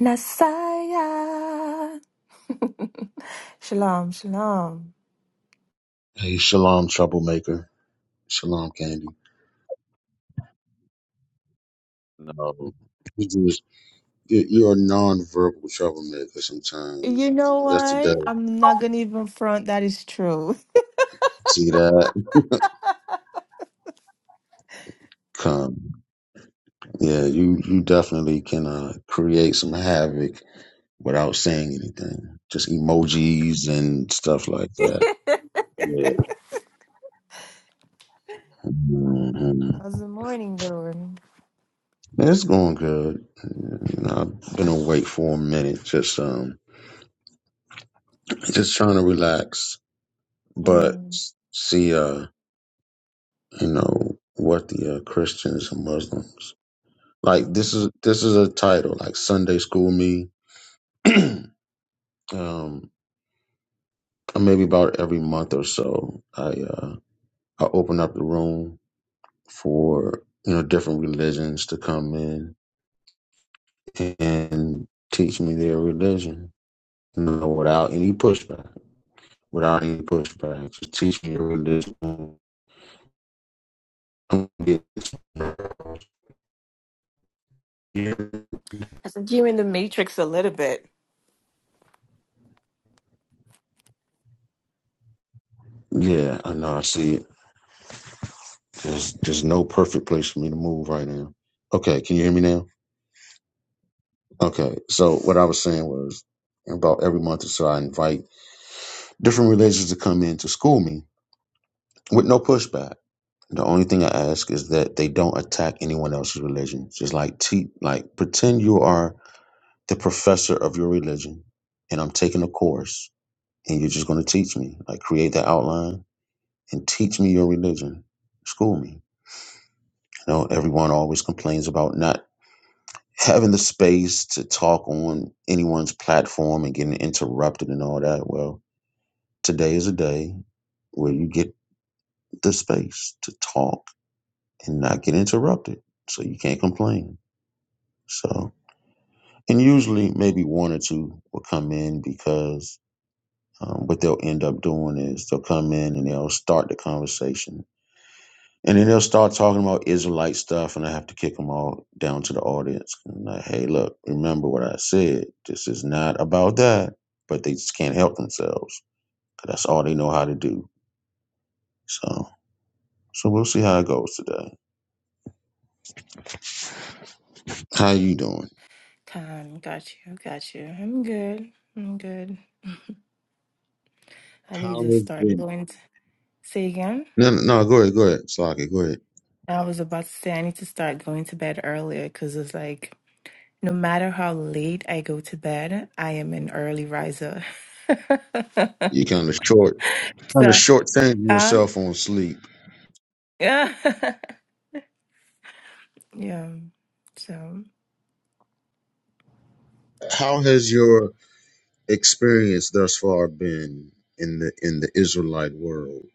Nasaya. Shalom, shalom. Hey, shalom, troublemaker. Shalom, Candy. No, You just, you- you're a non-verbal troublemaker You sometimes. know that's the what? Yesterday, I'm not gonna even front. That is true. see that? Come. Yeah, you, you definitely can uh, create some havoc without saying anything. Just emojis and stuff like that. Yeah. hmm How's the morning doing? It's going good. You know, I've been awake for a minute, just um, just trying to relax. But Mm, see, uh, you know what the uh, Christians and Muslims like. mm. This is this is a title like Sunday School Me. um, maybe about every month or so, I uh, I open up the room for you know different religions to come in and teach me their religion, you know, without any pushback, without any pushback. Just teach me your religion. I'm gonna get this. I said you in the matrix a little bit. Yeah, I know. I see it. There's there's no perfect place for me to move right now. Okay, can you hear me now? Okay, so what I was saying was about every month or so, I invite different religions to come in to school me with no pushback. The only thing I ask is that they don't attack anyone else's religion. Just like te- like pretend you are the professor of your religion, and I'm taking a course, and you're just going to teach me. Like create the outline and teach me your religion. School me. You know, everyone always complains about not having the space to talk on anyone's platform and getting interrupted and all that. Well, today is a day where you get the space to talk and not get interrupted. So you can't complain. So, and usually maybe one or two will come in because um, what they'll end up doing is they'll come in and they'll start the conversation And then they'll start talking about Israelite stuff, and I have to kick them all down to the audience. And like, hey, look, remember what I said. This is not about that. But they just can't help themselves. 'cause that's all they know how to do. So, so we'll see how it goes today. How you doing? Con, got you, got you. I'm good. I'm good. I need How to is start it? going. To... Say again. No, no, no, go ahead, go ahead, Slocky, go ahead. I was about to say I need to start going to bed earlier because it's like no matter how late I go to bed, I am an early riser. You kind of short, kind of So, short changing huh? yourself on sleep. Yeah. yeah. So, How has your experience thus far been in the in the Israelite world?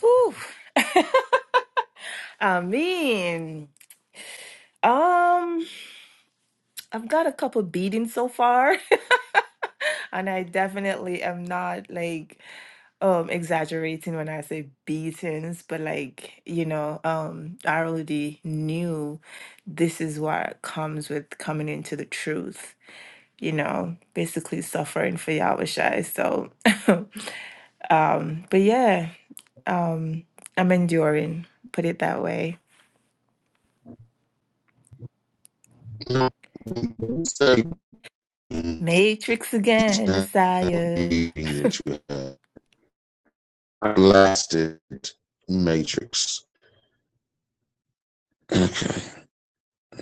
whew. I mean, um, I've got a couple beatings so far, and I definitely am not like um exaggerating when I say beatings, but like, you know, um, I already knew this is what comes with coming into the truth. You know, basically suffering for Yahweh Shai. So, um, but yeah, Um, I'm enduring, put it that way. Say meeting Matrix again, Messiah. that you had. I blasted Matrix. Okay,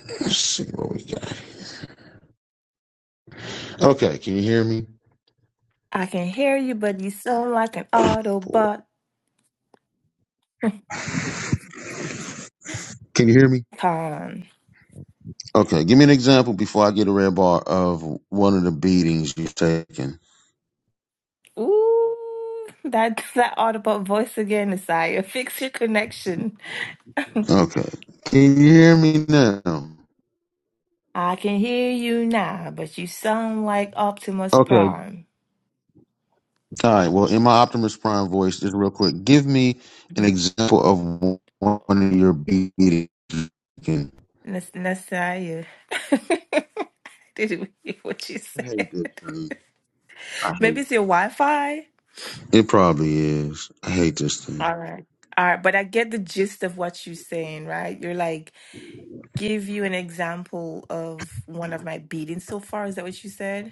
let's see what we got. Okay, can you hear me? I can hear you, but you sound like an Boy. Autobot Can you hear me? con. Okay, give me an example before I get a red bar of one of the beatings you've taken. Ooh, that's that Autobot voice again, Messiah. Fix your connection. Okay, can you hear me now? I can hear you now, but you sound like Optimus Okay, Prime. all right. Well, in my Optimus Prime voice, just real quick, give me an Mhm. example of one of your beatings. I Nas- Messiah. Didn't hear what you hate said. this thing. I hate Maybe it's your Wi-Fi. It probably is. I hate this thing. All right. All right. But I get the gist of what you're saying, right? You're like, give you an example of one of my beatings so far. Is that what you said?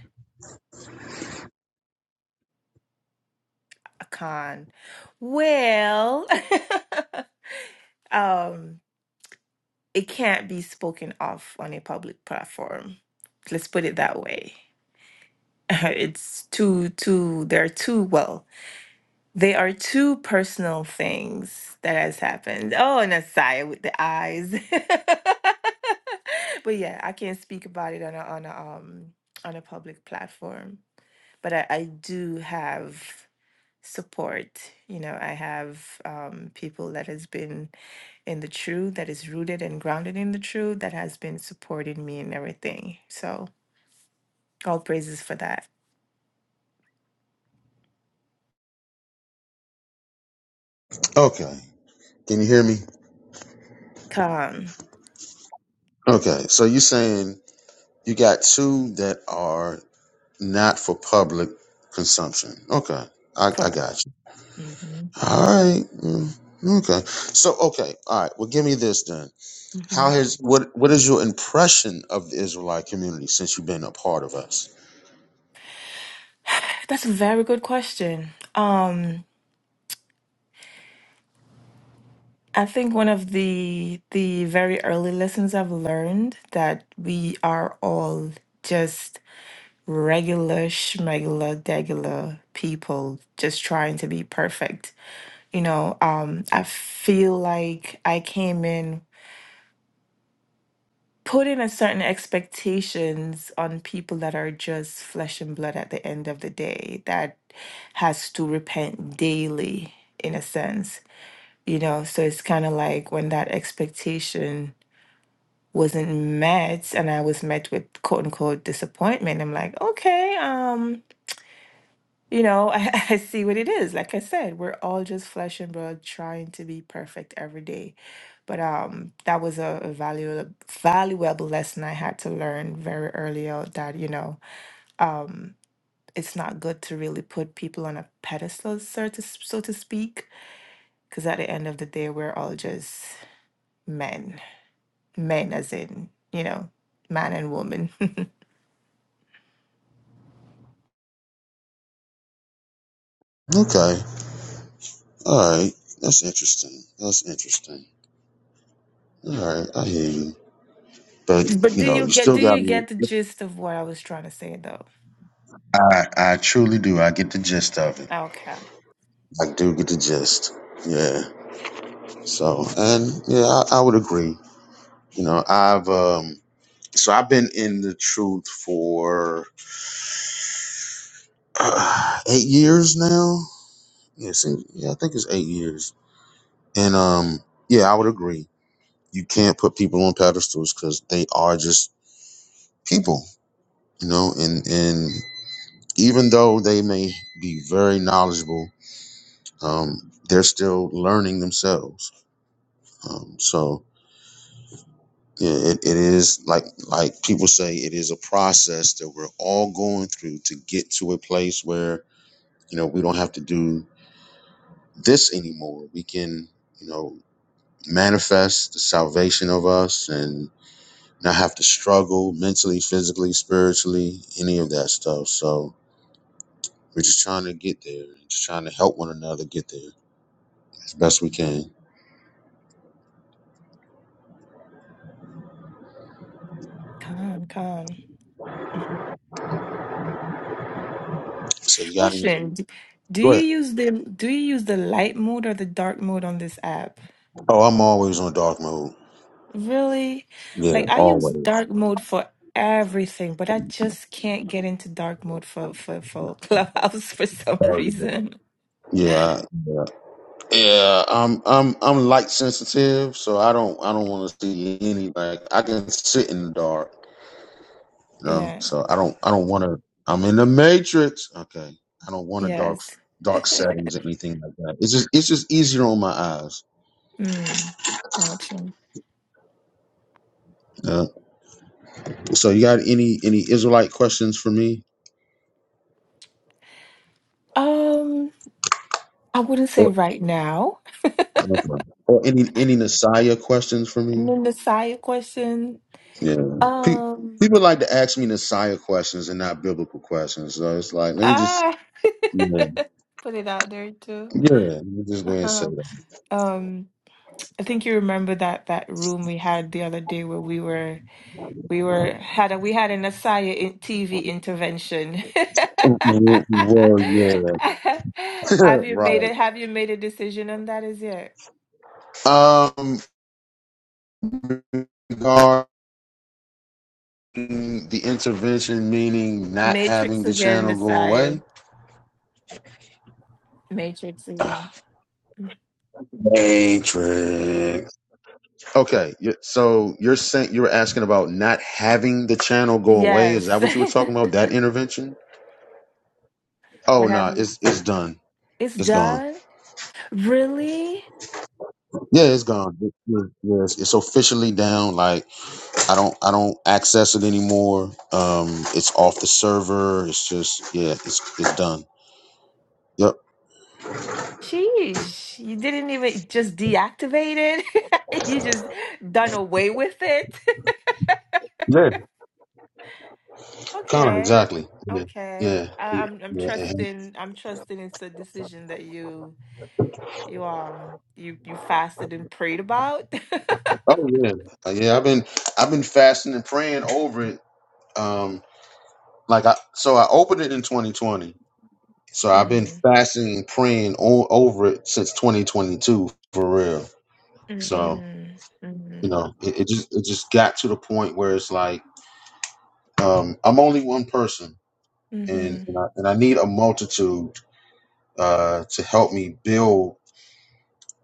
I can't. Well, um, it can't be spoken of on a public platform. Let's put it that way. It's too, too, they're too well. They are two personal things that has happened. Oh, and Asaya with the eyes. But yeah, I can't speak about it on a on a um on a public platform. But I, I do have support. You know, I have um people that has been in the truth, that is rooted and grounded in the truth, that has been supporting me and everything. So all praises for that. Okay. Can you hear me? Come, Okay. So you're saying you got two that are not for public consumption. Okay. I, I correct. got you. Mm-hmm. All right. Mm, Okay. So okay. All right. Well, give me this then. Mm-hmm. How has what what is your impression of the Israelite community since you've been a part of us? That's a very good question. Um, I think one of the the very early lessons I've learned that we are all just regular schmegular degular people just trying to be perfect. You know, um, I feel like I came in putting a certain expectations on people that are just flesh and blood at the end of the day that has to repent daily in a sense you know so it's kind of like when that expectation wasn't met and i was met with quote unquote disappointment i'm like okay um you know I, I see what it is like i said we're all just flesh and blood trying to be perfect every day but um that was a, a valuable valuable lesson i had to learn very early out that you know um it's not good to really put people on a pedestal so to, so to speak because at the end of the day we're all just men men as in you know man and woman Okay. All right. That's interesting. That's interesting. All right. I hear you. But but you do know, you you get still do you got me. get the gist of what i was trying to say though I I truly do. I get the gist of it. okay I do get the gist. Yeah. So and yeah, I, I would agree. You know, I've um so I've been in the truth for uh, eight years now. Yeah, see, yeah, I think it's eight years. And um, yeah, I would agree. You can't put people on pedestals because they are just people, you know. And and even though they may be very knowledgeable, um, they're still learning themselves. Um, so Yeah, it, it is like like people say it is a process that we're all going through to get to a place where you know we don't have to do this anymore we can you know manifest the salvation of us and not have to struggle mentally physically spiritually any of that stuff so we're just trying to get there just trying to help one another get there as best we can con con so you gotta question d- do go you ahead use the do you use the light mode or the dark mode on this app oh i'm always on dark mode really yeah like i use always dark mode for everything but i just can't get into dark mode for for for clubhouse for some Sorry, everybody. reason yeah I- yeah Yeah, I'm I'm I'm light sensitive, so I don't I don't want to see any like I can sit in the dark, you know. yeah So I don't I don't want to. I'm in the matrix. Okay, I don't want a dark yes dark settings or anything like that. It's just it's just easier on my eyes. mm, gotcha Yeah. So you got any any Israelite questions for me, um i wouldn't say or right now or any any Messiah questions for And me? then the side question, Yeah. Pe- um, People like to ask me Messiah questions and not biblical questions. So it's like, let me just, ah, yeah. put it out there too. Yeah, I'm just going to say Uh-huh. that. Um, I think you remember that that room we had the other day where we were we were had a we had an Asaya in TV intervention. W- Well, yeah, Have you made it? Have you made a decision on that as yet? right. Um, regarding the intervention, meaning not Matrix having the again, channel go Messiah. away. Matrix again. Matrix. Okay, y- so you're saying you were asking about not having the channel go away. Yes. Is that what you were talking about? That intervention? what Oh have no, you? it's it's done. It's It's gone. done. Really? Yeah, it's gone. It- yeah, yeah, it's, it's officially down. Like I don't I don't access it anymore. Um, it's off the server. It's just yeah, it's it's done. Yep. Sheesh, you didn't even just deactivate it. You just done away with it. Yeah. Con Okay, exactly. Yeah. okay. Yeah. I, I'm I'm yeah. and- trusting I'm trusting it's a decision that you you um you you fasted and prayed about. Oh yeah. Uh, yeah. I've been I've been fasting and praying over it. Um, like I so I opened it in 2020. So I've been Mhm. fasting and praying o- over it since 2022 for real. So Mhm. you Mhm. know it, it just it just got to the point where it's like um, I'm only one person and Mhm. and I, and I need a multitude uh, to help me build.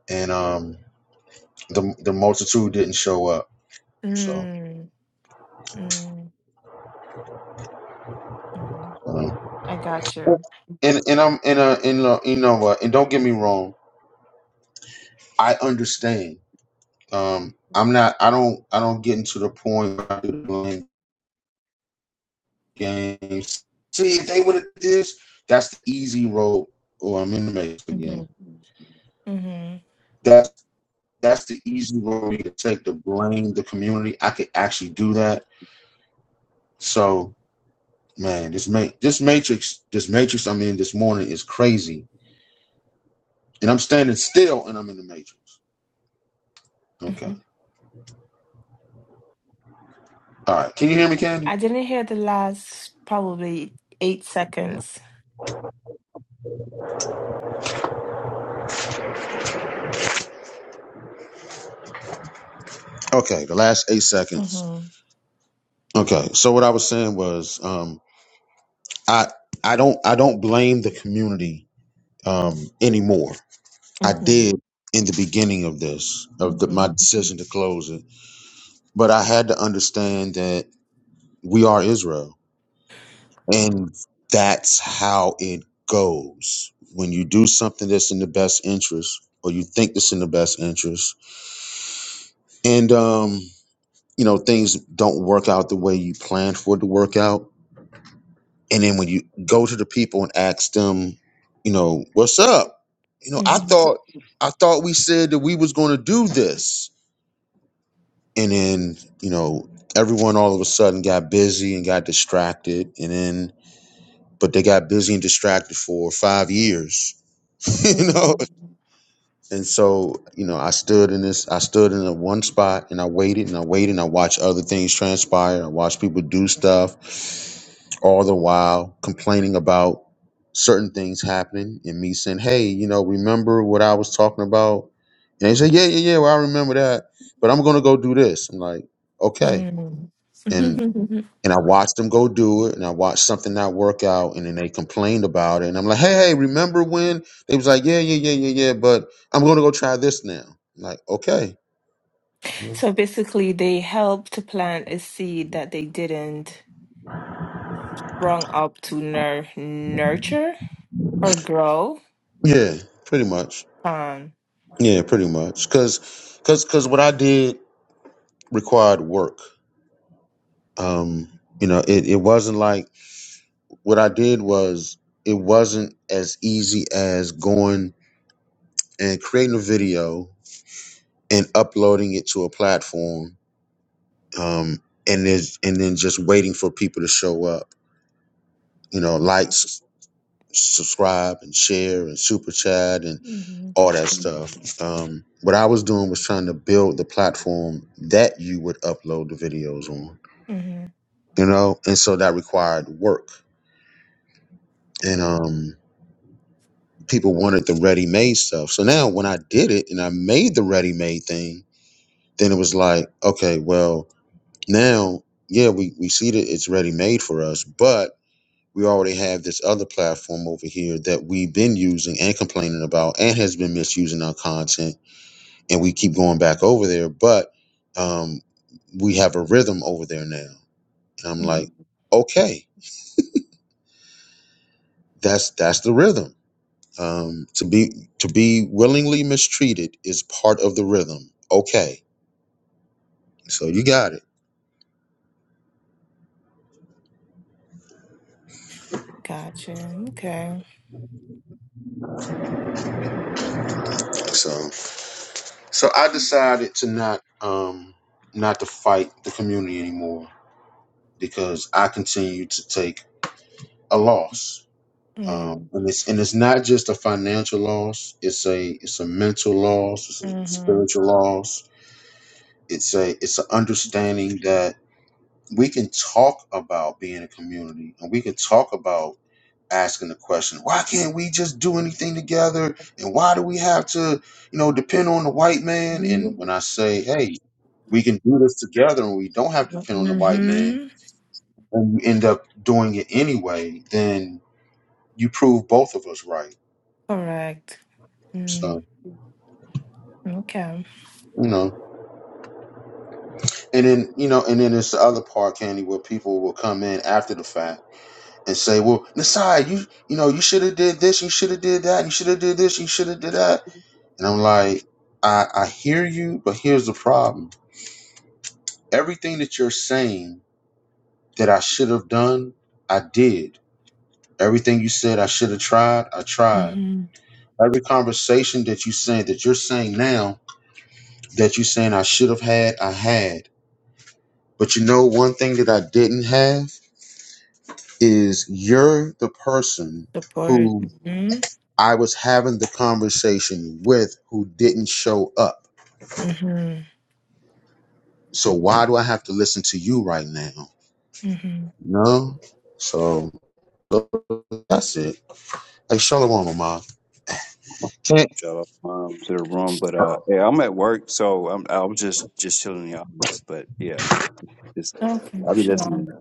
And um, the the multitude didn't show up. So Mm. Mm. Mm. um, I got you. and and I'm in a in a, you know uh, and don't get me wrong, I understand. Um, I'm not. I don't. I don't get into the point where I do blame games. See if they would have this. That's the easy road. Oh, I'm in the mix again. Mhm. Mhm. That's that's the easy road you can take to blame the community. I could actually do that. So man, this ma- this matrix, this matrix I'm in this morning is crazy. And I'm standing still and I'm in the matrix. Okay. Mhm. All right. Can you hear me, Candy? I didn't hear the last probably eight seconds. Okay, the last eight seconds. Mhm. Okay. So what I was saying was um I I don't I don't blame the community um anymore. I Mhm. did in the beginning of this, of the, my Mhm. decision to close it. But I had to understand that we are Israel And that's how it goes. When you do something that's in the best interest, or you think that's in the best interest, and um, you know, things don't work out the way you planned for it to work out. And then when you go to the people and ask them, you know, what's up? You know, I Mhm. thought I thought we said that we was gonna do this. And then, you know, everyone all of a sudden got busy and got distracted. And then but they got busy and distracted for five years you know Mhm. and so you know i stood in this i stood in a one spot and i waited and i waited and i watched other things transpire i watched people do stuff all the while complaining about certain things happening and me saying hey you know remember what i was talking about and they say yeah yeah yeah well i remember that but i'm gonna go do this i'm like okay Mhm. and I watched them go do it, and I watched something not work out, and then they complained about it, and I'm like, hey, hey, remember when they was like, yeah, yeah, yeah, yeah, yeah, but I'm gonna go try this now. I'm like, okay, you know? So basically, they helped to plant a seed that they didn't wrong up to nur nurture or grow. yeah, pretty much, Um. yeah, pretty much, cause, cause, cause what I did required work. Um, you know, it it wasn't like what I did was it wasn't as easy as going and creating a video and uploading it to a platform um, and there's and then just waiting for people to show up. You know, like, s- subscribe, and share, and super chat, and all that stuff. Um, what I was doing was trying to build the platform that you would upload the videos on. Mhm. You know, and so that required work, and um, people wanted the ready-made stuff. So now, when I did it and I made the ready-made thing, then it was like, okay, well, now, yeah, we we see that it's ready-made for us, but we already have this other platform over here that we've been using and complaining about and has been misusing our content and we keep going back over there but um, we have a rhythm over there now and i'm like Mm. okay that's that's the rhythm um, to be to be willingly mistreated is part of the rhythm okay so you got it Got you. Okay. so so i decided to not um not to fight the community anymore because i continue to take a loss um, Mm. and it's and it's not just a financial loss. It's a it's a mental loss. It's a Mm-hmm. spiritual loss. It's a it's an understanding that we can talk about being a community, and we can talk about asking the question, why can't we just do anything together, and why do we have to, you know, depend on the white man? And when I say, hey, we can do this together, and we don't have to depend on the white man, Mm-hmm. and you end up doing it anyway, then you prove both of us right. Correct. Mm. So Okay. you know. And then you know, and then it's the other part, Candy, where people will come in after the fact and say, "Well, Nasai, you you know, you should have did this, you should have did that, you should have did this, you should have did that." And I'm like, I I hear you, but here's the problem: everything that you're saying that I should have done, I did. Everything you said I should have tried, I tried. Mm-hmm. Every conversation that you said that you're saying now that you're saying I should have had, I had. But you know one thing that I didn't have is you're the person Support. who Mm-hmm. I was having the conversation with who didn't show up. Mm-hmm. So why do I have to listen to you right now? Mm-hmm. No. So that's it. Hey, Shalom, Mama. Can't Shout out um, to the room, but uh, yeah, I'm at work, so I'm I was just just chilling in the office. But yeah, just Okay. I'll be Shalom. listening.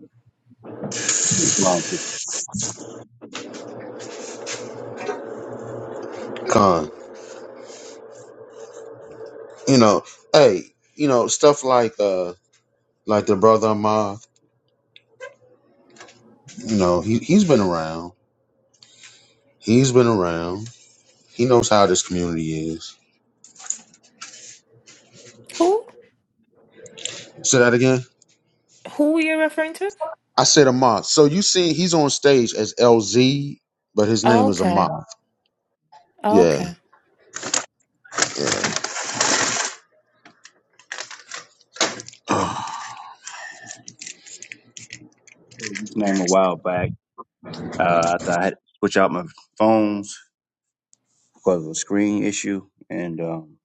Um, this con. You know, hey, you know, stuff like uh like the brother Ma, you know, he he's been around. He's been around. He knows how this community is. Who? Say that again. Who you're referring to? I said Ahmad. So you see, he's on stage as LZ, but his name is Okay. Ahmad. Yeah. Okay. yeah. name a while back, uh, I thought I had to switch out my phones because of a screen issue, and um,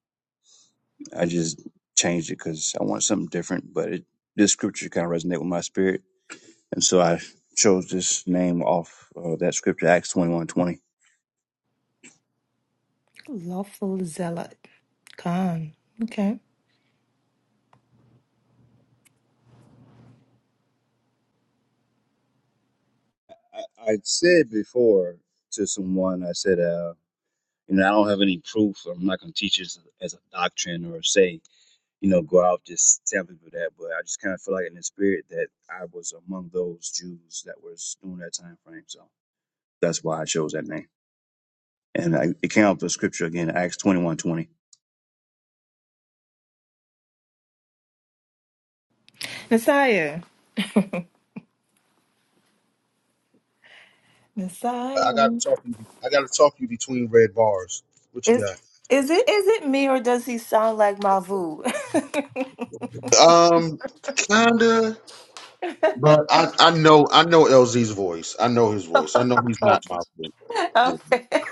I just changed it because I wanted something different. But it, this scripture kind of resonated with my spirit, and so I chose this name off uh, that scripture, Acts twenty one twenty. Lawful zealot. con. Okay. I, I said before to someone, I said, uh. You know, I don't have any proof. I'm not going to teach it as a as a doctrine or say, you know, go out just tell people that. But I just kind of feel like in the spirit that I was among those Jews that was during that time frame. So that's why I chose that name. And I, it came out the scripture again, Acts 21:20. 20. Messiah. Messiah. I gotta talk you. I gotta talk you between red bars. What Is you got? is it is it me or does he sound like Mavu? okay. um, kinda, but I I know I know LZ's voice. I know his voice. I know he's not my friend. Yeah. Okay.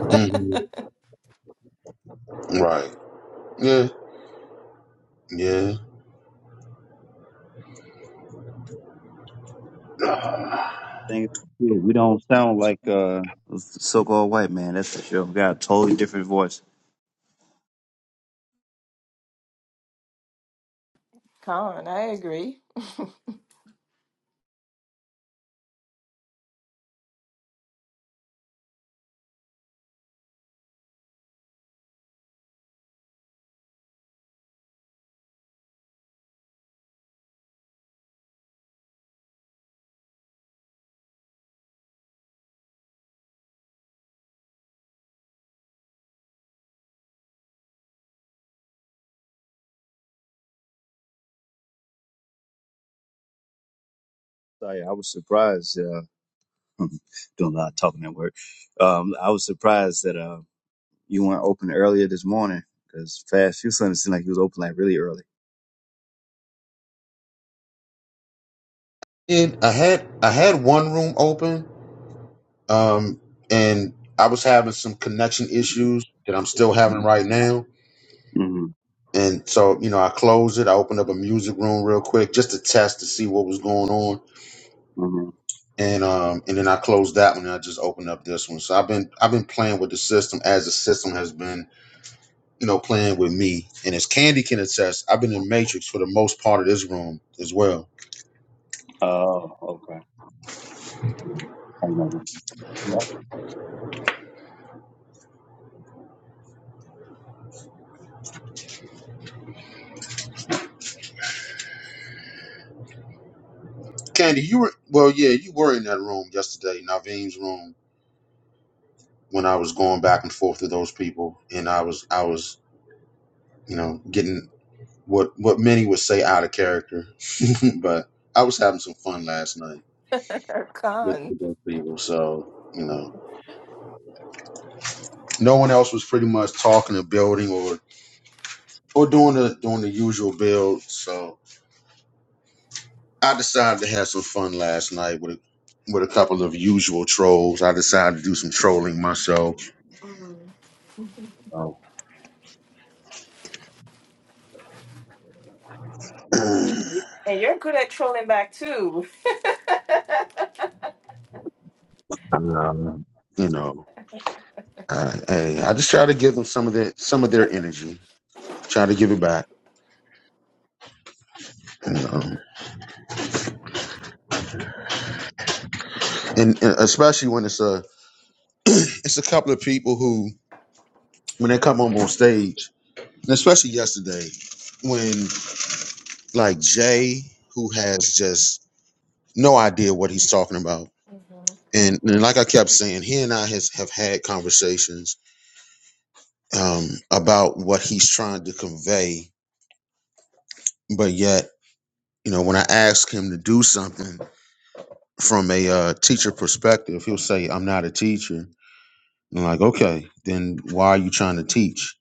Mhm. Right. Yeah. Yeah. Thing is, we don't sound like uh, so called white man, that's for sure. We got a totally different voice. Con, I agree. Sorry, I was surprised. Uh, doing a lot of talking at work. Um, I was surprised that. uh, You weren't open earlier this morning because Fast food Sunday seemed like he was open like really early. And I had I had one room open, um, and I was having some connection issues that I'm still having right now. hmm And so, you know, I closed it. I opened up a music room real quick just to test to see what was going on. hmm And um and then I closed that one and I just opened up this one. So I've been I've been playing with the system as the system has been, you know, playing with me. And as Candy can attest, I've been in Matrix for the most part of this room as well. Oh, okay. I remember. Yeah. Candy, you were well, yeah, you were in that room yesterday, Naveen's room, when I was going back and forth with those people and I was I was, you know, getting what what many would say out of character. but I was having some fun last night with Con. the best people. So you know, no one else was pretty much talking or building or or doing the doing the usual build. So I decided to have some fun last night with a, with a couple of usual trolls. I decided to do some trolling myself. Mm. So, And you're good at trolling back too. um, you know, I, hey, I just try to give them some of their some of their energy. Try to give it back, you know, and, and especially when it's a it's a couple of people who when they come up on stage and especially yesterday when like jay who has just no idea what he's talking about and, and like i kept saying he and i has, have had conversations um, about what he's trying to convey but yet you know when i ask him to do something from a uh, teacher perspective he'll say i'm not a teacher and I'm like okay then why are you trying to teach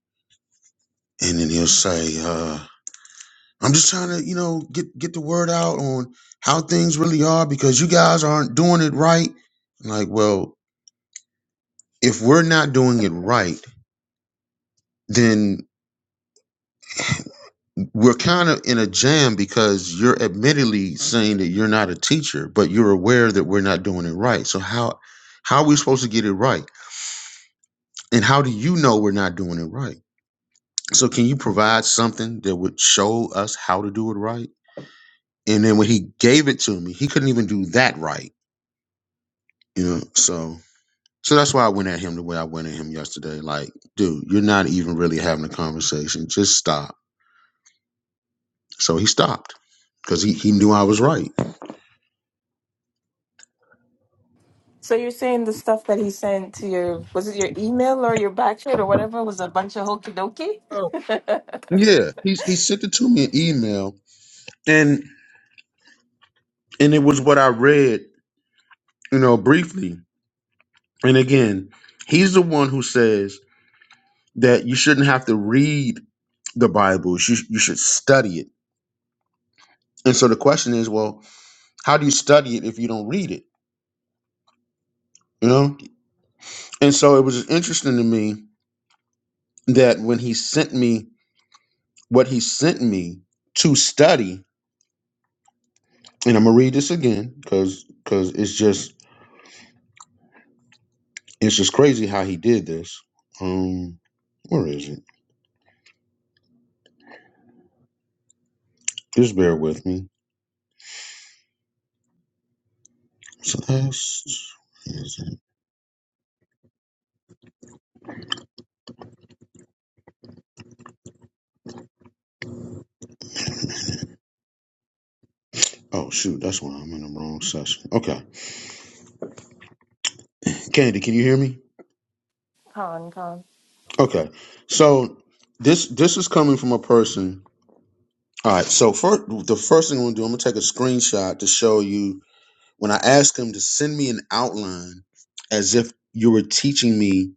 and then he'll say uh, I'm just trying to, you know, get get the word out on how things really are because you guys aren't doing it right. I'm like, well, if we're not doing it right, then we're kind of in a jam because you're admittedly saying that you're not a teacher, but you're aware that we're not doing it right. So how how are we supposed to get it right? And how do you know we're not doing it right? So can you provide something that would show us how to do it right? And then when he gave it to me, he couldn't even do that right. You know, so So that's why I went at him the way I went at him yesterday. Like, dude, you're not even really having a conversation. Just stop. So he stopped because he, he knew I was right. So you're saying the stuff that he sent to your was it your email or your back chat or whatever was a bunch of hokey dokey? Oh. Yeah. He, he sent it to me an email and and it was what I read, you know, briefly. And again, he's the one who says that you shouldn't have to read the Bible. You, sh- you should study it. And so the question is, well, how do you study it if you don't read it? You know? And so it was interesting to me that when he sent me what he sent me to study and i'm gonna read this again because because it's just it's just crazy how he did this um where is it just bear with me so that's where is it? oh shoot that's why i'm in the wrong session okay candy can you hear me con con. okay so this this is coming from a person all right so first the first thing i'm gonna do i'm gonna take a screenshot to show you when i asked him to send me an outline as if you were teaching me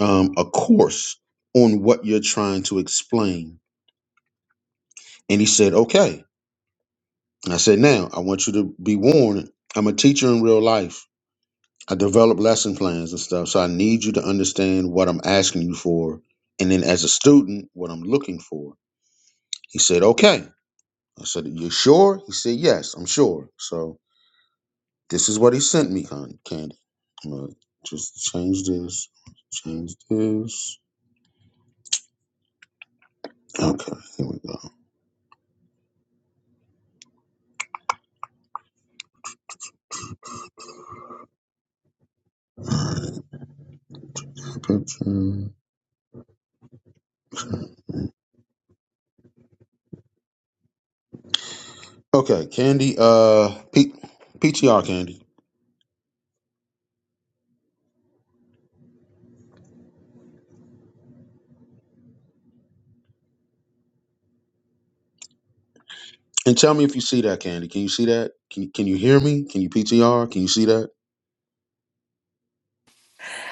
um, a course on what you're trying to explain. And he said, okay. And I said, now I want you to be warned. I'm a teacher in real life. I develop lesson plans and stuff. So I need you to understand what I'm asking you for. And then as a student, what I'm looking for. He said, okay. I said, you sure? He said, yes, I'm sure. So this is what he sent me, Con- Candy. I'm gonna just change this, change this. Okay, here we go. All right, picture. Okay, Candy. Uh, P- PTR Candy, and tell me if you see that Candy. Can you see that? Can you, Can you hear me? Can you PTR? Can you see that?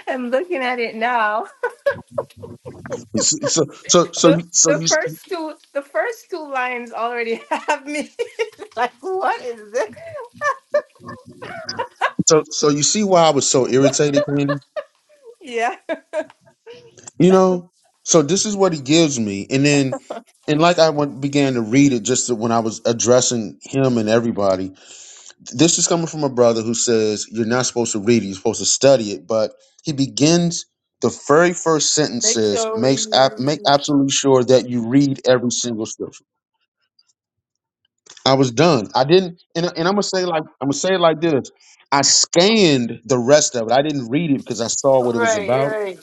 I'm looking at it now. It's- So so so The so the you first two the first two lines already have me like what is this? so so you see why I was so irritated, Candy. Yeah. You know. So this is what he gives me, and then and like I went, began to read it just when I was addressing him and everybody. This is coming from a brother who says you're not supposed to read it, you're supposed to study it. But he begins the very first sentence Make says, sure makes ab- you make absolutely sure that you read every single scripture. I was done. I didn't, and, and I'm gonna say like I'm gonna say it like this. I scanned the rest of it. I didn't read it because I saw what it was right, about. right.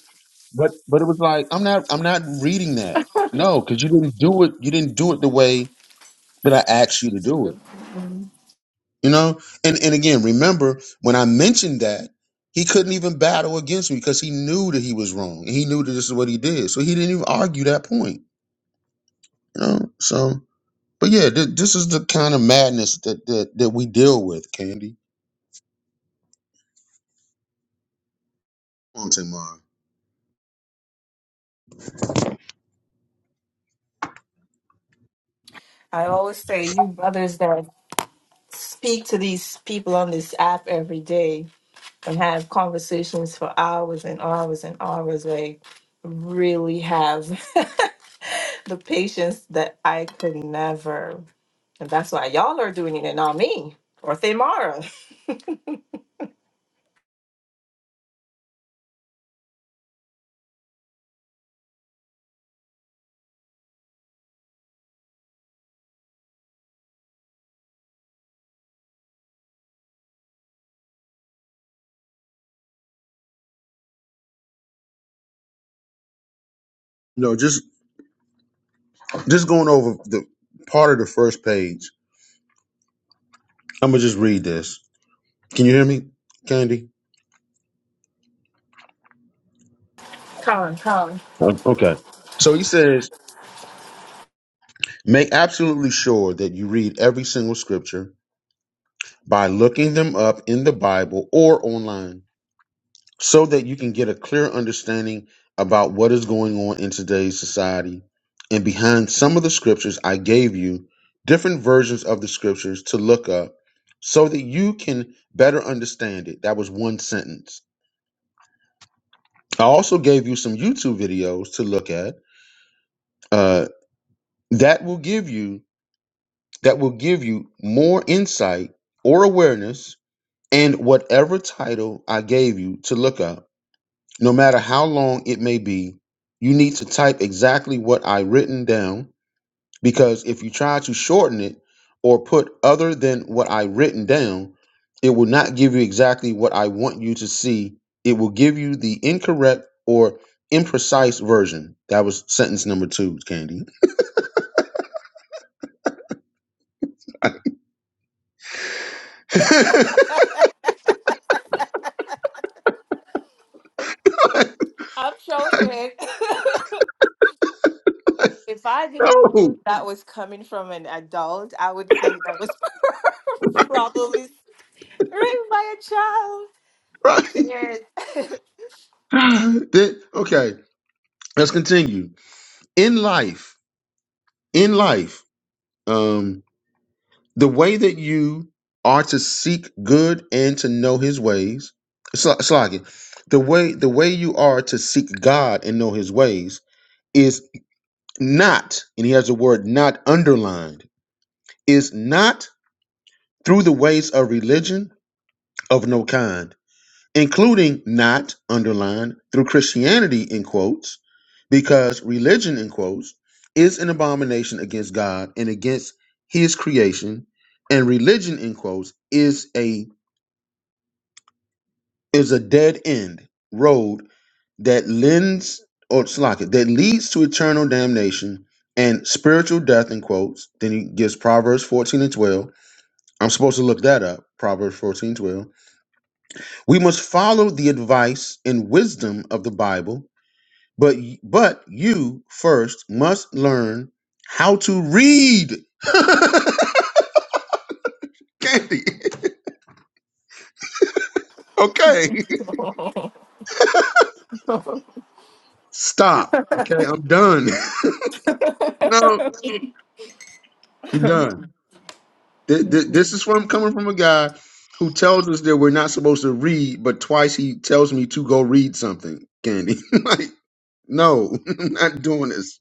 But but it was like I'm not I'm not reading that. No, because you didn't do it. You didn't do it the way that I asked you to do it. Mhm. You know, and and again, remember when I mentioned that he couldn't even battle against me because he knew that he was wrong and he knew that this is what he did, so he didn't even argue that point. You know, so but yeah, th- this is the kind of madness that that that we deal with, Candy. Come on, Tamar. I always say you brothers that speak to these people on this app every day. and have conversations for hours and hours and hours. Like, really have the patience that I could never. And that's why y'all are doing it and not me or Thamara. You know, just just going over the part of the first page. I'm gonna just read this. Can you hear me, Candy? Come on, come. Okay. So he says, make absolutely sure that you read every single scripture by looking them up in the Bible or online so that you can get a clear understanding about what is going on in today's society. And behind some of the scriptures, I gave you different versions of the scriptures to look up so that you can better understand it. That was one sentence. I also gave you some YouTube videos to look at uh, that will give you that will give you more insight or awareness and whatever title I gave you to look up no matter how long it may be, you need to type exactly what I written down because if you try to shorten it or put other than what I written down, it will not give you exactly what I want you to see. It will give you the incorrect or imprecise version. That was sentence number two, Candy. on. I'm joking. if I didn't no, know that was coming from an adult, I would think that was probably written by a child. I can't. right? Then- okay, let's continue. In life, in life, um. the way that you are to seek good and to know his ways Sl- Slogan, the way the way you are to seek god and know his ways is not and he has the word not underlined is not through the ways of religion of no kind including not underlined through christianity in quotes because religion in quotes is an abomination against god and against his creation and religion in quotes is a is a dead end road that lends or slack it that leads to eternal damnation and spiritual death in quotes then he gives proverbs 14 and 12 i'm supposed to look that up proverbs 14 12. we must follow the advice and wisdom of the bible but but you first must learn how to read candy okay stop okay i'm done no i'm done Th- th- This is from coming from a guy who tells us that we're not supposed to read, but twice he tells me to go read something, Candy. like, no, I'm not doing this.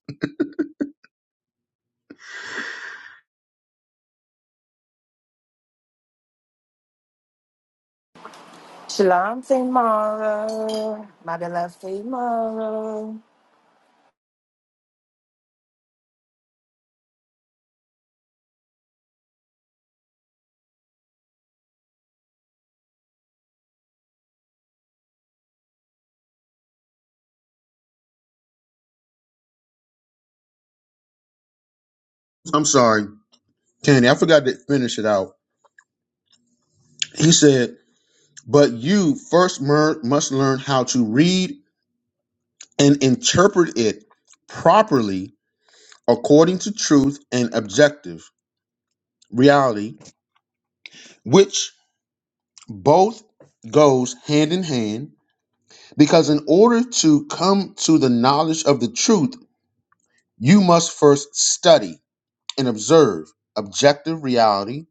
Shalom, tomorrow. My beloved tomorrow. I'm sorry, Candy. I forgot to finish it out. He said, but you first mer- must learn how to read and interpret it properly according to truth and objective reality, which both goes hand in hand Because in order to come to the knowledge of the truth, you must first study and observe objective reality,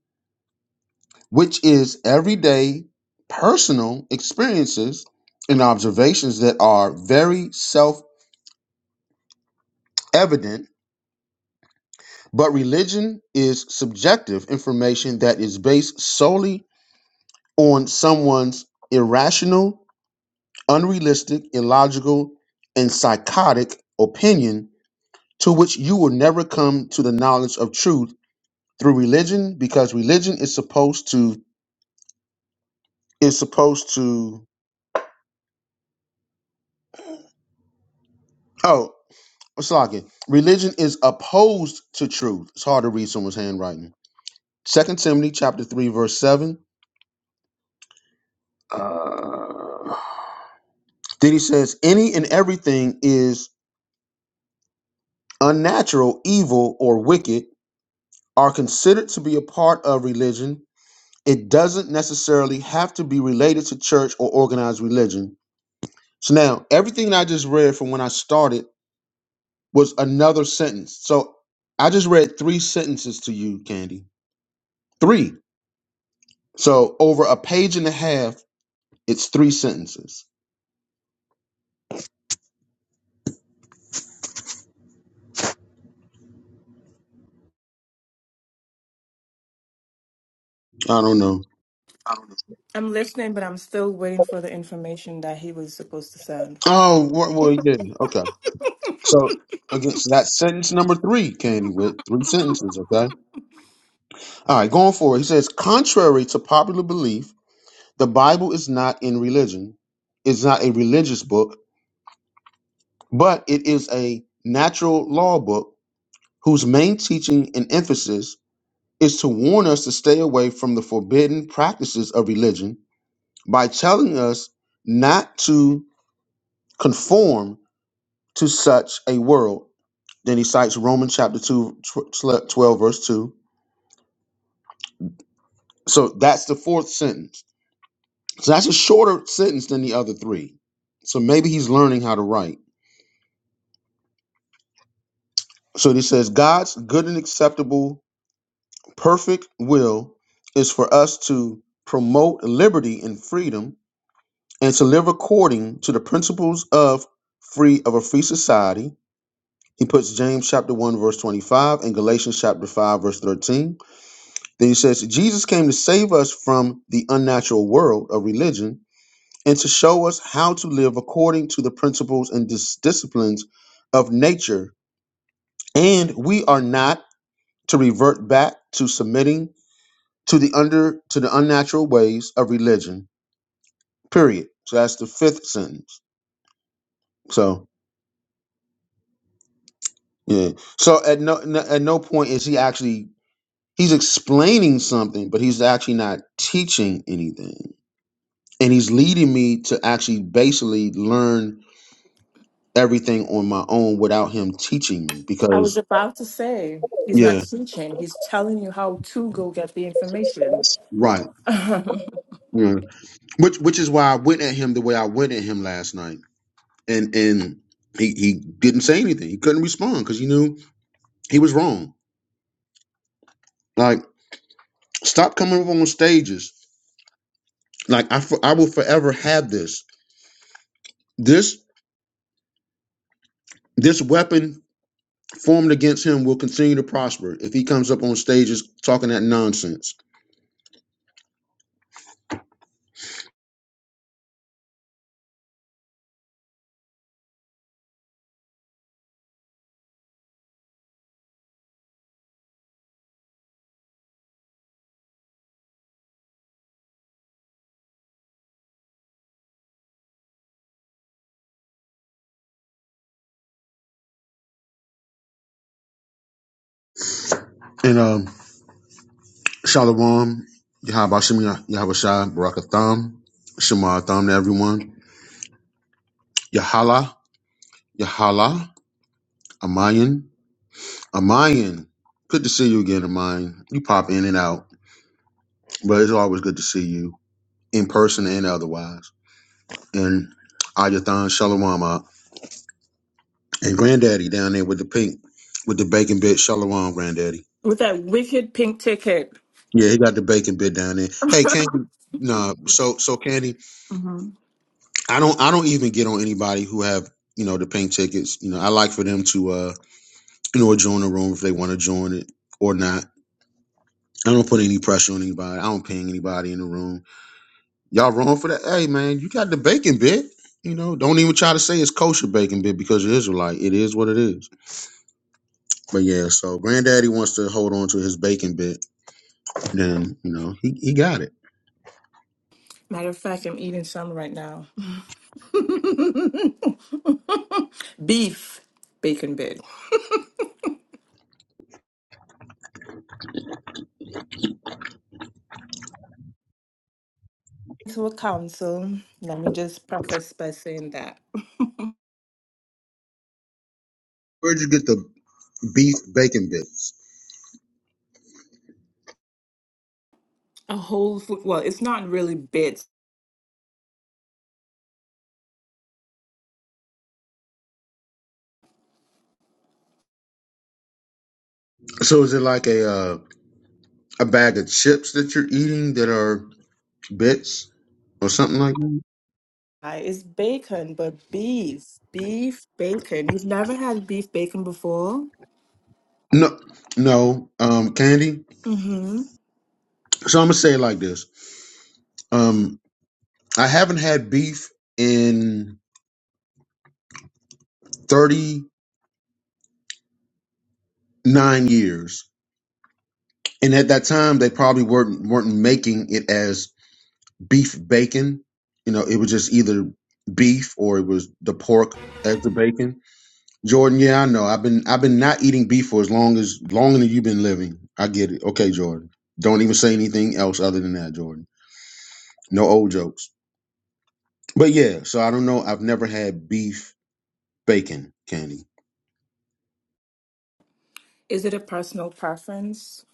which is everyday personal experiences and observations that are very self evident. But religion is subjective information that is based solely on someone's irrational, unrealistic, illogical, and psychotic opinion to which you will never come to the knowledge of truth through religion because religion is supposed to is supposed to oh what's locking? Religion is opposed to truth. It's hard to read someone's handwriting. Second Timothy chapter three verse seven. Uh, then he says, any and everything is unnatural, evil, or wicked are considered to be a part of religion. It doesn't necessarily have to be related to church or organized religion So now everything I just read from when I started was another sentence. So I just read three sentences to you, Candy. Three. So over a page and a half, it's three sentences. I don't know. I'm listening, but I'm still waiting for the information that he was supposed to send. Oh, wha- well, yeah. Okay. So again, so that's sentence number three, Candy, with three sentences. Okay. All right, going forward. He says, contrary to popular belief, the Bible is not in religion. It's not a religious book, but it is a natural law book whose main teaching and emphasis is to warn us to stay away from the forbidden practices of religion by telling us not to conform to such a world. Then he cites Romans chapter 2, tw- 12, verse 2. So that's the fourth sentence. So that's a shorter sentence than the other three. So maybe he's learning how to write. So he says, God's good and acceptable, perfect will is for us to promote liberty and freedom and to live according to the principles of free of a free society. He puts James chapter 1 verse 25 and Galatians chapter 5 verse 13. Then he says Jesus came to save us from the unnatural world of religion and to show us how to live according to the principles and dis- disciplines of nature and we are not to revert back to submitting to the under to the unnatural ways of religion. Period. So that's the fifth sentence. So Yeah. So at no, no at no point is he actually he's explaining something, but he's actually not teaching anything. And he's leading me to actually basically learn everything on my own without him teaching me I was because about to say, he's not yeah, teaching, he's telling you how to go get the information right. with Yeah. Which which is why I went at him the way I went at him last night. And and he he didn't say anything. He couldn't respond cuz he knew he was wrong. Like stop coming up on stages. Like I for, I will forever have this. This this weapon formed against him will continue to prosper if he comes up on stages talking that nonsense. And um, Shalom, Yahabashim, Yahabashah, Barakatham, Shema Tham to everyone. Yahala, Yahala, Amayan, Amayan. Good to see you again, Amayan. You pop in and out, but it's always good to see you in person and otherwise. And Ayathan Shalom, uh, and Granddaddy down there with the pink, with the bacon bit. Shalom, Granddaddy. that wicked pink ticket. Yeah, he got the bacon bit down there. Hey, Candy, no, so so Candy, Mhm. I don't I don't even get on anybody who have you know the pink tickets. You know, I like for them to uh you know join the room if they want to join it or not. I don't put any pressure on anybody. I don't ping anybody in the room. Y'all wrong for that. Hey man, you got the bacon bit. You know, don't even try to say it's kosher bacon bit because you're Israelite. It is what it is. But yeah, so granddaddy wants to hold on to his bacon bit, then you know, he, he got it. Matter of fact, I'm eating some right now. Beef, bacon bit. To a council, let me just preface by saying that. Where'd you get the beef bacon bits? A whole food. Well, it's not really bits. So is it like a uh, a bag of chips that you're eating that are bits or something like that? I- It's bacon, but beef, beef bacon. You've never had beef bacon before? No, no, um, candy. Mm-hmm. So I'm gonna say it like this. Um, I haven't had beef in 39 years, and at that time they probably weren't weren't making it as beef bacon. You know, it was just either beef or it was the pork as the bacon. Jordan, yeah, I know. I've been I've been not eating beef for as long as longer than you've been living. I get it. Okay, Jordan. Don't even say anything else other than that, Jordan. No old jokes. But yeah, so I don't know. I've never had beef bacon candy. Is it a personal preference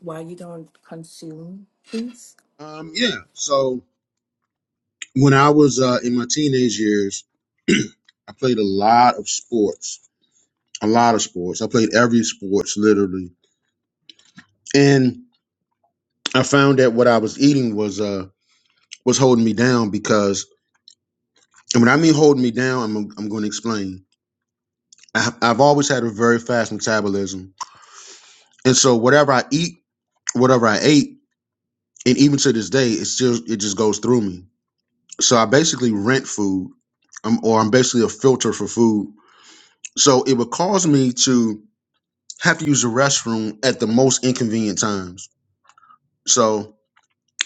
why you don't consume beef? Um, yeah. So when I was uh, in my teenage years, I played a lot of sports. A lot of sports. I played every sports literally, and I found that what I was eating was uh was holding me down because, and when I mean holding me down, I'm I'm going to explain I- I've always had a very fast metabolism, and so whatever I eat, whatever I ate, and even to this day, it still it just goes through me. So I basically rent food, um, or I'm basically a filter for food. So it would cause me to have to use the restroom at the most inconvenient times. So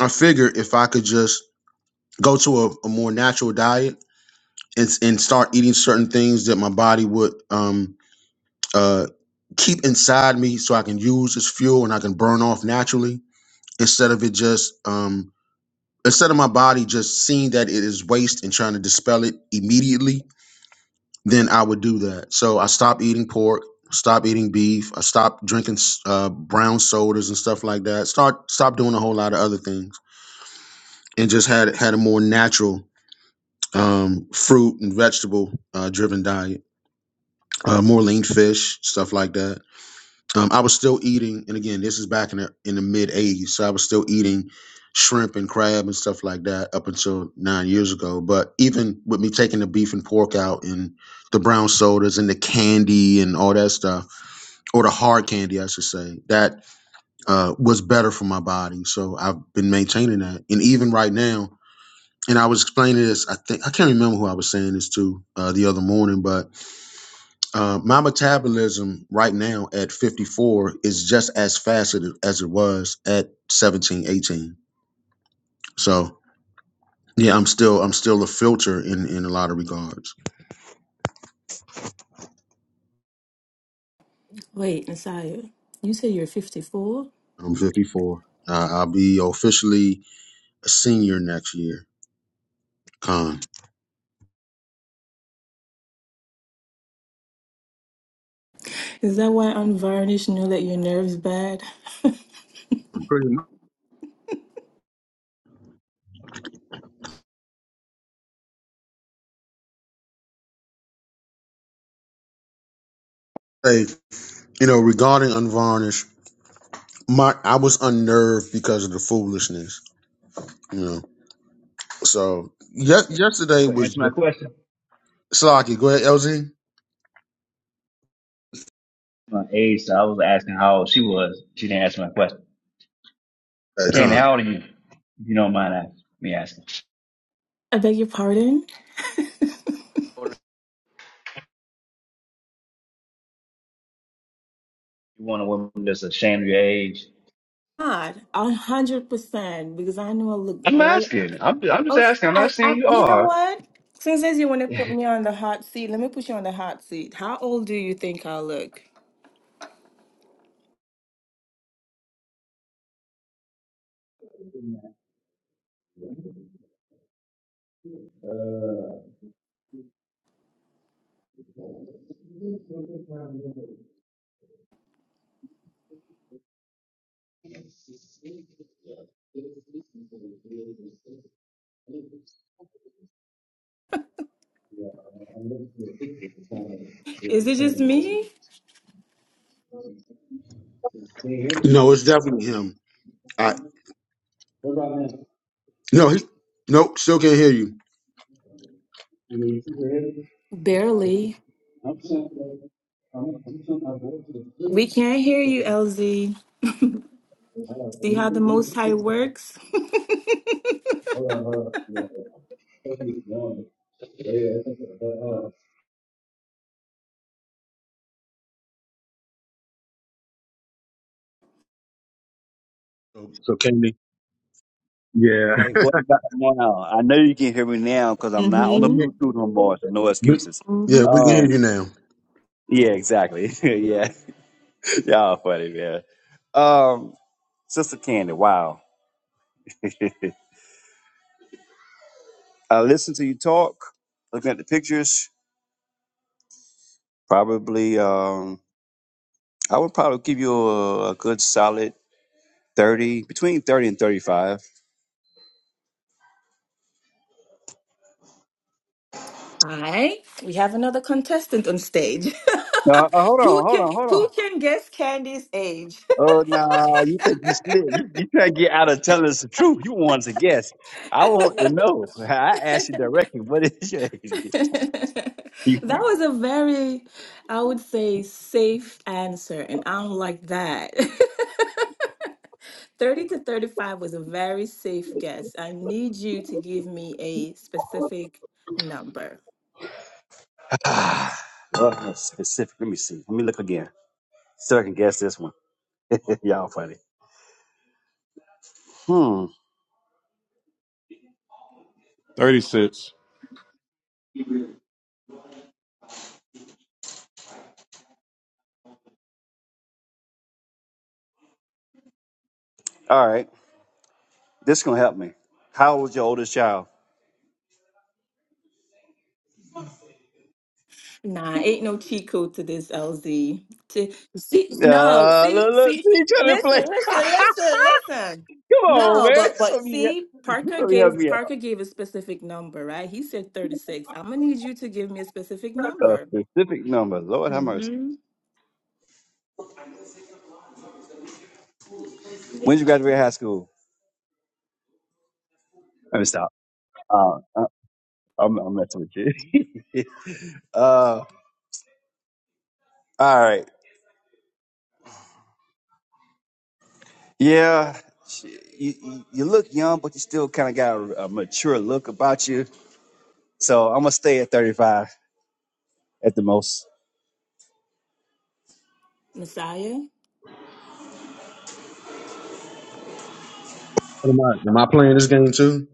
I figured if I could just go to a, a more natural diet and and start eating certain things that my body would um uh keep inside me so I can use as fuel and I can burn off naturally instead of it just um instead of my body just seeing that it is waste and trying to dispel it immediately then i would do that so i stopped eating pork stopped eating beef i stopped drinking s- uh, brown sodas and stuff like that start stopped doing a whole lot of other things and just had had a more natural um fruit and vegetable uh driven diet uh more lean fish stuff like that Um, I was still eating, and again, this is back in the in the mid '80s, so I was still eating shrimp and crab and stuff like that up until nine years ago. But even with me taking the beef and pork out, and the brown sodas and the candy and all that stuff, or the hard candy, I should say, that uh, was better for my body. So I've been maintaining that, and even right now. And I was explaining this. I think I can't remember who I was saying this to uh, the other morning, but uh, my metabolism right now at 54 is just as fast as it as it was at 17, 18. So yeah, I'm still I'm still a filter in in a lot of regards. Wait, Nasaya, you say you're 54? I'm 54. Uh, I'll be officially a senior next year. Con. Is that why Unvarnished knew that your nerves bad? I'm Pretty much. Hey, you know, regarding unvarnished, my I was unnerved because of the foolishness. You know, so yes, yesterday But was answer my just question. Slocky. Go ahead, LZ. My age, so I was asking how old she was. She didn't answer my question. Uh, Candy, Con. how old are you? If you don't mind asking, me asking. I beg your pardon? You want a woman that's ashamed of your age? God, a hundred percent. Because I know a little I'm girl asking. I'm, I'm just Oh, s- asking. I'm not I, I, saying you you know are. what? Since as you want to put me on the hot seat, let me put you on the hot seat. How old do you think I'll look? Uh, Is it just me? You know, it's definitely him. No, he, nope, still can't hear you. Barely. We can't hear you, LZ. See how the Most High works? So can they? Yeah. Hey, what about now? I know you can hear me now because I'm not on We the can mm-hmm. hear- Bluetooth no more, so no we- excuses. Yeah, we Mm-hmm. can hear you Um, now. yeah, exactly. yeah, y'all funny, man. Um, Sister Candy, wow. I listened to you talk, looking at the pictures. Probably, um, I would probably give you a, a good solid 30, between 30 and 35. All right. We have another contestant on stage. No, uh, hold who on, hold can on, hold on. who can guess Candy's age? Oh no, you think you slick. You you try to get out of telling us the truth. You want to guess. I want to know. I asked you directly, what is your age? that You funny. was a very, I would say, safe answer, and I don't like that. 30 to 35 was a very safe guess. I need you to give me a specific number. Oh, that's specific. Let me see. Let me look again. So I can guess this one. Y'all funny. Hmm. 36. All right. This gonna help me. How old is your oldest child? Nah, ain't no cheat code to this, LZ. To, see, no, Uh look, see, look, see, see each other play. listen, listen, Come listen, listen. on, No, man. but This but gonna be see, you Parker gonna help gave me out. Parker gave a specific number, right? He said thirty six. I'm gonna need you to give me a specific A number. specific number. Lord have mercy. hmm When did you graduate high school? Let me stop. Uh, uh, I'm not messing with you. uh, all right. Yeah, sh- you, you you look young, but you still kind of got a, a mature look about you. So I'm gonna stay at 35 at the most. Messiah, Am I, am I playing this game too?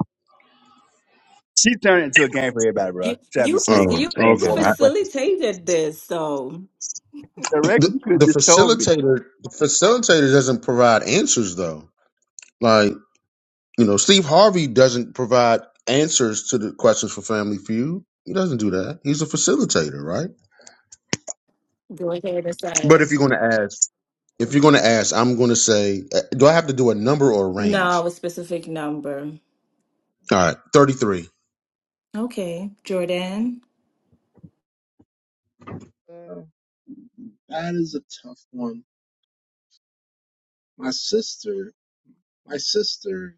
She turned into a game for everybody, bro. you Trying to be you fac- slick, Oh, you trying to okay. avoid my I, question. facilitated this, so The record The, you could have the just told me. facilitator, the facilitator doesn't provide answers though. Like you know, Steve Harvey doesn't provide answers to the questions for Family Feud. He doesn't do that. He's a facilitator, right? go ahead, But Messiah. if you're going to ask, if you're going to ask, I'm going to say, uh, do I have to do a number or a No, range? a specific number. All right, 33. Okay, Jordan. Uh, that is a tough one. My sister, my sister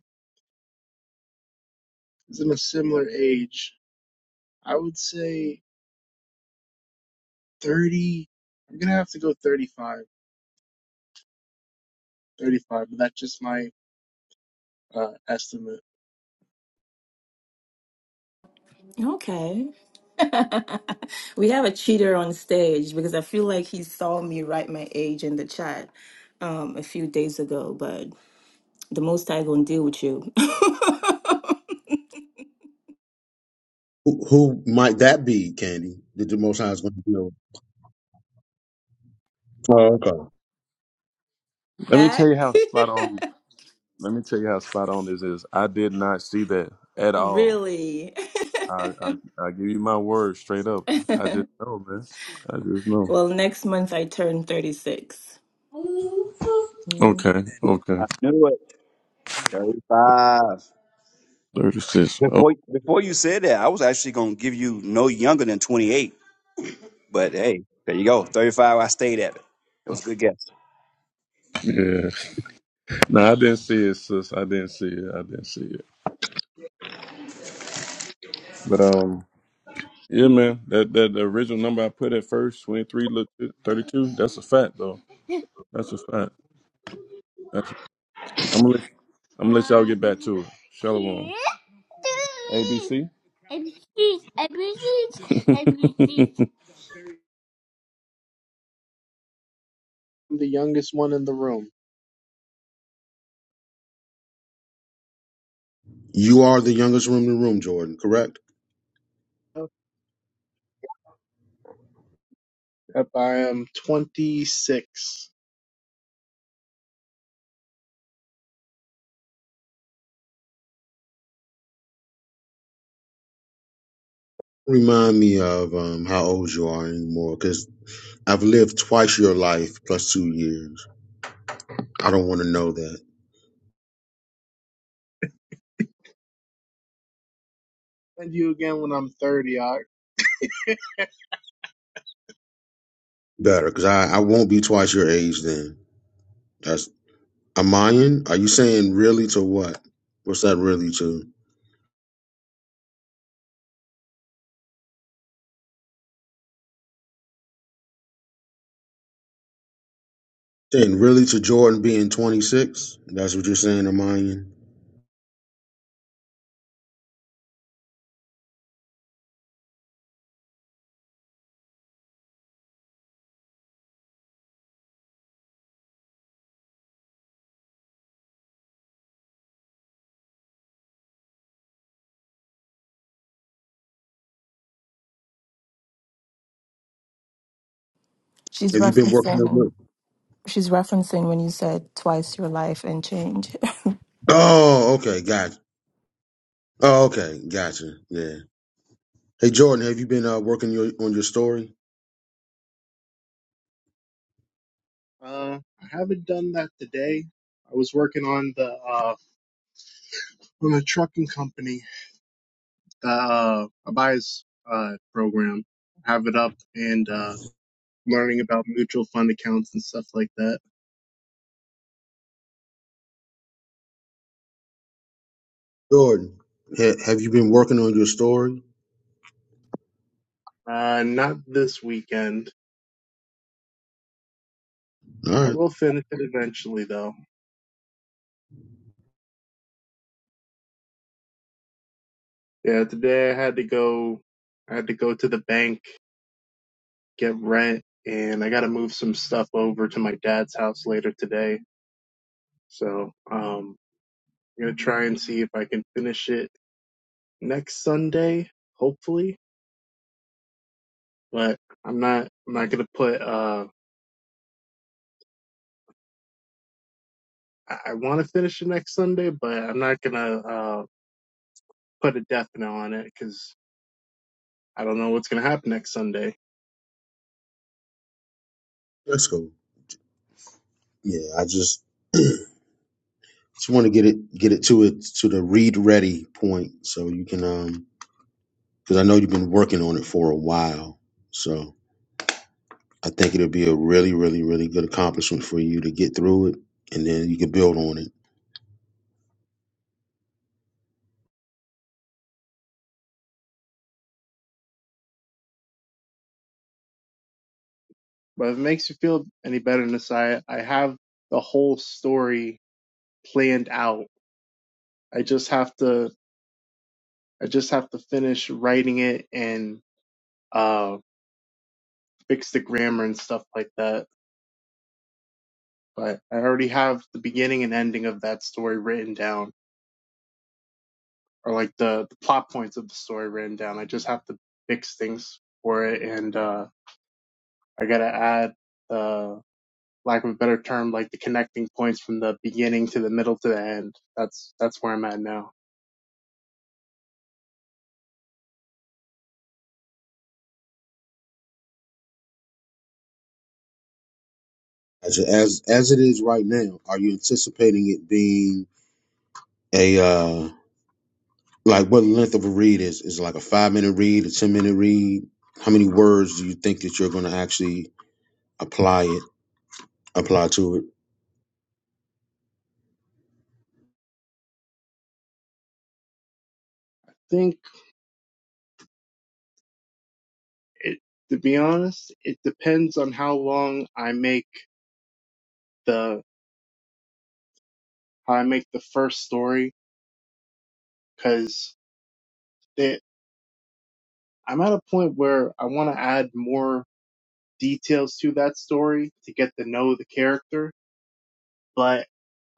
is in a similar age. I would say 30. I'm gonna have to go 35. 35, but that's just my uh, estimate. Okay. we have a cheater on stage because I feel like he saw me write my age in the chat um, a few days ago, but the most I gonna deal with you. Who, who might that be, Candy? That the Most High is going to know. Oh, okay. Let me Eh? tell you how spot on. Let me tell you how spot on this is. I did not see that at all. really? I I, I give you my word straight up. I just know, man. I just know. well, next month I turn 36. Mm. Okay, okay. I knew it. 35. 36. Oh, Before before you said that, I was actually gonna give you no younger than 28. But hey, there you go. 35. I stayed at it. It was a good guess. yeah. No, I didn't see it, sis. I didn't see it. I didn't see it. But, um, yeah, man, that, that the original number I put at first, 23, looked 32, that's a fact, though. That's a fact. I'm gonna let, I'm gonna let y'all get back to it. Shalom. ABC. I'm the youngest one in the room. You are the youngest room in the room, Jordan. Correct. Yep, I am 26. Remind me of um, how old you are anymore, because I've lived twice your life plus two years. I don't want to know that And you again when I'm 30. I better, because I, I won't be twice your age then. That's a Mayan. Are you saying really to what? What's that really to? Saying really to Jordan being 26? That's what you're saying, Amayan? She's Have you been working on your? referencing she's referencing when you said twice your life and change. Oh, okay, gotcha. Oh, okay, gotcha. Yeah. Hey, Jordan, have you been uh, working your on your story? uh, I haven't done that today. I was working on the uh, on a trucking company uh, Abaya's uh, program. Have it up and uh, learning about mutual fund accounts and stuff like that. Jordan, ha- have you been working on your story? Uh, not this weekend. All I right, will finish it eventually, though. Yeah, today I had to go. I had to go to the bank get rent, and I got to move some stuff over to my dad's house later today. So um, I'm gonna try and see if I can finish it next Sunday, hopefully. But I'm not. I'm not gonna put. Uh, I, I want to finish it next Sunday, but I'm not gonna uh, put a death knell on it because I don't know what's gonna happen next Sunday. let's go. Yeah, I just just want to get it get it to it to the read ready point, so you can um because I know you've been working on it for a while, so I think it'll be a really really really good accomplishment for you to get through it, and then you can build on it. But if it makes you feel any better, Nasiah, I have the whole story planned out. I just have to, I just have to finish writing it and uh, fix the grammar and stuff like that. But I already have the beginning and ending of that story written down, or like the, the plot points of the story written down. I just have to fix things for it and. uh I gotta add uh lack of a better term, like the connecting points from the beginning to the middle to the end. That's that's where I'm at now. As as as it is right now, are you anticipating it being a uh Like what length of a read is is it like a five minute read, a ten minute read? How many words do you think that you're going to actually apply it apply to it? I think it to be honest, it depends on how long I make the how I make the first story because I'm at a point where I want to add more details to that story to get to know the character but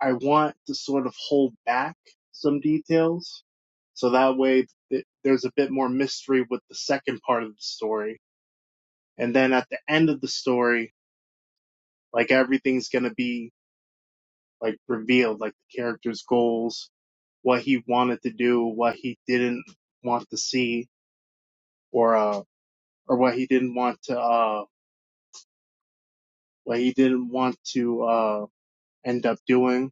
I want to sort of hold back some details so that way th- there's a bit more mystery with the second part of the story. And then at the end of the story, like everything's going to be like revealed, like the character's goals, what he wanted to do, what he didn't want to see or, uh, or what he didn't want to, uh, what he didn't want to, uh, end up doing.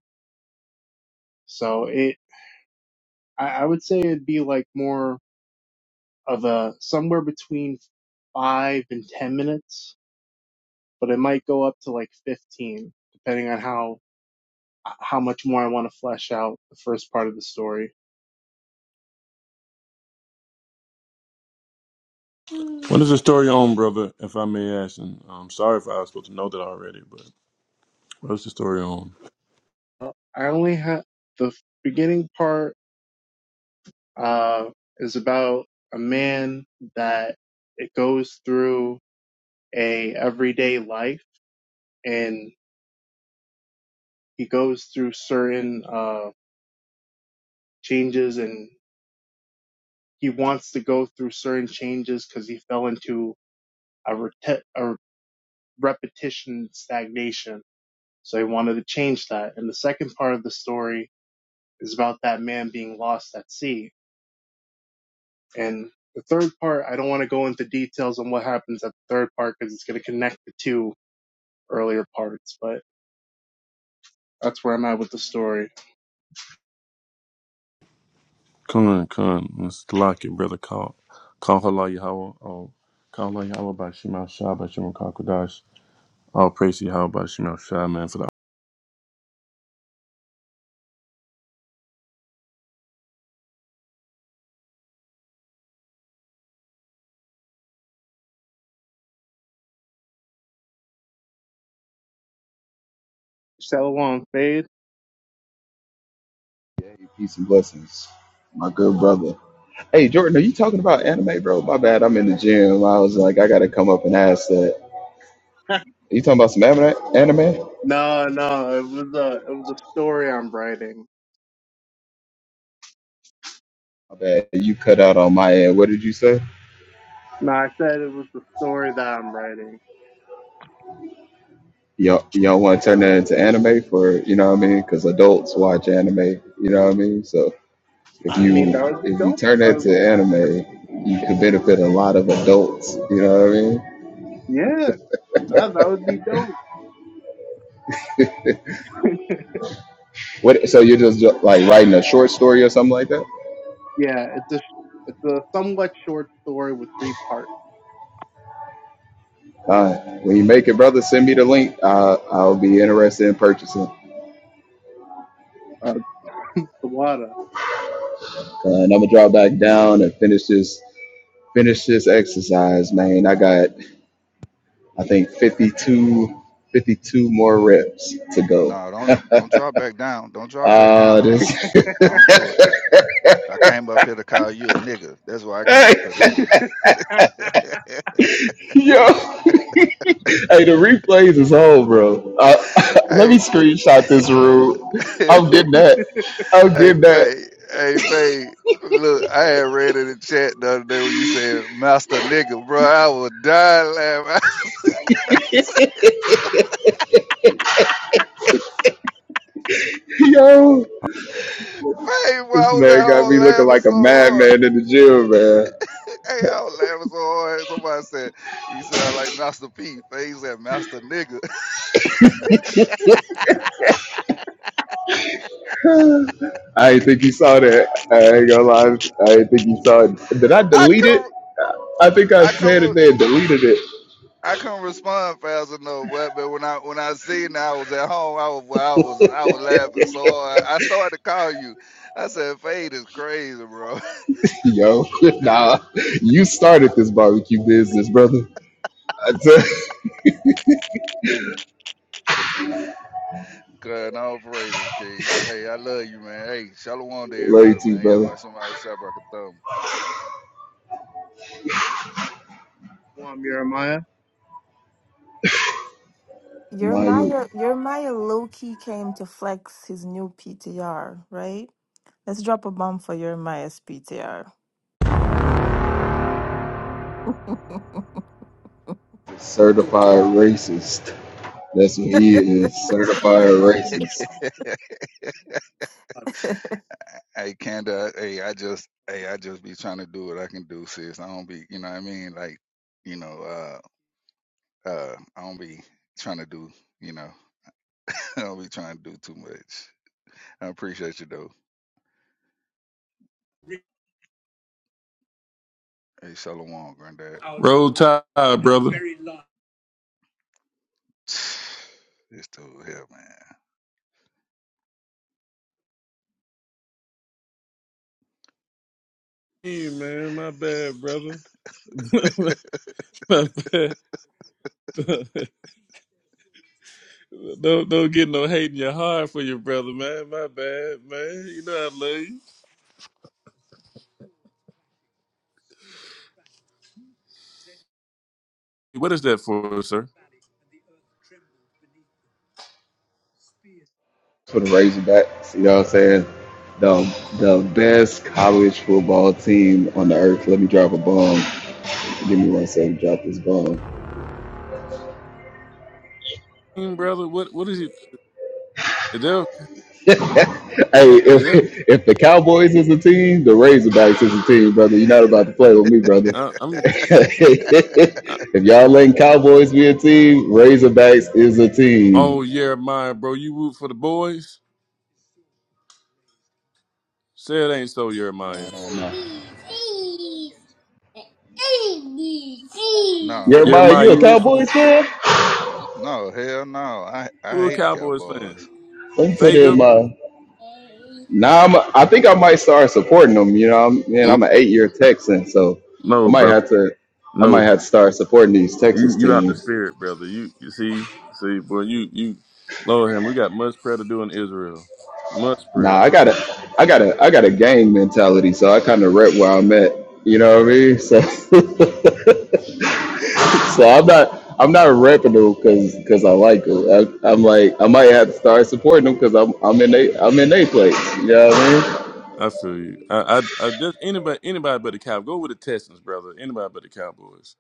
So it, I, I would say it'd be like more of a somewhere between five and ten minutes, but it might go up to like fifteen, depending on how how much more I want to flesh out the first part of the story. what is the story on, brother? If I may ask, and I'm sorry if I was supposed to know that already, but what's the story on? Uh, I only have the beginning part uh, is about a man that it goes through a everyday life, and he goes through certain uh, changes, and he wants to go through certain changes because he fell into a, ret rete- repetition stagnation. So he wanted to change that. And the second part of the story is about that man being lost at sea. And the third part, I don't want to go into details on what happens at the third part because it's going to connect the two earlier parts, but that's where I'm at with the story. Come, come, let's lock it, brother. Call, call Hala Yahweh. Oh, call Hala Yahweh by Shemal Shah by Shemal Kakadash. All praise to Yahweh by Shemal Shah, man, for that. So long, fade. Hey, peace and blessings, my good brother. Hey, Jordan, are you talking about anime, bro? My bad, I'm in the gym. I was like, I gotta come up and ask that. you talking about some anime? Anime? no, no, it was a, it was a story I'm writing. My bad, you cut out on my end. What did you say? No, I said it was the story that I'm writing. Y'all, y'all want to turn that into anime for you know what I mean? Because adults watch anime, you know what I mean. So if I mean, you that would be if you dope. if turn I that was- to anime, you could benefit a lot of adults, you know what I mean? yeah, no, that would be dope. What? So you're just like writing a short story or something like that? Yeah, it's a it's a somewhat short story with three parts. Uh, when you make it, brother, send me the link. Uh, I'll be interested in purchasing. Uh, Sawada, Uh, and I'm gonna drop back down and finish this finish this exercise, man. I got I think 52, 52 more reps to go. No, don't don't drop back down. Don't drop back Uh, down, this nigga. Don't do it. I came up here to call you a nigga. That's what I came hey up here to do. yo hey the replays is on, bro. Uh, let me hey, screenshot this room. hey, I'm getting that. I'm getting that. Faye, hey, Faye. Look, I had read in the chat the other day when you said "master nigga," bro. I was dying laughing. I said it too. Yo, Faye, bro, this I was at man got me home looking laughing like a so hard. madman in the gym, Hey, I was laughing so hard. Somebody said he sounded like Master P. Faye said "master nigga." man. I didn't think you saw that. I ain't gonna lie. I didn't think you saw it. Did I I delete come. it? I think I I said come. it there and deleted it. I couldn't respond fast enough, but but when I when I seen that I was at home, I was I was I was laughing so hard. I started to call you. I said, "Fade is crazy, bro." Yo, nah, you started this barbecue business, brother. I tell God, all praises, King. Hey, I love you, man. Hey, shalom to love you, everybody, too, man. Y'all brother. about somebody shop rock a thumb. Swam Jeremiah, Your Nah, you Maya your Maya low key came to flex his new PTR, right? Let's drop a bomb for Jeremiah's PTR. certified racist. That's what he is. Certified racist Hey, Kanda. Hey, I just hey I just be trying to do what I can do, sis. I don't be, you know what I mean? Like, you know, uh uh, I don't be trying to do, you know, I don't be trying to do too much. I appreciate you though. Hey, shalom, granddad. Roll Tide, brother. This dude here, man. Hey, man, my bad, brother. my bad. don't don't get no hate in your heart for your brother, man. My bad, man. You know I love you. What is that for, sir? for the Razorbacks. You know what I'm saying? The the best college football team on the earth. Let me drop a bomb. Give me one second. to Drop this bomb. Hmm, Brother, what what is it? Is that unclean Hey, is if animal, that? if the Cowboys is a team, the Razorbacks is a team, brother. You're not about to play with me, brother. Uh, I'm. Uh, if y'all letting Cowboys be a team, Razorbacks is a oh, team. Jeremiah, bro, you root for the boys. Say it ain't so, Jeremiah. Nah, nah, nah. No, I Jeremiah, ain't- Jeremiah, no, you a you root I for don't. Cowboys fan? No, hell no. I I who? A hate the Cowboys fan? Cowboys. Let me Faye, put you? in my. Nah, I'm, a, I think I might start supporting them. You know, I'm, man, I'm an eight-year Texan, so I No, might bro. have to. I No, might have to start supporting these You Texas you out the teams. spirit, brother. You you see see boy you you Lord him. We got much prayer to do in Israel. Much Nah, prayer. I got a, I got a, I got a gang mentality, so I kind of rep where I'm at. You know what I mean? So, so I'm not, I'm not repping them because, because I like them. I, I'm like, I might have to start supporting them because I'm, I'm in they, I'm in they place. You know what I mean? I feel you. I I, I just anybody anybody but the Cow. Go with the Texans, brother. Anybody but the Cowboys.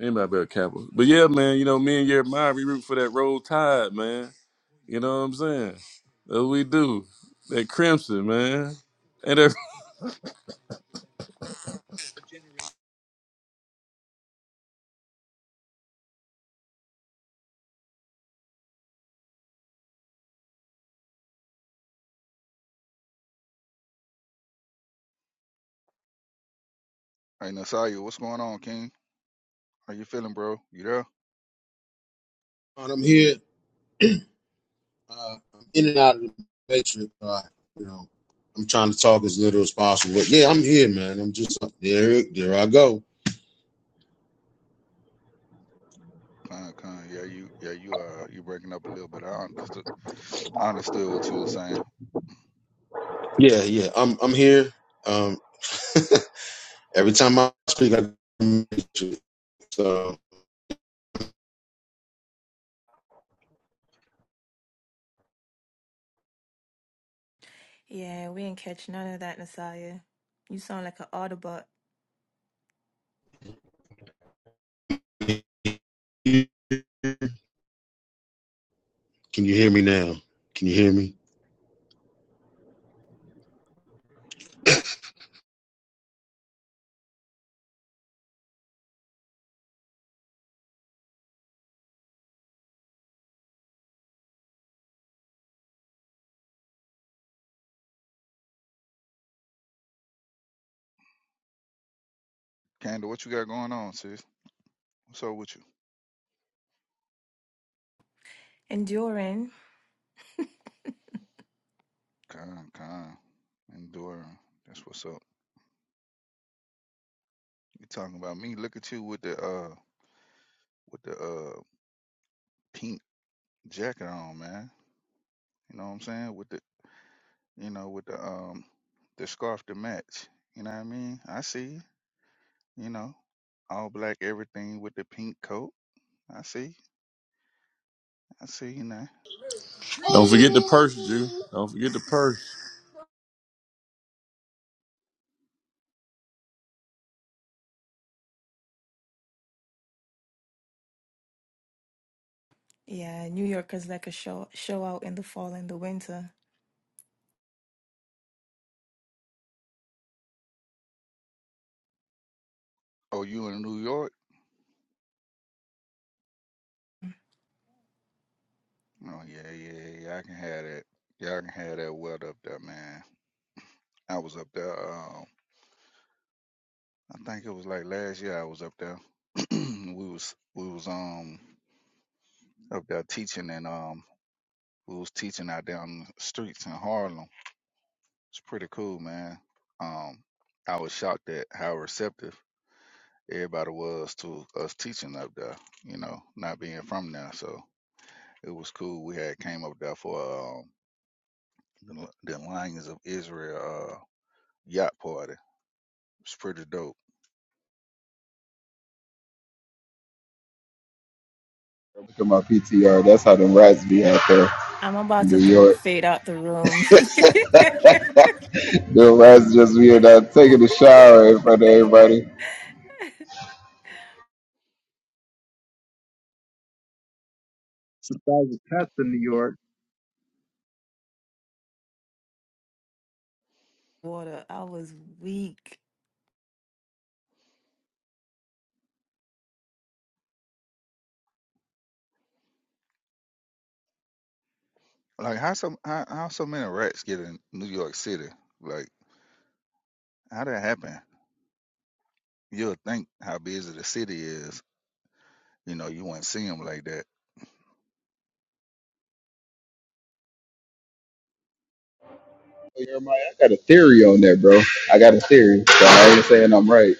Anybody but the Cowboys. But yeah, man. You know me and Jeremiah we root for that roll tide, man. You know what I'm saying? That's what we do. That crimson, man. And that, Hey, Nasaya, what's going on, King? How you feeling, bro? You there? right, I'm here. Uh, I'm in and out of the matrix. Uh, you know, I'm trying to talk as little as possible. But yeah, I'm here, man. I'm just there. There I go. Con, con. Yeah, you, yeah, you uh, you breaking up a little bit. I understood, I understood what you were saying. Yeah, yeah. I'm I'm here. Um, every time I speak, I so Yeah, we ain't catch none of that, Nasaya. You sound like an Autobot. can you hear me now? Can you hear me? Candle, what you got going on, sis? What's up with you? Enduring. Con, con. Enduring. That's what's up. You talking about me? Look at you with the uh, with the uh, pink jacket on, man. You know what I'm saying? With the you know, with the um the scarf to match. You know what I mean? I see you, you know. All black everything with the pink coat. I see. I see you now. don't forget the purse, Jew. Don't forget the purse. Yeah, New Yorkers like a show show out in the fall and the winter. Oh, you in New York? Oh yeah, yeah, yeah. I can have that. Y'all can have that weather up there, man. I was up there, um I think it was like last year I was up there. we was we was um up there teaching and um we was teaching out there on the streets in Harlem. It's pretty cool, man. Um I was shocked at how receptive everybody was to us teaching up there, you know, not being from there. So it was cool. We had came up there for um, the, the Lions of Israel uh, yacht party. It's pretty dope. Look at my PTR. That's how them rats be out there I'm in about New to throw York. fade out the room. Them rats just be in there taking a shower in front of everybody. supplies a test in New York. Water, I was weak. Like how some how, how so many rats get in New York City? Like how that happen? You'll think how busy the city is. You know, you wouldn't see them like that. Hey, Everybody, I got a theory on that, bro. I got a theory. So I ain't saying I'm right.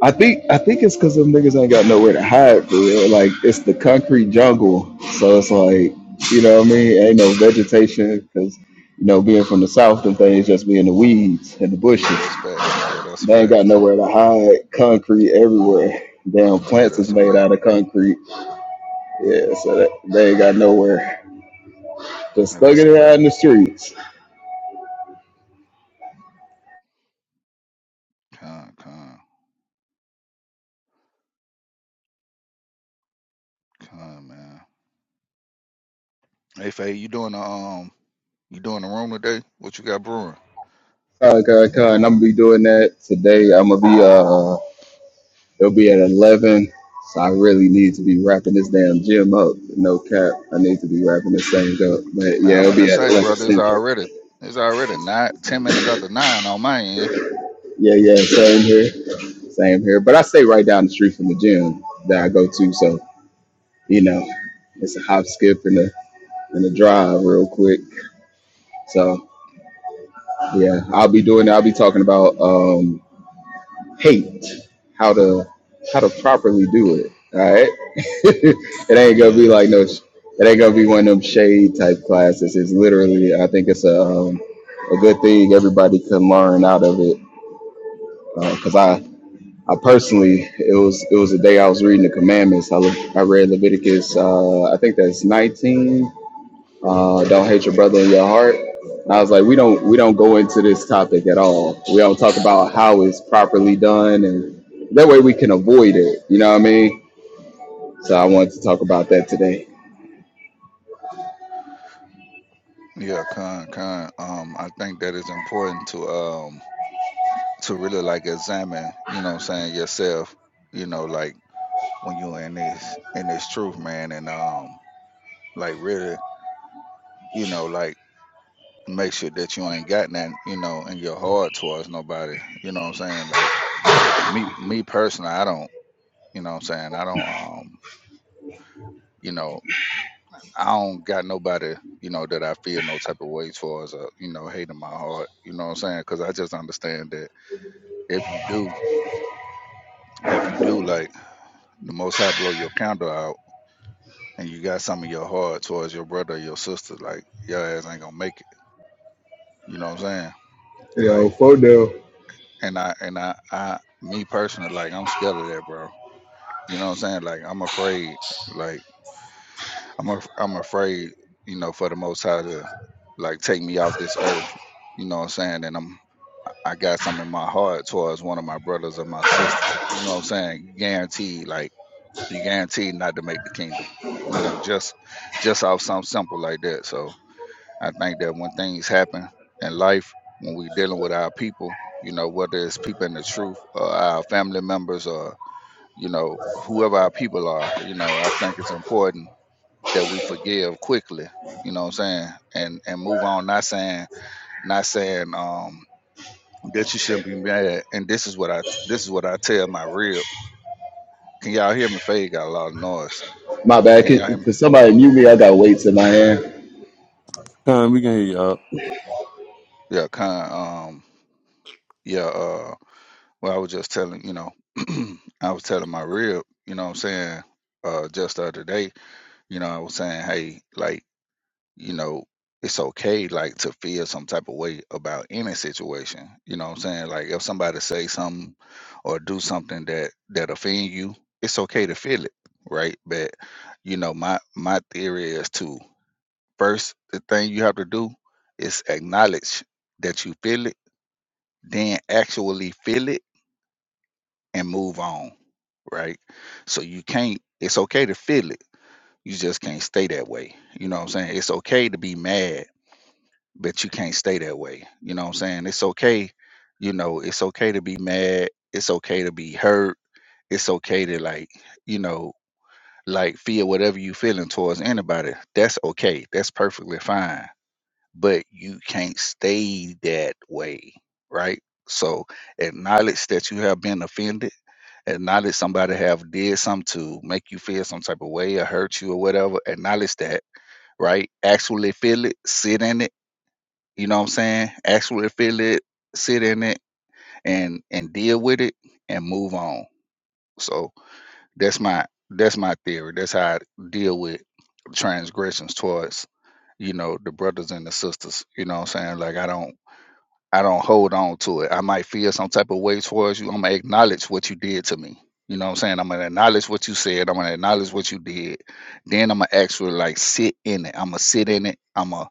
I think I think it's because them niggas ain't got nowhere to hide for real. Like it's the concrete jungle, so it's like you know what I mean. Ain't no vegetation because you know being from the south, them things just be in the weeds and the Yeah, bushes. that's fact. Yeah, that's a They ain't fact. got nowhere to hide. Concrete everywhere. Damn Yeah, plants is that's a made fact. out of concrete. Yeah, so that, they ain't got nowhere. Just Yeah, that's a thugging it out fact. in the streets. Con, con, con, man. Hey, Faye, you doing the um You doing the room today? What you got brewing? Con, con, con. I'm gonna be doing that today. I'm gonna be uh It'll be at 11. So I really need to be wrapping this damn gym up. No cap. I need to be wrapping this thing up. But Man, yeah, I'm it'll finna be at say, 11 brother, it's Central. already it's already nine ten minutes after nine on my end. Yeah, yeah. Same here. Same here. But I stay right down the street from the gym that I go to. So, you know, it's a hop, skip, and a, and a drive real quick. So yeah, I'll be doing I'll be talking about. Um, hate how to how to properly do it. All right, it ain't gonna be Yeah. like no, it ain't gonna be one of them shade type classes. It's literally, I think it's a um, a good thing everybody can learn out of it. Because I I personally, it was it was the day I was reading the commandments. I look, I read Leviticus. Uh, I think that's 19 uh, don't hate your brother in your heart. And I was like, we don't we don't go into this topic at all. We don't talk about how it's properly done, and that way we can avoid it. You know what I mean? So I wanted to talk about that today. Yeah, con con. Um I think that is important to um to really like examine, you know what I'm saying, yourself, you know, like when you in this in this truth, man, and um like really, you know, like make sure that you ain't got nothing, you know, in your heart towards nobody. You know what I'm saying? Like me me personally, I don't you know what I'm saying, I don't um you know I don't got nobody, you know, that I feel no type of ways for as a, you know, hate in my heart. You know what I'm saying? Because I just understand that if you do, if you do, like the Most High blow your candle out, and you got some of your heart towards your brother or your sister, like your ass ain't gonna make it. You know what I'm saying? Like, Yo, for now. and I and I, I, me personally, like I'm scared of that, bro. You know what I'm saying? Like I'm afraid, like I'm, af- I'm afraid, you know, for the Most High to, like, take me off this earth. You know what I'm saying? And I'm I got something in my heart towards one of my brothers or my sisters. You know what I'm saying? Guaranteed, like you guaranteed not to make the kingdom. You know, just just off something simple like that. So I think that when things happen in life, when we're dealing with our people, you know, whether it's people in the truth or our family members or, you know, whoever our people are, you know, I think it's important that we forgive quickly. You know what I'm saying? And and move on, not saying not saying um that you shouldn't be mad at. And this is what I this is what I tell my rib. Can y'all hear me? Faye got a lot of noise. My bad. Can y'all hear Can, me? can somebody mute me? I got weights in my hand. Con, we can hear Yeah, kind of, um yeah, uh well I was just telling, you know, I was telling my rib, you know what I'm saying, uh just the other day, you know, I was saying, hey, like you know, it's okay like to feel some type of way about any situation. You know what I'm saying? Like if somebody say something or do something that that offend you, it's okay to feel it, right? But you know, my my theory is to first the thing you have to do is acknowledge that you feel it, then actually feel it and move on, right? So you can't it's okay to feel it. You just can't stay that way. You know what I'm saying? It's okay to be mad but you can't stay that way. You know what I'm saying? It's okay, you know, it's okay to be mad, it's okay to be hurt, it's okay to like, you know, like feel whatever you feeling towards anybody. That's okay. That's perfectly fine. But you can't stay that way, right? So acknowledge that you have been offended. Acknowledge somebody have did something to make you feel some type of way or hurt you or whatever. Acknowledge that, right? Actually feel it, sit in it you know what I'm saying? Actually feel it, sit in it, and and deal with it, and move on. So that's my that's my theory. That's how I deal with transgressions towards you know the brothers and the sisters. You know what I'm saying? Like I don't I don't hold on to it. I might feel some type of ways towards you. I'm gonna acknowledge what you did to me. You know what I'm saying? I'm gonna acknowledge what you said. I'm gonna acknowledge what you did. Then I'm gonna actually like sit in it. I'm gonna sit in it. I'm gonna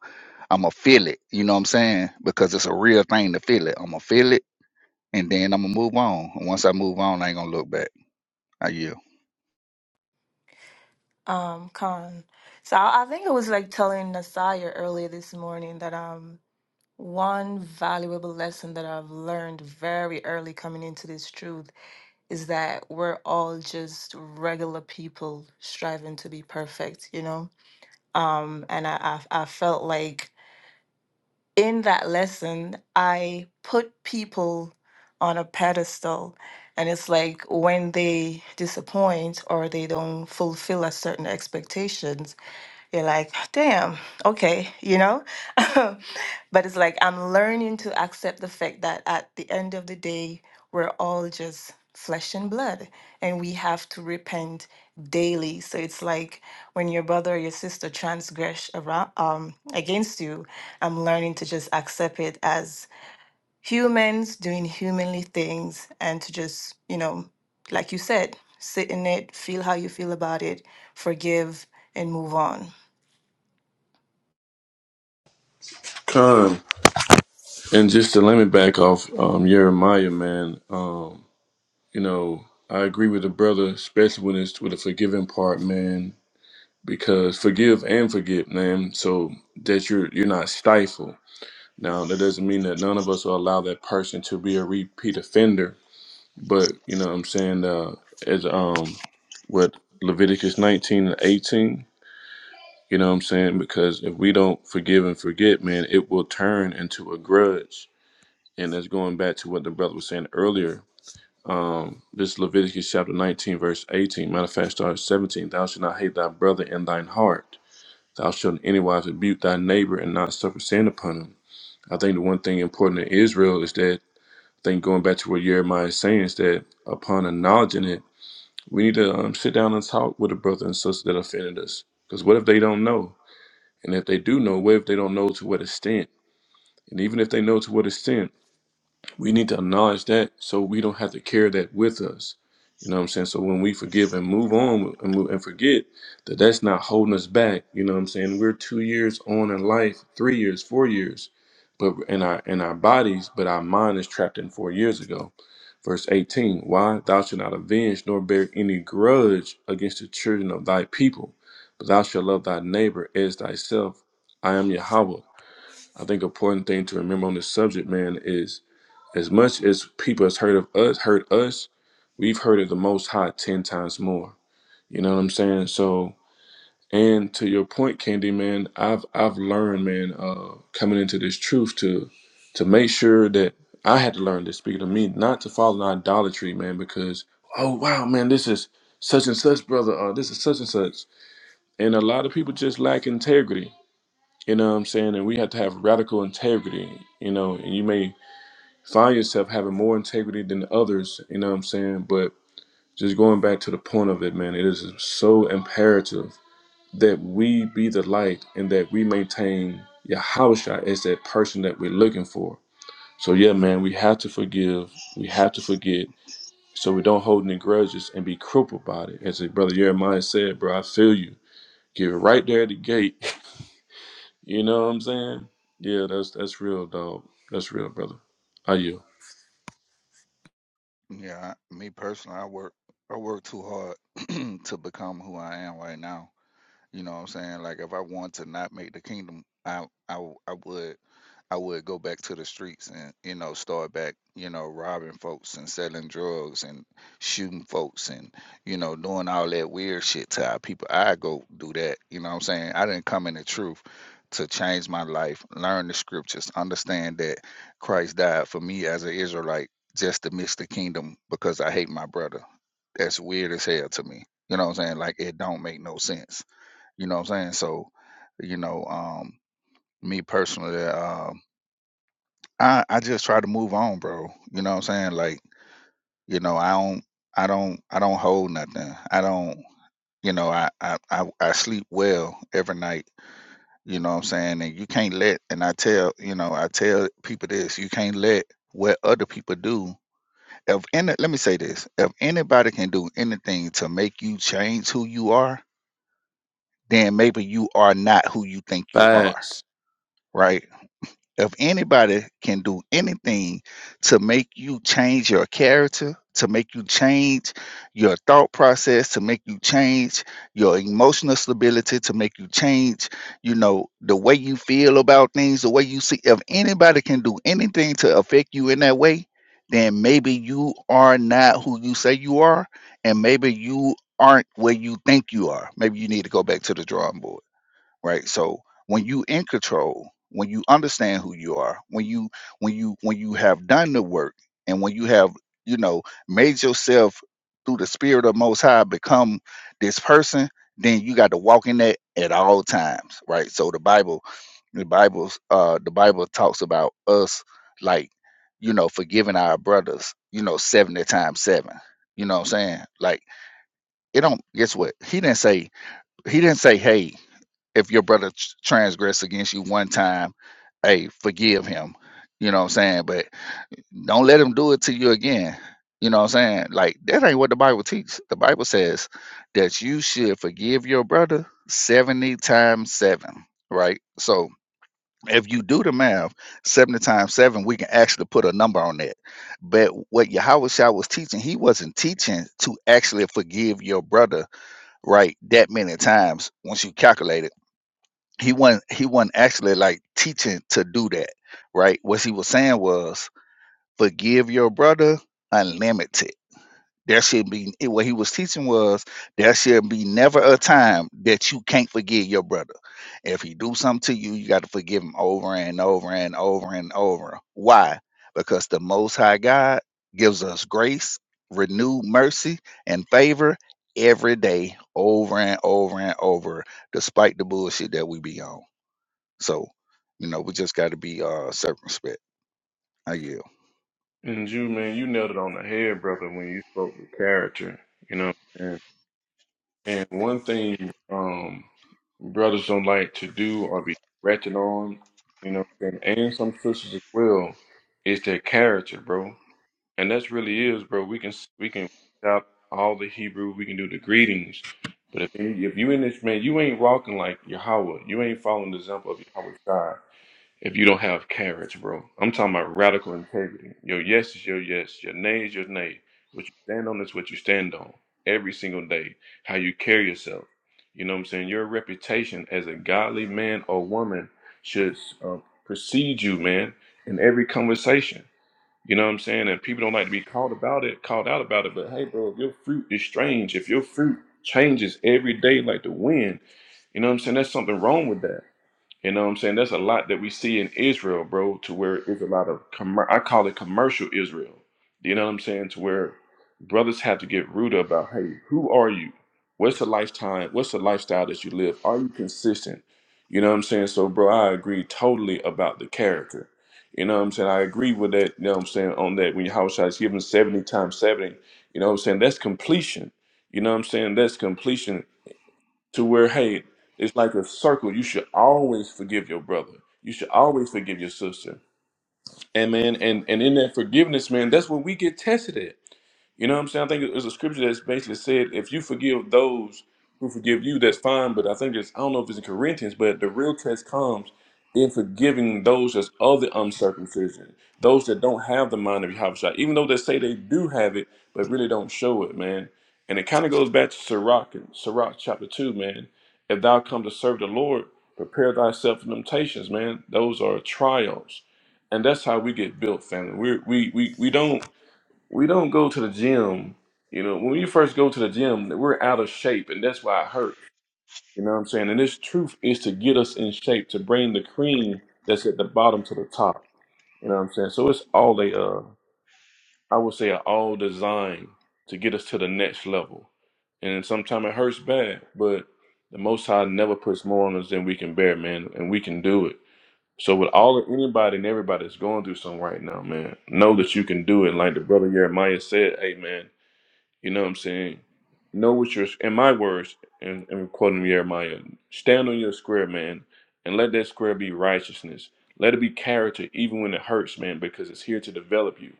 I'm gonna feel it. You know what I'm saying? Because it's a real thing to feel it. I'm gonna feel it, and then I'm gonna move on. And once I move on, I ain't gonna look back. I yield. Um, con. So I, I think it was like telling Nasaya earlier this morning that um one valuable lesson that I've learned very early coming into this truth is that we're all just regular people striving to be perfect, you know? Um, and I, I, I felt like in that lesson, I put people on a pedestal. And it's like when they disappoint or they don't fulfill a certain expectations you're like, "Oh, damn, okay, you know? but it's like I'm learning to accept the fact that at the end of the day, we're all just flesh and blood and we have to repent daily. So it's like when your brother or your sister transgress around um against you, I'm learning to just accept it as humans doing humanly things and to just, you know, like you said, sit in it, feel how you feel about it, forgive and move on. y'all. And just to let me back off um, Jeremiah, man, um, you know, I agree with the brother, especially when it's with the forgiving part, man, because forgive and forget, man, so that you're you're not stifled. Now that doesn't mean that none of us will allow that person to be a repeat offender, but you know what I'm saying, uh, as um what Leviticus 19 and 18, you know what I'm saying? Because if we don't forgive and forget, man, it will turn into a grudge and that's going back to what the brother was saying earlier. Um, this Leviticus chapter 19, verse 18, matter of fact, starts 17. Thou shalt not hate thy brother in thine heart. Thou shalt in any wise rebuke thy neighbor and not suffer sin upon him. I think the one thing important in Israel is that, I think going back to what Jeremiah is saying, is that upon acknowledging it, we need to um, sit down and talk with the brother and sister that offended us. Because what if they don't know? And if they do know, what if they don't know to what extent? And even if they know to what extent, we need to acknowledge that so we don't have to carry that with us. You know what I'm saying? So when we forgive and move on and move and forget that that's not holding us back. You know what I'm saying? We're two years on in life, three years, four years, but in our in our bodies, but our mind is trapped in four years ago. Verse 18, why thou shalt not avenge nor bear any grudge against the children of thy people, but thou shalt love thy neighbor as thyself. I am Yahweh. I think an important thing to remember on this subject, man, is as much as people has heard of us, heard us, we've heard of the Most High ten times more. You know what I'm saying? So, and to your point, Candy man, I've I've learned, man, uh, coming into this truth to to make sure that I had to learn this. Speaking of me, not to fall in idolatry, man, because oh wow, man, this is such and such brother, uh, this is such and such, and a lot of people just lack integrity. You know what I'm saying? And we have to have radical integrity. You know, and you may find yourself having more integrity than others, you know what I'm saying? But just going back to the point of it, man, it is so imperative that we be the light and that we maintain Yahusha as that person that we're looking for. So yeah, man, we have to forgive, we have to forget, so we don't hold any grudges and be crippled by it. As a brother Jeremiah said, bro, I feel you. Get right there at the gate. you know what I'm saying? Yeah, that's that's real, dog. That's real, brother. Are you? Yeah, I, me personally, I work I work too hard to become who I am right now. You know what I'm saying? Like if I want to not make the kingdom, I I w- I would I would go back to the streets and you know start back you know robbing folks and selling drugs and shooting folks and you know doing all that weird shit to our people. I go do that. You know what I'm saying? I didn't come in the truth to change my life, learn the scriptures, understand that Christ died for me as an Israelite just to miss the kingdom because I hate my brother. That's weird as hell to me. You know what I'm saying? Like it don't make no sense you know what I'm saying? So, you know, um, me personally, um, I I just try to move on, bro. You know what I'm saying? Like, you know, I don't, I don't, I don't hold nothing. I don't, you know, I I I, I sleep well every night. You know what I'm saying? And you can't let, and I tell, you know, I tell people this: you can't let what other people do. If any, let me say this: if anybody can do anything to make you change who you are, then maybe you are not who you think you are, Facts. right? if anybody can do anything to make you change your character, to make you change your thought process, to make you change your emotional stability, to make you change, you know, the way you feel about things, the way you see, if anybody can do anything to affect you in that way, then maybe you are not who you say you are, and maybe you aren't where you think you are. Maybe you need to go back to the drawing board right so when you in control when you understand who you are when you when you when you have done the work and when you have you know made yourself through the spirit of most high become this person then you got to walk in that at all times right so the bible the bible's uh the bible talks about us like you know forgiving our brothers you know 70 times 7 you know what i'm saying like it don't guess what he didn't say he didn't say hey if your brother tr- transgress against you one time, hey, forgive him. You know what I'm saying? But don't let him do it to you again. You know what I'm saying? Like that ain't what the Bible teaches. The Bible says that you should forgive your brother 70 times 7, right? So if you do the math, 70 times 7, we can actually put a number on that. But what Yahweh Shah was teaching, he wasn't teaching to actually forgive your brother, right, that many times once you calculate it he wasn't he wasn't actually like teaching to do that, right? What he was saying was forgive your brother unlimited. There should be eh, what he was teaching was there should be never a time that you can't forgive your brother. If he do something to you, you got to forgive him over and over and over and over. Why? Because the Most High God gives us grace, renewed mercy, and favor every day, over and over and over, despite the bullshit that we be on. So, you know, we just got to be uh circumspect. I yield. And you, man, you nailed it on the head, brother, when you spoke with character, you know. And, and one thing um, brothers don't like to do or be ratchet on, you know, and, and some sisters as well, is their character, bro. And that's really is, bro. We can we can stop all the Hebrew, we can do the greetings, but if you, if you in this man, you ain't walking like Yahweh. You ain't following the example of Yahweh if you don't have carrots, bro. I'm talking about radical integrity. Your yes is your yes. Your nay is your nay. What you stand on is what you stand on every single day. How you carry yourself. You know what I'm saying? Your reputation as a godly man or woman should uh, precede you, man, in every conversation. You know what I'm saying? And people don't like to be called about it, called out about it. But hey, bro, if your fruit is strange, if your fruit changes every day like the wind, you know what I'm saying? There's something wrong with that. You know what I'm saying? There's a lot that we see in Israel, bro, to where it's a lot of commer- I call it commercial Israel. You know what I'm saying? To where brothers have to get rude about, hey, who are you? What's the lifetime? What's the lifestyle that you live? Are you consistent? You know what I'm saying? So, bro, I agree totally about the character. You know what I'm saying? I agree with that. You know what I'm saying? On that, when your house is given 70 times 70, you know what I'm saying? That's completion. You know what I'm saying? That's completion to where hey it's like a circle you should always forgive your brother you should always forgive your sister and man and and in that forgiveness man that's when we get tested at you know what I'm saying? I think there's a scripture that's basically said, if you forgive those who forgive you, that's fine. But I think it's, I don't know if it's in Corinthians, but the real test comes in forgiving those that's of the uncircumcision, those that don't have the mind of Yahushua, even though they say they do have it, but really don't show it, man. And it kind of goes back to Sirach, and Sirach chapter 2, man. If thou come to serve the Lord, prepare thyself for temptations, man. Those are trials. And that's how we get built, family. We're, we, we, we don't we don't go to the gym. You know, when you first go to the gym, we're out of shape, and that's why it hurts. You know what I'm saying? And this truth is to get us in shape, to bring the cream that's at the bottom to the top. You know what I'm saying? So it's all a, uh, I would say, a all designed to get us to the next level. And sometimes it hurts bad, but the Most High never puts more on us than we can bear, man, and we can do it. So with all anybody and everybody that's going through something right now, man, know that you can do it. Like the brother Jeremiah said, "Amen." You know what I'm saying? Know what your in my words, and, and quoting Jeremiah, stand on your square, man, and let that square be righteousness. Let it be character, even when it hurts, man, because it's here to develop you.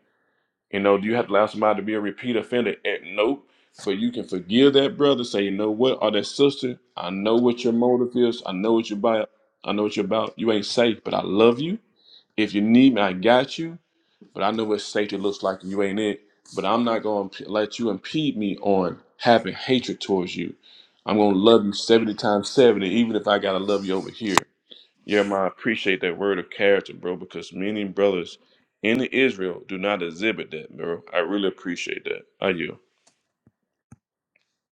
You know, do you have to allow somebody to be a repeat offender? Eh, Nope. But you can forgive that brother, say, you know what, or that sister, I know what your motive is, I know what you're about, I know what you're about. You ain't safe, but I love you. If you need me, I got you but I know what safety looks like and you ain't it. But I'm not going to let you impede me on having hatred towards you. I'm going to love you 70 times 70, even if I got to love you over here. Yeah, man, I appreciate that word of character, bro, because many brothers in Israel do not exhibit that, bro. I really appreciate that. I you.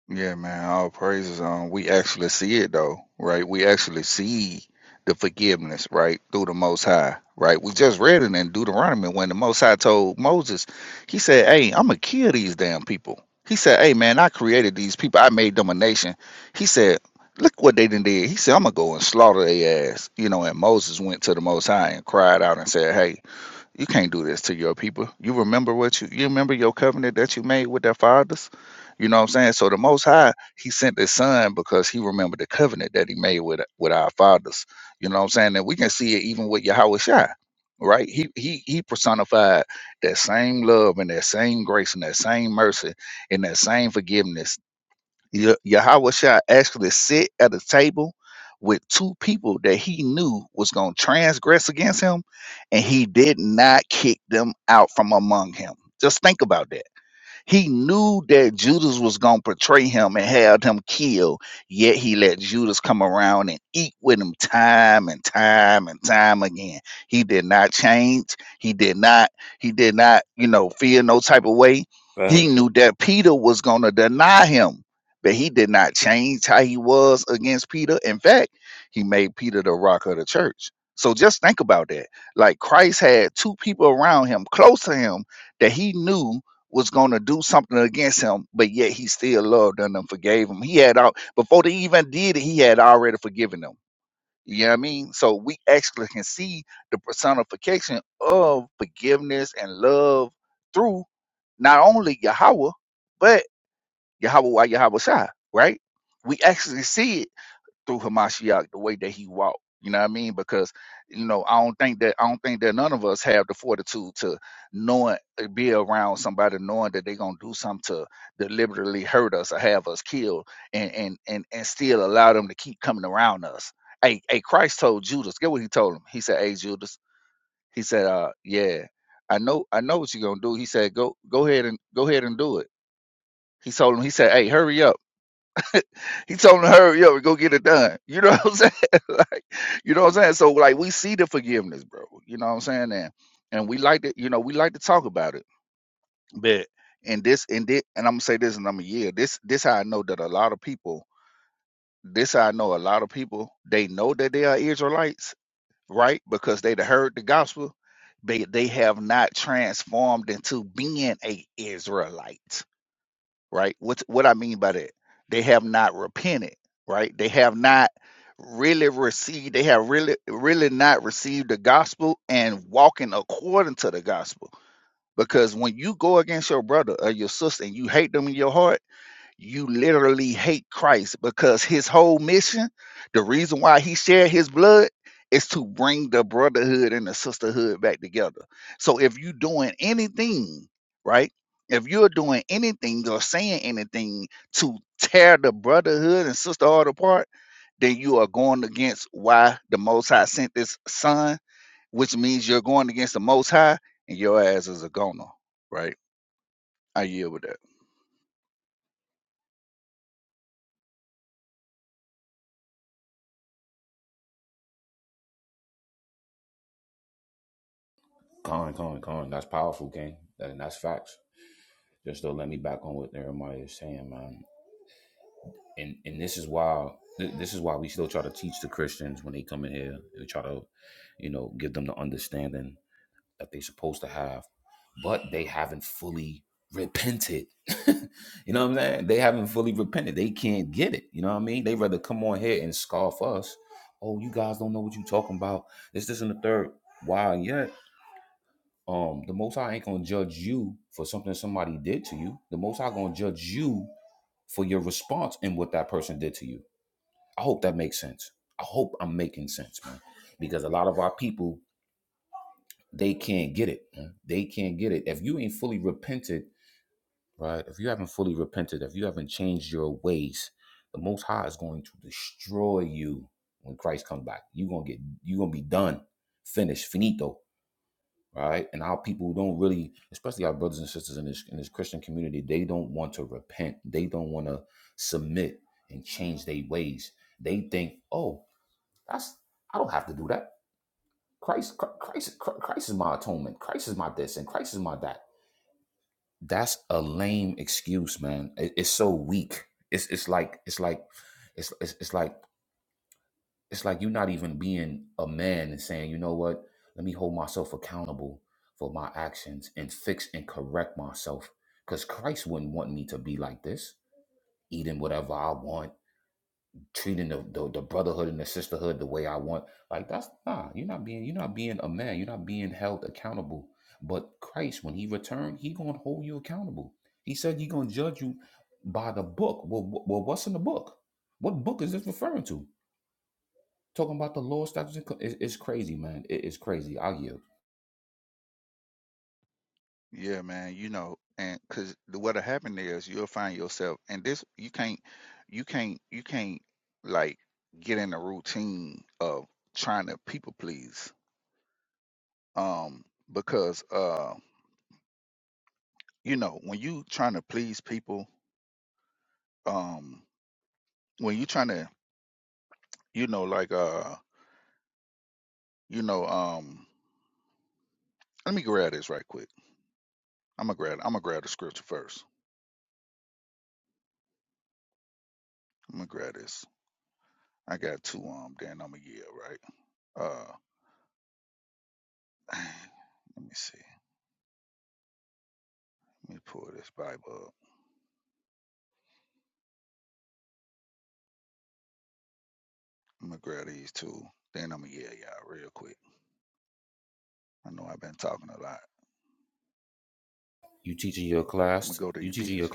Yeah, man. All praises. Um, we actually see it though, right? We actually see the forgiveness, right, through the Most High, right? We just read it in Deuteronomy when the Most High told Moses, he said, "Hey, I'm gonna kill these damn people." He said, "Hey, man, I created these people. I made them a nation." He said. Look what they done did. He said, "I'm gonna go and slaughter their ass," you know. And Moses went to the Most High and cried out and said, "Hey, You can't do this to your people. You remember what you you remember your covenant that you made with their fathers? You know what I'm saying? So the most high, he sent his son because he remembered the covenant that he made with with our fathers. You know what I'm saying? And we can see it even with Yahweh Shai, right? He he he personified that same love and that same grace and that same mercy and that same forgiveness Ye- Yahweh Shah actually sit at a table with two people that he knew was going to transgress against him, and he did not kick them out from among him. Just think about that. He knew that Judas was going to betray him and have him killed, yet he let Judas come around and eat with him time and time and time again. He did not change. He did not, he did not, you know, feel no type of way. He But knew that Peter was going to deny him, but he did not change how he was against Peter. In fact, he made Peter the rock of the church. So just think about that. Like Christ had two people around him, close to him, that he knew was going to do something against him, but yet he still loved them and forgave him. He had all before they even did it, he had already forgiven them. You know what I mean? So we actually can see the personification of forgiveness and love through not only Yahweh, but Yahweh Yahweh Shai, right? We actually see it through Hamashiach the way that he walked. You know what I mean? Because you know, I don't think that I don't think that none of us have the fortitude to knowing be around somebody knowing that they're gonna do something to deliberately hurt us or have us killed and and and, and still allow them to keep coming around us. Hey, hey, Christ told Judas, get what he told him. He said, Hey Judas, he said, uh, yeah, I know I know what you're gonna do. He said, Go go ahead and go ahead and do it. He told him, he said, Hey, hurry up he told him to hurry up and go get it done. You know what I'm saying? like, you know what I'm saying? So like we see the forgiveness, bro. You know what I'm saying? And and we like to, you know, we like to talk about it. But and this and this and I'm gonna say this and I'm a year. This this how I know that a lot of people, this how I know a lot of people, they know that they are Israelites, right? Because they done heard the gospel, but they have not transformed into being a Israelite right? What's what I mean by that? They have not repented, right? They have not really received, they have really, really not received the gospel and walking according to the gospel. Because when you go against your brother or your sister and you hate them in your heart, you literally hate Christ because his whole mission, the reason why he shed his blood is to bring the brotherhood and the sisterhood back together. So if you're doing anything, right? If you're doing anything or saying anything to tear the brotherhood and sisterhood apart, then you are going against why the Most High sent this son, which means you're going against the Most High, and your ass is a goner, right? I yield with that. Yeah, man, you know, and because what'll happen is you'll find yourself, and this you can't, you can't, you can't like get in a routine of trying to people please, um, because uh, you know, when you trying to please people, um, when you trying to, you know, like uh, you know, um, let me grab this right quick. I'm gonna grab, I'm gonna grab the scripture first. I'm gonna grab this. I got two um, then I'm gonna yeah, right? Uh, let me see. Let me pull this Bible up. I'm gonna grab these two. Then I'm gonna yell y'all real quick. I know I've been talking a lot. I'm gonna go to Ephesians.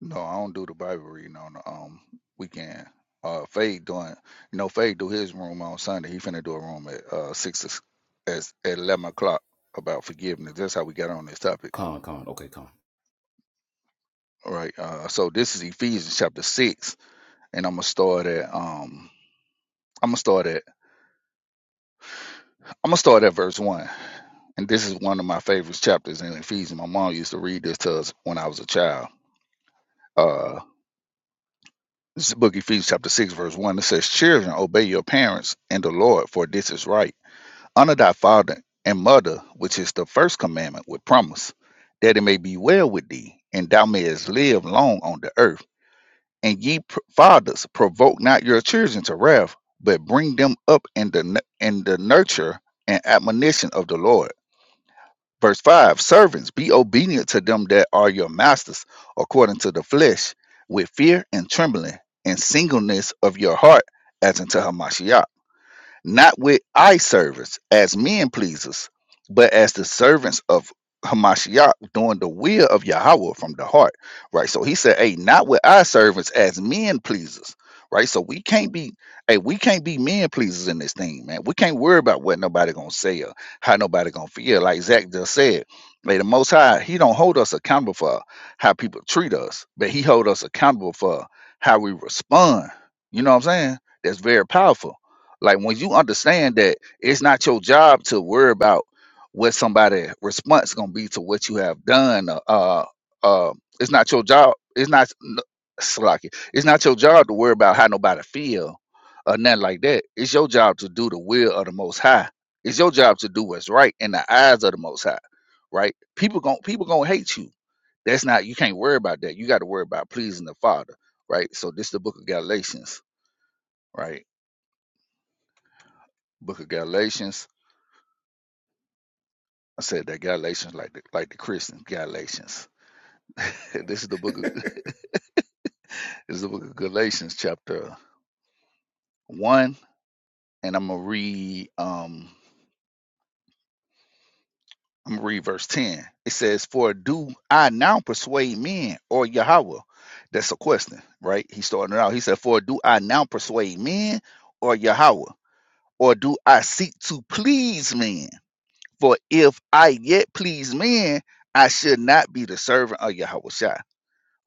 No, I don't do the Bible reading on the um weekend. Uh, Fade doing, you know, Fade do his room on Sunday. He finna do a room at uh six as- at eleven o'clock about forgiveness. That's how we got on this topic. All right. Uh, so this is Ephesians chapter six, and I'm gonna start at um. I'm gonna start at I'm gonna start at verse one, and this is one of my favorite chapters in Ephesians. My mom used to read this to us when I was a child. Uh, this is the book of Ephesians chapter six, verse one. It says, "Children, obey your parents and the Lord, for this is right. Honor thy father and mother, which is the first commandment with promise, that it may be well with thee, and thou mayest live long on the earth. And ye pr- fathers, provoke not your children to wrath, but bring them up in the nu- in the nurture and admonition of the Lord." Verse 5 Servants, be obedient to them that are your masters according to the flesh, with fear and trembling, and singleness of your heart, as unto Hamashiach not with eye service as men pleasers, but as the servants of Hamashiach doing the will of Yahweh from the heart. Right. So he said, Hey, not with eye servants as men pleasers. Right. So we can't be hey, we can't be men pleasers in this thing, man. We can't worry about what nobody gonna say or how nobody gonna feel. Like Zach just said, like the most high, he don't hold us accountable for how people treat us, but he hold us accountable for how we respond. You know what I'm saying? That's very powerful like when you understand that it's not your job to worry about what somebody response gonna be to what you have done. Uh, uh, uh, it's not your job. It's not n- Slocky. It's not your job to worry about how nobody feel or nothing like that. It's your job to do the will of the Most High. It's your job to do what's right in the eyes of the Most High. Right? People gon' people gonna hate you. That's not you can't worry about that. You got to worry about pleasing the Father. Right? So this is the Book of Galatians. Right? Book of Galatians I said that Galatians, like the, like the Christians, Galatians. this is the book of this is the book of Galatians, chapter one, and I'm gonna read um I'm gonna read verse ten. It says, "For do I now persuade men or Yahweh?" That's a question, right? He started it out. He said, "For do I now persuade men or Yahweh, or do I seek to please men? For if I yet please men, I should not be the servant of Yahweh."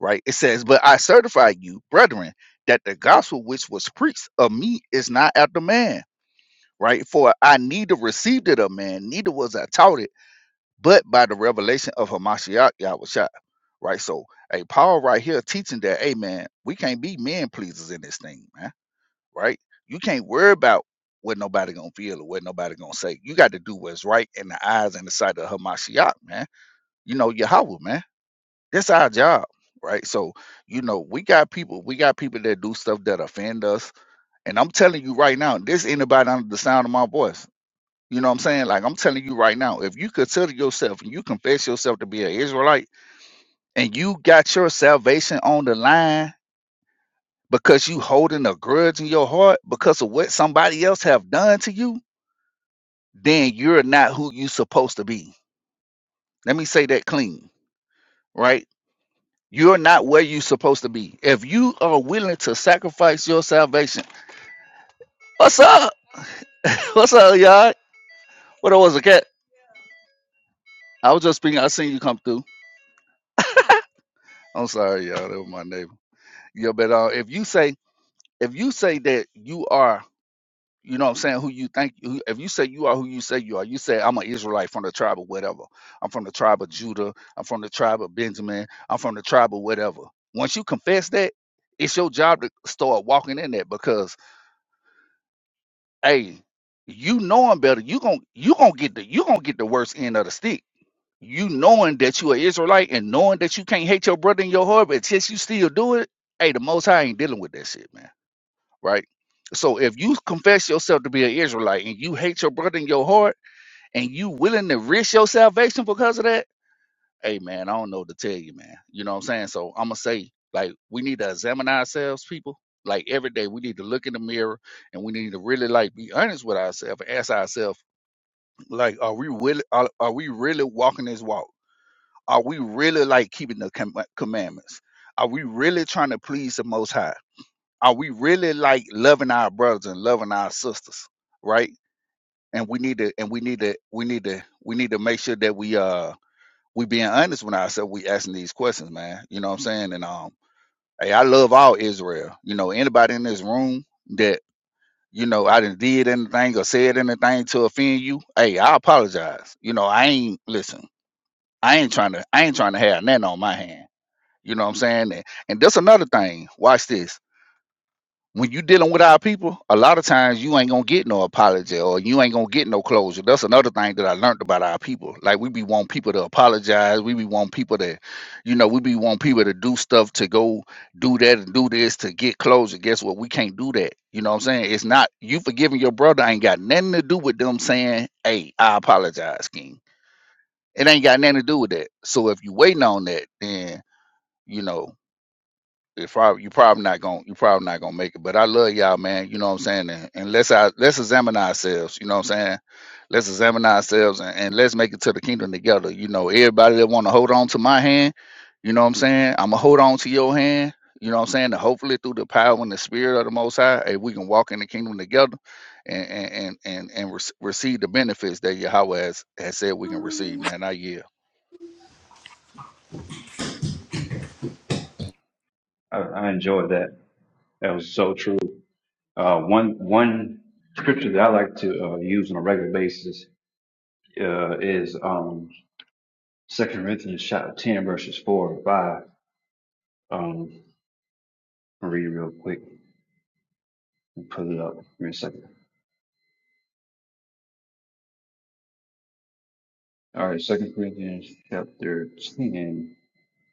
right? It says, But I certify you, brethren, that the gospel which was preached of me is not after man, right? For I neither received it of man, neither was I taught it, but by the revelation of Hamashiach Yahushua, right? So, hey, Paul right here teaching that, hey, man, we can't be men pleasers in this thing, man, right? You can't worry about what nobody gonna feel or what nobody gonna say. You got to do what's right in the eyes and the sight of Hamashiach, man. You know, Yahweh, man that's our job, right? So, you know, we got people, we got people that do stuff that offend us. And I'm telling you right now, there's anybody under the sound of my voice. You know what I'm saying? Like I'm telling you right now, if you consider yourself and you confess yourself to be an Israelite and you got your salvation on the line because you holding a grudge in your heart because of what somebody else have done to you, then you're not who you supposed to be. Let me say that clean, right? You're not where you're supposed to be. If you are willing to sacrifice your salvation, what's up? What's up, y'all? What was a cat? I was just speaking. I seen you come through. I'm sorry, y'all. That was my neighbor. Yeah, but uh, if you say if you say that you are, you know, what I'm saying who you think. Who, if you say you are who you say you are, you say I'm an Israelite from the tribe of whatever. I'm from the tribe of Judah. I'm from the tribe of Benjamin. I'm from the tribe of whatever. Once you confess that, it's your job to start walking in that because hey, you knowing better, you gon' you gonna get the you gonna get the worst end of the stick. You knowing that you are Israelite and knowing that you can't hate your brother in your heart, but since you still do it, hey, the Most High ain't dealing with that shit, man. Right? So if you confess yourself to be an Israelite and you hate your brother in your heart and you willing to risk your salvation because of that hey man, I don't know what to tell you, man. You know what I'm saying? So I'm gonna say, like, we need to examine ourselves, people. Like every day, we need to look in the mirror and we need to really like be honest with ourselves and ask ourselves, like, are we really are, are we really walking this walk? Are we really like keeping the com- commandments? Are we really trying to please the Most High? Are we really like loving our brothers and loving our sisters, right? And we need to and we need to we need to we need to make sure that we uh we being honest with ourselves, we asking these questions, man. You know what I'm saying? And um, hey, I love all Israel. You know, anybody in this room that you know I didn't did anything or said anything to offend you, hey, I apologize. You know, I ain't listen. I ain't trying to. I ain't trying to have nothing on my hand. You know what I'm saying? And, and that's another thing. Watch this when you dealing with our people, a lot of times you ain't gonna get no apology or you ain't gonna get no closure. That's another thing that I learned about our people. Like we be want people to apologize, we be want people to, you know, we be want people to do stuff to go do that and do this to get closure. Guess what? We can't do that. You know what I'm saying? It's not you forgiving your brother ain't got nothing to do with them saying, Hey, I apologize, King. It ain't got nothing to do with that. So if you waiting on that, then you know it's probably you probably not gonna you probably not gonna make it. But I love y'all, man. You know what I'm saying? And, and let's I, let's examine ourselves. You know what I'm saying? Let's examine ourselves and, and let's make it to the kingdom together. You know, everybody that want to hold on to my hand, you know what I'm saying? I'm gonna hold on to your hand. You know what I'm saying? And hopefully through the power and the spirit of the Most High, hey, we can walk in the kingdom together and and and and, and rec- receive the benefits that Yahweh has, has said we can receive. Man, I yeah. I, I enjoyed that. That was so true. Uh, one one scripture that I like to uh, use on a regular basis uh, is um, Second Corinthians chapter ten verses four and five. Um, I'll read it real quick and pull it up. Give me a second. All right, Second Corinthians chapter ten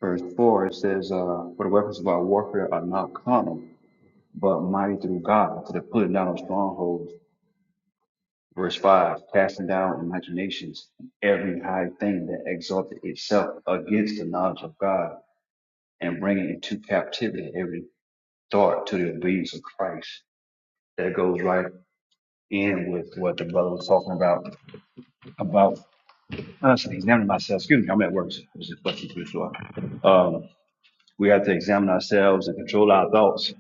verse four. It says, uh, "For the weapons of our warfare are not carnal, but mighty through God to the pulling down of strongholds." Verse five, casting down imaginations, every high thing that exalted itself against the knowledge of God and bringing into captivity every thought to the obedience of Christ. That goes right in with what the brother was talking about, about us examining myself. Excuse me, I'm at work. so This is fucking too slow. Um, we have to examine ourselves and control our thoughts.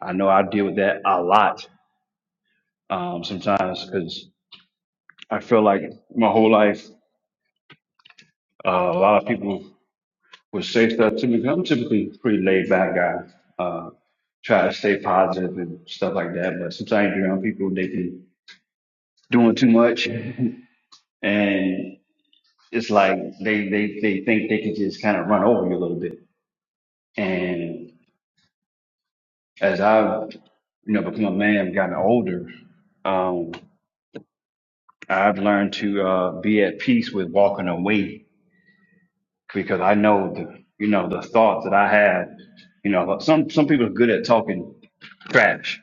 I know I deal with that a lot um, sometimes because I feel like my whole life, uh, a lot of people would say stuff to me. 'cause I'm typically a pretty laid back guy. Uh, try to stay positive and stuff like that. But sometimes you're around people, they can doing too much, and it's like they they they think they can just kind of run over you a little bit. And as I've you know become a man, gotten older, um, I've learned to uh, be at peace with walking away because I know the you know the thoughts that I had. You know, like some some people are good at talking trash.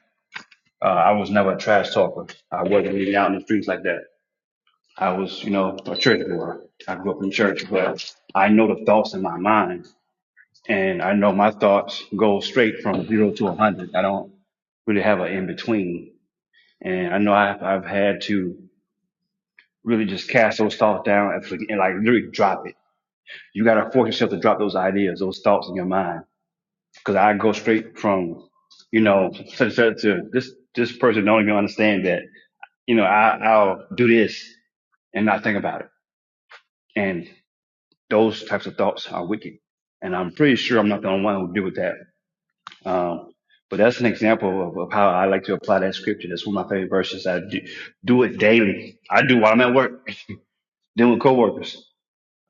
Uh, I was never a trash talker. I wasn't even out in the streets like that. I was, you know, a church boy. I grew up in church, but I know the thoughts in my mind and I know my thoughts go straight from zero to a hundred. I don't really have an in between, and I know I've, I've had to really just cast those thoughts down and, forget- and like literally drop it. You got to force yourself to drop those ideas, those thoughts in your mind, because I go straight from, you know, such and such to this this person don't even understand that, you know, I, I'll do this and not think about it, and those types of thoughts are wicked, and I'm pretty sure I'm not the only one who deal with that Um, but that's an example of, of how I like to apply that scripture. That's one of my favorite verses. I do, do it daily. I do while I'm at work, then with coworkers.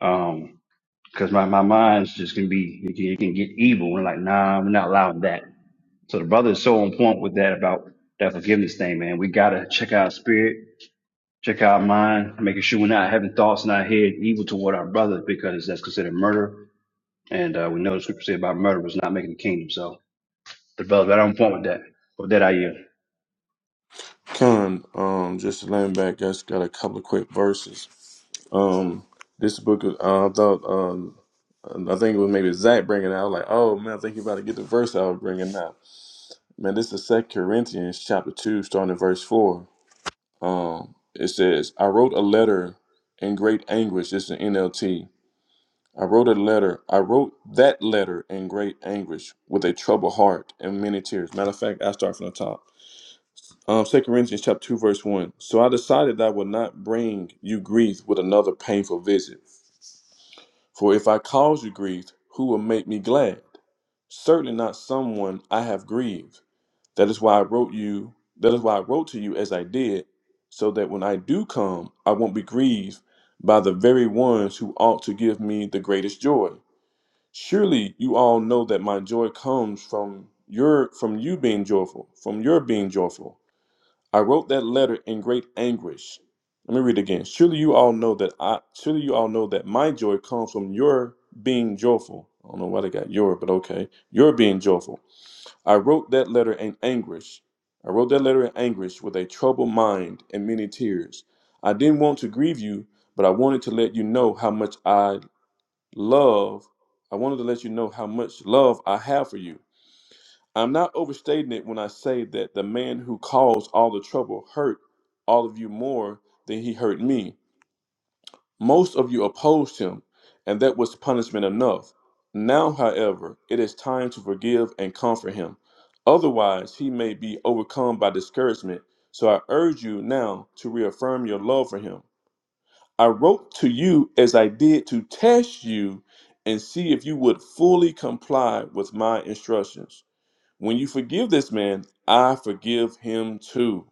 Um, cause my, my mind's just gonna be, it can, it can get evil. And like, nah, we're not allowing that. So the brother is so on point with that about that forgiveness thing, man. We gotta check our spirit, check our mind, making sure we're not having thoughts in our head evil toward our brother because that's considered murder. And, uh, we know the scripture say about murder was not making the kingdom. So the brother's right on point with that. With that, I yield. Con, um, just laying back, I just got a couple of quick verses. Um, this book, uh, I thought, um, I think it was maybe Zach bringing it out. I was like, oh man, I think you're about to get the verse I was bringing out. Man, this is Second Corinthians chapter two, starting at verse four. Um, it says, "I wrote a letter in great anguish." This is an NLT. I wrote a letter. I wrote that letter in great anguish with a troubled heart and many tears. Matter of fact, I start from the top. Um, 2 Corinthians chapter 2, verse 1. So I decided that I would not bring you grief with another painful visit. For if I cause you grief, who will make me glad? Certainly not someone I have grieved. That is why I wrote you that is why I wrote to you as I did, so that when I do come I won't be grieved by the very ones who ought to give me the greatest joy. Surely you all know that my joy comes from your from you being joyful, from your being joyful. I wrote that letter in great anguish. Let me read it again. Surely you all know that I surely you all know that my joy comes from your being joyful. I don't know why they got your, but okay. Your being joyful. I wrote that letter in anguish. I wrote that letter in anguish with a troubled mind and many tears. I didn't want to grieve you, but I wanted to let you know how much I love. I wanted to let you know how much love I have for you. I'm not overstating it when I say that the man who caused all the trouble hurt all of you more than he hurt me. Most of you opposed him, and that was punishment enough. Now, however, it is time to forgive and comfort him. Otherwise, he may be overcome by discouragement. So I urge you now to reaffirm your love for him. I wrote to you as I did to test you and see if you would fully comply with my instructions. When you forgive this man, I forgive him too.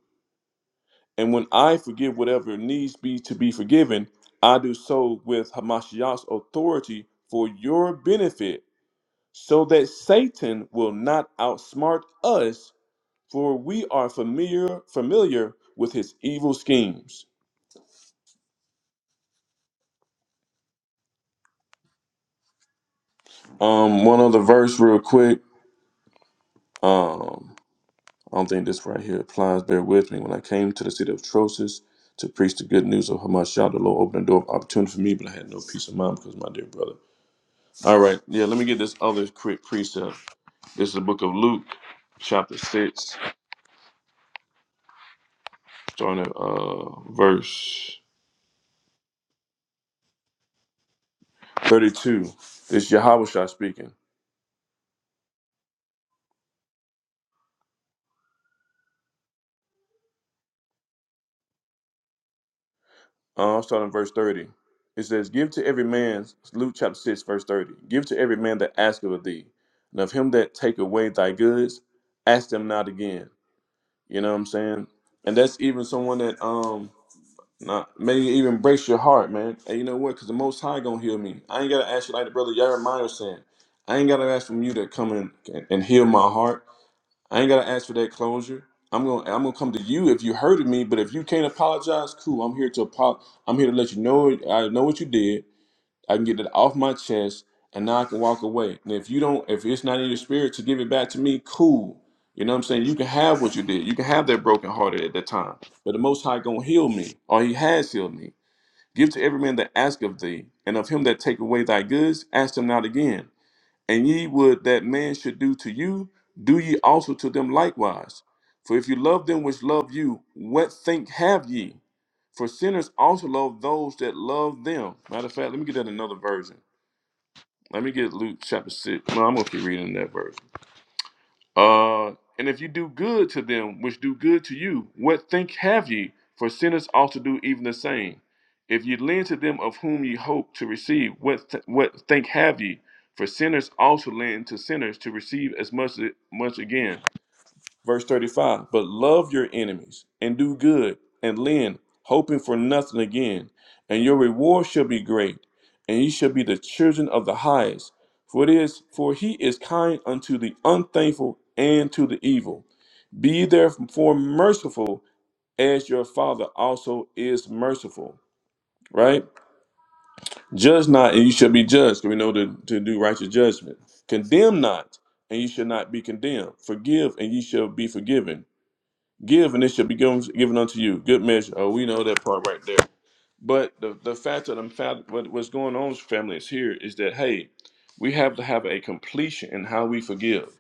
And when I forgive whatever needs be to be forgiven, I do so with Hamashiach's authority for your benefit, so that Satan will not outsmart us, for we are familiar familiar with his evil schemes. Um, one other verse real quick. Um. I don't think this right here applies. Bear with me. When I came to the city of Troas to preach the good news of Hamashiach, the Lord opened the door of opportunity for me, but I had no peace of mind because of my dear brother. All right, yeah, let me get this other quick precept. This is the book of Luke, chapter 6, starting at uh, verse 32. This is Yahweh speaking. Uh, I'm starting at verse 30. It says, Give to every man, Luke chapter 6, verse 30. Give to every man that asketh of thee, and of him that take away thy goods, ask them not again. You know what I'm saying? And that's even someone that um not may even breaks your heart, man. And you know what? Because the Most High gonna heal me. I ain't gotta ask you like the brother Jeremiah was saying. I ain't gotta ask from you to come in and, and heal my heart. I ain't gotta ask for that closure. I'm gonna I'm gonna come to you if you hurted me. But if you can't apologize, cool. I'm here to apo- I'm here to let you know I know what you did. I can get it off my chest and now I can walk away. And if you don't, if it's not in your spirit to give it back to me, cool. You know what I'm saying? You can have what you did. You can have that broken hearted at that time. But the Most High gonna heal me, or He has healed me. Give to every man that ask of thee, and of him that take away thy goods, ask them not again. And ye would that man should do to you, do ye also to them likewise. For if you love them which love you, what think have ye? For sinners also love those that love them. Matter of fact, let me get that in another version. Let me get Luke chapter six. No, I'm gonna keep reading that verse. Uh, and if you do good to them which do good to you, what think have ye? For sinners ought to do even the same. If ye lend to them of whom ye hope to receive, what th- what think have ye? For sinners also lend to sinners to receive as much much again. Verse 35 But love your enemies and do good and lend, hoping for nothing again. And your reward shall be great, and ye shall be the children of the highest. For it is, for he is kind unto the unthankful and to the evil. Be therefore merciful, as your father also is merciful. Right? Judge not, and you shall be judged. 'cause We know to, to do righteous judgment. Condemn not, and you shall not be condemned. Forgive, and ye shall be forgiven. Give, and it shall be given, given unto you. Good measure. Oh, we know that part right there. But the, the fact that I'm fact, what, what's going on, family, is here is that hey, we have to have a completion in how we forgive,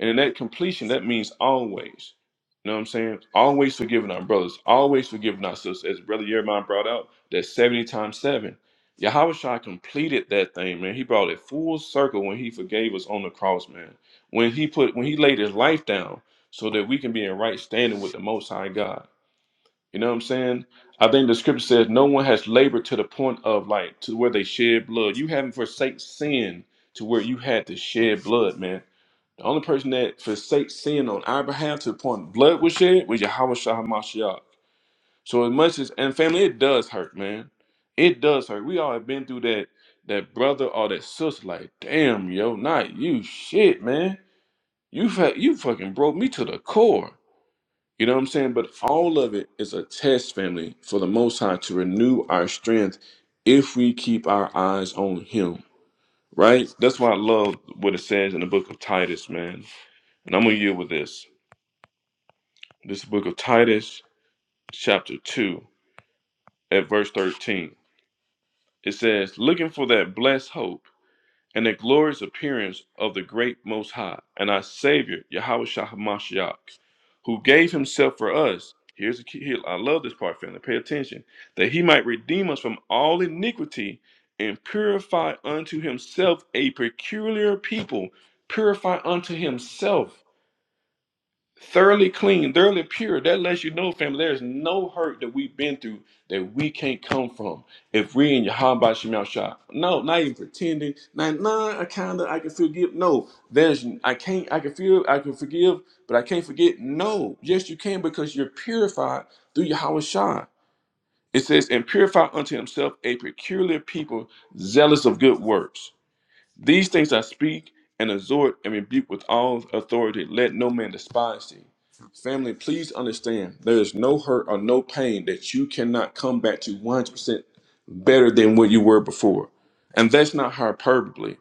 and in that completion, that means always. You know what I'm saying? Always forgiving our brothers, always forgiving our sisters. As Brother Jeremiah brought out, that's 70 times 7. Yahushua completed that thing, man. He brought it full circle when he forgave us on the cross, man. When he put when he laid his life down so that we can be in right standing with the most high God. You know what I'm saying? I think the scripture says no one has labored to the point of like to where they shed blood. You haven't forsake sin to where you had to shed blood, man. The only person that forsake sin on our behalf to the point blood was shed was Yahweh Shah Mashiach. So as much as and family, it does hurt, man. It does hurt. We all have been through that that brother or that sister, like, damn, yo, not you shit, man. You fa- you fucking broke me to the core. You know what I'm saying? But all of it is a test, family, for the Most High to renew our strength if we keep our eyes on Him, right? That's why I love what it says in the book of Titus, man. And I'm going to yield with this. This book of Titus, chapter 2, at verse 13. It says, Looking for that blessed hope and the glorious appearance of the great Most High and our Savior, Yahweh Shah Hamashiach, who gave himself for us. Here's the key. Here, I love this part, family. Pay attention. That he might redeem us from all iniquity and purify unto himself a peculiar people. Purify unto himself thoroughly clean, thoroughly pure. That lets you know, family, there's no hurt that we've been through that we can't come from if we in Yahweh Shemel Shah. No, not even pretending. Not, nah, I kinda, I can forgive. No, there's, I can't, I can feel, I can forgive, but I can't forget. No, yes, you can because you're purified through Yahweh Shah. It says, and purify unto himself a peculiar people, zealous of good works. These things I speak and exhort and rebuke with all authority. Let no man despise thee. Family, please understand there is no hurt or no pain that you cannot come back to 100% better than what you were before. And that's not hyperbole.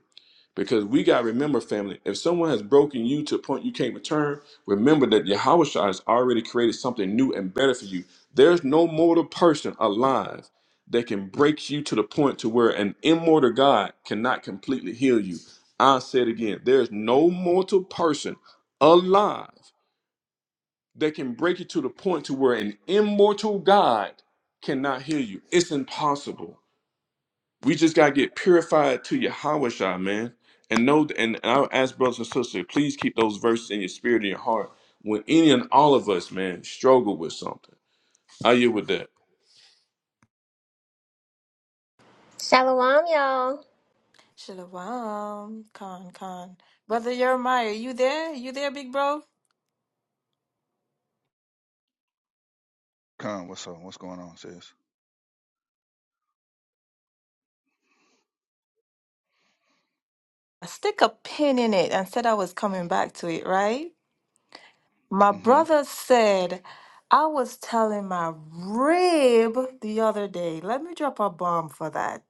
Because we got to remember, family, if someone has broken you to a point you can't return, remember that Yahushua has already created something new and better for you. There's no mortal person alive that can break you to the point to where an immortal God cannot completely heal you. I said again, there's no mortal person alive that can break you to the point to where an immortal God cannot heal you. It's impossible. We just gotta get purified to Yahweh Shai, man. And know and I'll ask brothers and sisters, please keep those verses in your spirit and your heart. When any and all of us, man, struggle with something. I you with that. Shalom, y'all. Shalom, con con, Brother Jeremiah, you there? You there, big bro? Come, what's up? What's going on, sis? I stick a pin in it and said I was coming back to it, right? My Mm-hmm. brother said I was telling my rib the other day. Let me drop a bomb for that.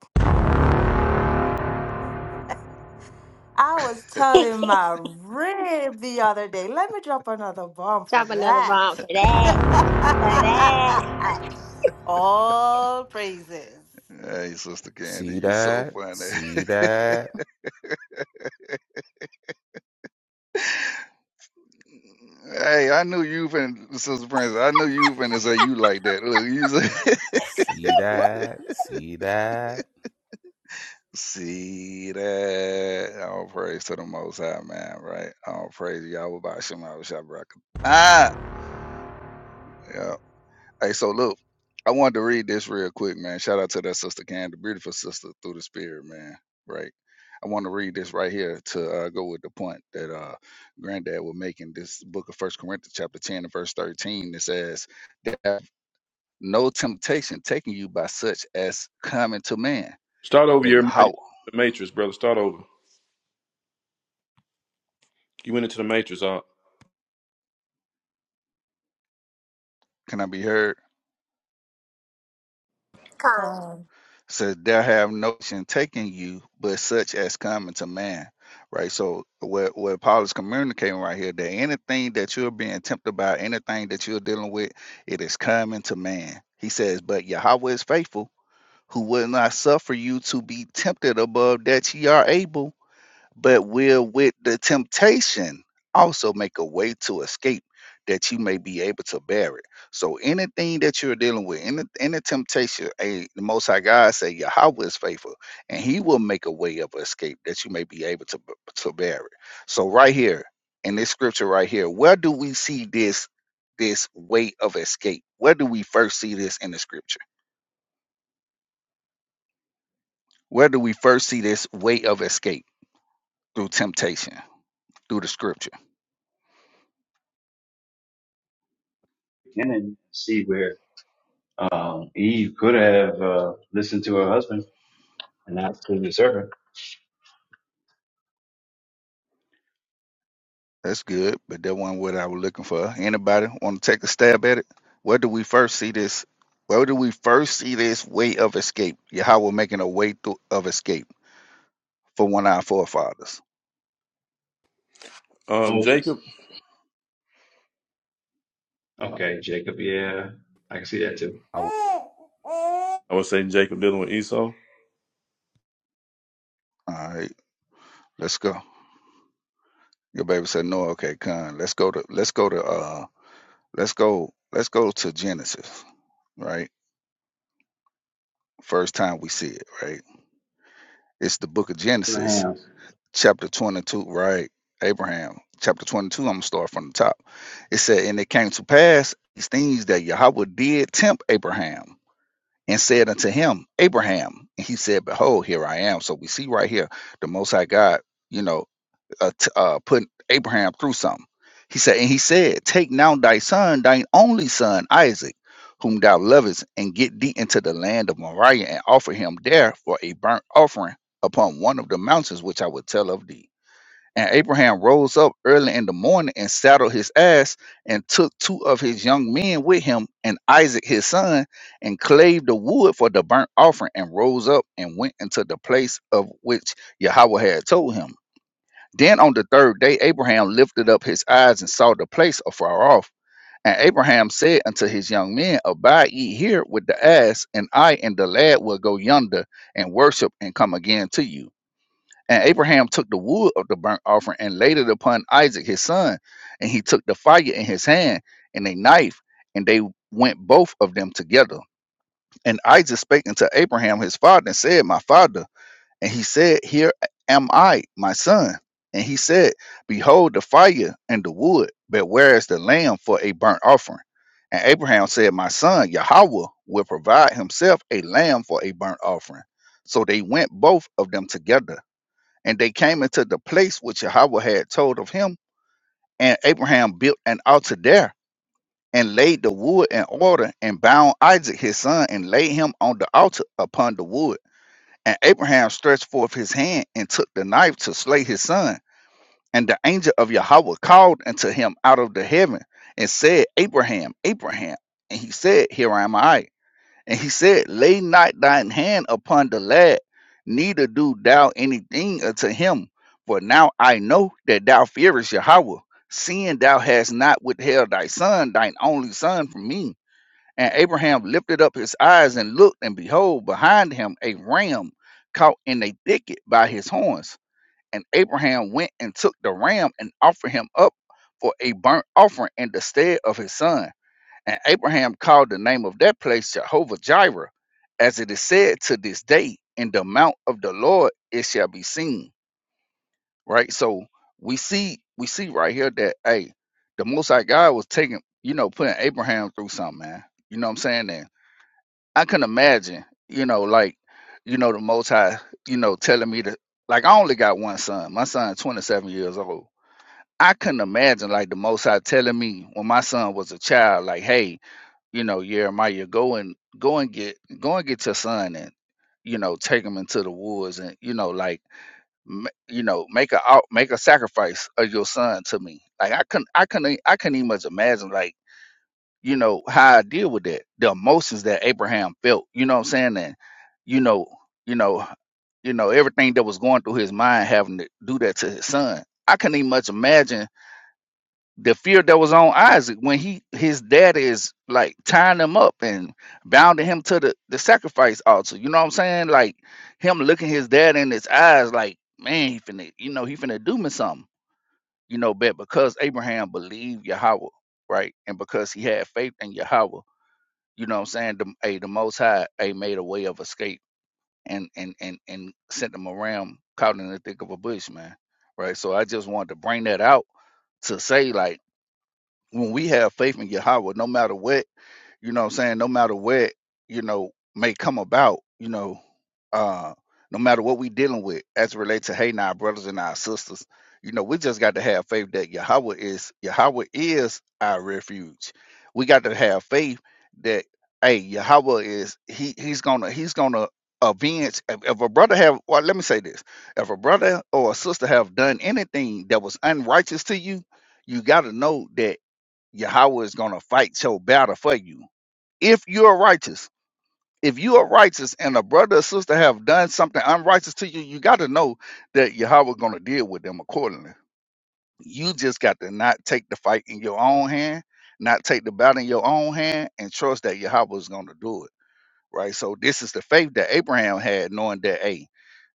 I was telling my rib the other day. Let me drop another bomb for Drop another that. bomb for that. For that. All praises. Hey, Sister Candy, you so funny. hey, I knew you been Sister Princess. I knew you finna say you like that. Look, you say, see that. All praise to the Most High, man. Right? All praise Yahweh by Shema Shabrak. Ah. yeah. Hey, so look, I wanted to read this real quick, man. Shout out to that sister Candy, beautiful sister through the spirit, man. Right. I want to read this right here to uh, go with the point that uh, Granddad was making. This book of First Corinthians, chapter ten, and verse thirteen. It says, "There have no temptation taking you by such as common to man, Start over but your the Yahweh." matrix, brother. Start over. You went into the matrix, uh, Can I be heard? Come. So there have notion taking you, but such as coming to man. Right. So what what Paul is communicating right here, that anything that you're being tempted by, anything that you're dealing with, it is coming to man. He says, But Yahweh is faithful, who will not suffer you to be tempted above that ye are able, but will with the temptation also make a way to escape that you may be able to bear it. So anything that you're dealing with, any any temptation, a the most high God say Yahweh is faithful, and he will make a way of escape that you may be able to b- to bear it. So right here in this scripture right here, where do we see this this way of escape? Where do we first see this in the scripture? Where do we first see this way of escape through temptation, through the scripture? beginning see where um Eve uh listened her husband and not to the servant That's good, but that wasn't what I was looking for. Anybody want to take a stab at it? Where do we first see this? Where do we first see this way of escape? Yahweh making a way through, of escape for one of our forefathers. um Moses. Jacob. Okay, Jacob, yeah. I can see that too. I was saying Jacob dealing with Esau. All right, let's go. Your baby said no. Okay, con. Let's go to. Let's go to. Uh. Let's go. Let's go to Genesis. Right. First time we see it. Right. It's the book of Genesis chapter 22, right? Abraham, chapter 22, I'm going to start from the top. It said, And it came to pass these things that Yahweh did tempt Abraham and said unto him, Abraham. And he said, Behold, here I am. So we see right here the Most High God, you know, uh, t- uh, putting Abraham through something. He said, And he said, Take now thy son, thine only son, Isaac, whom thou lovest, and get thee into the land of Moriah and offer him there for a burnt offering upon one of the mountains which I will tell of thee. And Abraham rose up early in the morning and saddled his ass and took two of his young men with him and Isaac his son and clave the wood for the burnt offering and rose up and went into the place of which Yahweh had told him. Then on the third day, Abraham lifted up his eyes and saw the place afar off. And Abraham said unto his young men, Abide ye here with the ass, and I and the lad will go yonder and worship and come again to you. And Abraham took the wood of the burnt offering and laid it upon Isaac his son, and he took the fire in his hand and a knife, and they went both of them together. And Isaac spake unto Abraham his father and said, My father. And he said, Here am I, my son. And he said, Behold the fire and the wood, but where is the lamb for a burnt offering? And Abraham said, My son, Yahweh will provide himself a lamb for a burnt offering. So they went both of them together. And they came into the place which Yahweh had told of him. And Abraham built an altar there and laid the wood in order and bound Isaac his son and laid him on the altar upon the wood. And Abraham stretched forth his hand and took the knife to slay his son. And the angel of Yahweh called unto him out of the heaven and said, Abraham, Abraham. And he said, Here am I. And he said, Lay not thine hand upon the lad, neither do thou anything unto him. For now I know that thou fearest Yahweh, seeing thou hast not withheld thy son, thine only son, from me. And Abraham lifted up his eyes and looked, and behold, behind him a ram caught in a thicket by his horns. And Abraham went and took the ram and offered him up for a burnt offering in the stead of his son. And Abraham called the name of that place Jehovah Jireh, as it is said to this day, in the mount of the Lord it shall be seen. Right? So we see we see right here that hey, the most high God was taking, you know, putting Abraham through something, man. You know what I'm saying? And I can imagine, you know, like, you know, the most high, you know, telling me to like I only got one son. My son 27 years old. I couldn't imagine like the most high telling me when my son was a child, like, hey, you know, Jeremiah, go and go and get go and get your son and you know take him into the woods and you know like m- you know make a out make a sacrifice of your son to me. Like I couldn't I couldn't I couldn't even much imagine like you know how I deal with that the emotions that Abraham felt. You know what I'm saying? And you know you know you know everything that was going through his mind having to do that to his son. I couldn't even much imagine the fear that was on Isaac when he his dad is like tying him up and bounding him to the the sacrifice altar. You know what I'm saying? Like him looking his dad in his eyes, like man, he finna you know he finna do me something. You know, but because Abraham believed Yahweh, right, and because he had faith in Yahweh, you know what I'm saying? The hey, the Most High, hey, made a way of escape and and and and sent him around caught in the thick of a bush, man. Right. So I just wanted to bring that out to say like when we have faith in Yahweh, no matter what, you know what I'm saying, no matter what, you know, may come about, you know, uh, no matter what we dealing with as it relates to hey now our brothers and our sisters, you know, we just got to have faith that Yahweh is Yahweh is our refuge. We got to have faith that hey Yahweh is he he's gonna he's gonna avenge if, if a brother have well let me say this if a brother or a sister have done anything that was unrighteous to you you got to know that Yahweh is going to fight your battle for you. If you're righteous, if you are righteous and a brother or sister have done something unrighteous to you, you got to know that Yahweh going to deal with them accordingly. You just got to not take the fight in your own hand, not take the battle in your own hand, and trust that Yahweh is going to do it. Right. So this is the faith that Abraham had, knowing that, hey,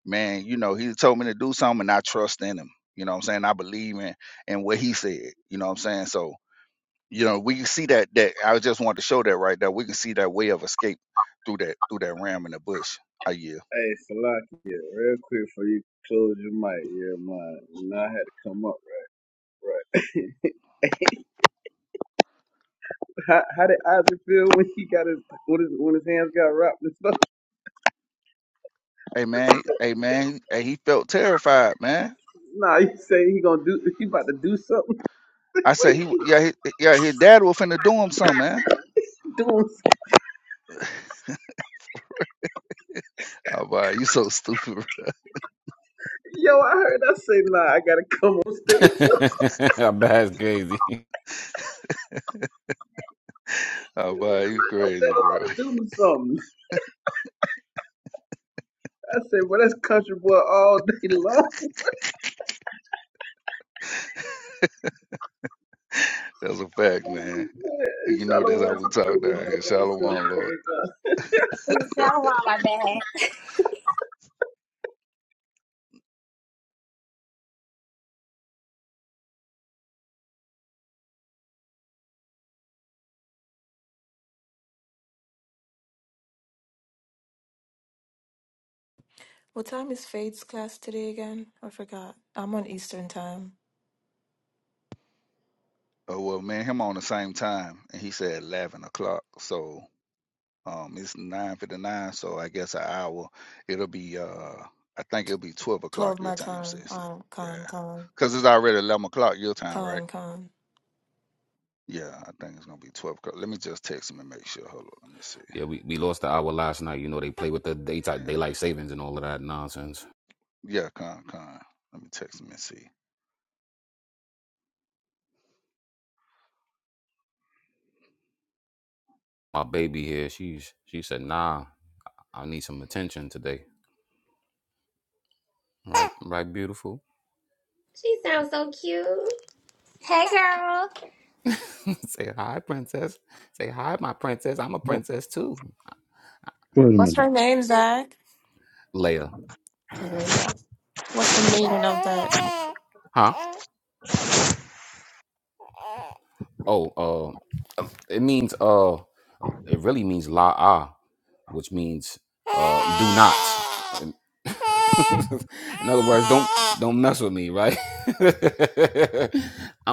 man, you know, he told me to do something and I trust in him. You know what I'm saying? I believe in in what he said. You know what I'm saying? So you know we can see that that i just wanted to show that right there we can see that way of escape through that through that ram in the bush i yeah Hey, Salakia, real quick before you close your mic, yeah, man. You I had to come up right, right. How, how did Isaac feel when he got his when his when his hands got wrapped and stuff? hey What you man say? hey man hey, he felt terrified man Nah, you say he gonna do he about to do something. i said he what w- you yeah he, yeah his dad was finna do him something man doing? oh boy you so stupid bro. Yo, I heard I say nah. I gotta come on stage. oh boy you I'm crazy about bro to do something. I say, well, that's country boy all day long. that's a fact Oh, man man. you know Shalom, that's how to we the talk community. down How here about shalom lord yourself? Shalom, my bad. What time is Fade's class today again? I forgot. I'm on Eastern time. oh well man him on the same time and he said 11 o'clock so Um, it's nine fifty nine, so I guess an hour. It'll be uh, I think it'll be twelve o'clock 12 your my time, time. sis. Uh, Yeah, con, con, cause it's already eleven o'clock your time, right? con, con. Yeah, I think it's gonna be twelve o'clock. Let me just text him and make sure. Hold on, let me see. Eh, Yeah, con con. Let me text him and see. She sounds so cute. Hey, girl. Oh, wait a What's minute. her name, Zach? Yeah. What's the meaning of that?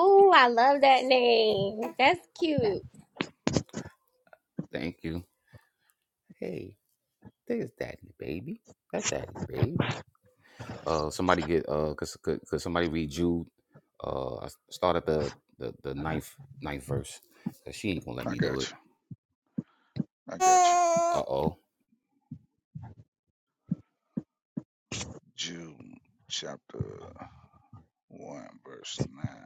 Ooh, I love that name. That's cute. I got you. I got you. Uh Jude chapter one verse nine.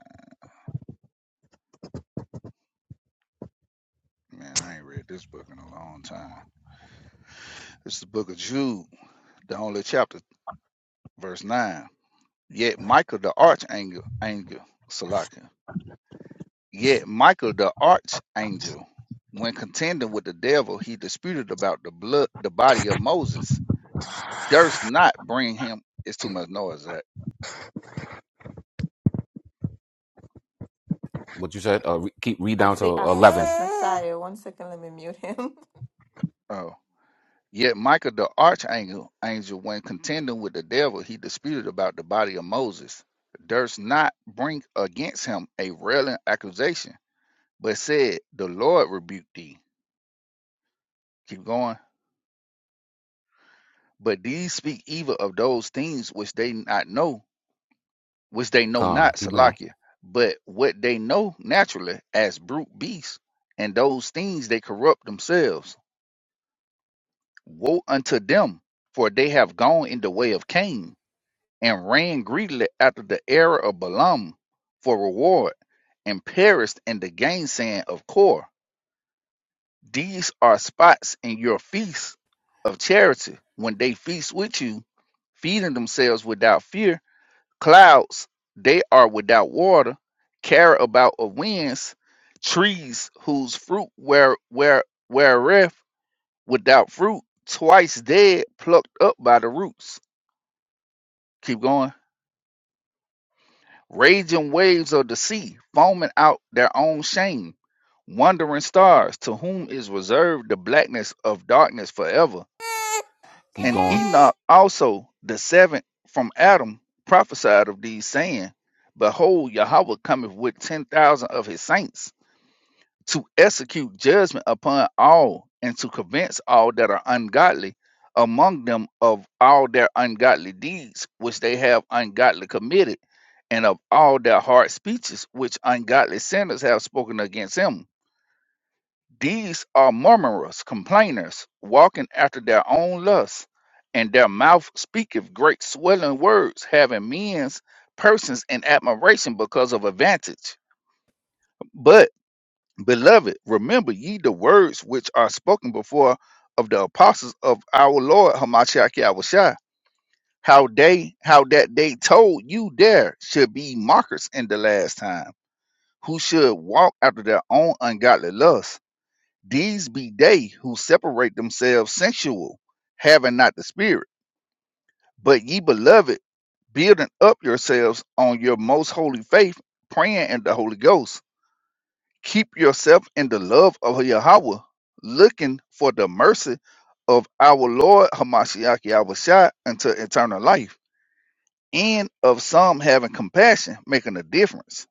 Man, I ain't read this book in a long time. It's the book of Jude, the only chapter, verse nine. Yet Michael the archangel, angel, Salakia. Yet Michael the archangel, when contending with the devil, he disputed about the blood, the body of Moses. Durst not bring him. It's too much noise. That I think I think that's Messiah. One second, let me mute him. oh. Yet Michael the archangel, angel, when contending with the devil, he disputed about the body of Moses. Durst not bring against him a railing accusation, but said, "The Lord rebuked thee." Keep going But these speak evil of those things which they not know, which they know not, Salakia, but what they know naturally as brute beasts, and those things they corrupt themselves. Woe unto them, for they have gone in the way of Cain, and ran greedily after the error of Balaam for reward, and perished in the gainsaying of Kor. These are spots in your feast of charity, when they feast with you, feeding themselves without fear Clouds, they are without water, care about of winds, trees whose fruit were were wherewith without fruit, twice dead, plucked up by the roots. Keep going. Raging waves of the sea, foaming out their own shame. Wandering stars, to whom is reserved the blackness of darkness forever And Enoch also, the seventh from Adam, prophesied of these, saying, Behold, Yahweh cometh with ten thousand of his saints to execute judgment upon all and to convince all that are ungodly among them of all their ungodly deeds which they have ungodly committed, and of all their hard speeches which ungodly sinners have spoken against him. These are murmurers, complainers, walking after their own lusts, and their mouth speaketh great swelling words, having men's persons in admiration because of advantage. But, beloved, remember ye the words which are spoken before of the apostles of our Lord Hamashiach Yahushua, how they how that they told you there should be mockers in the last time, who should walk after their own ungodly lusts these be they who separate themselves sensual, having not the Spirit. But ye beloved, building up yourselves on your most holy faith, praying in the Holy Ghost. Keep yourself in the love of Yahweh, looking for the mercy of our Lord Hamashiach Yahushua unto eternal life. And of some having compassion, making a difference,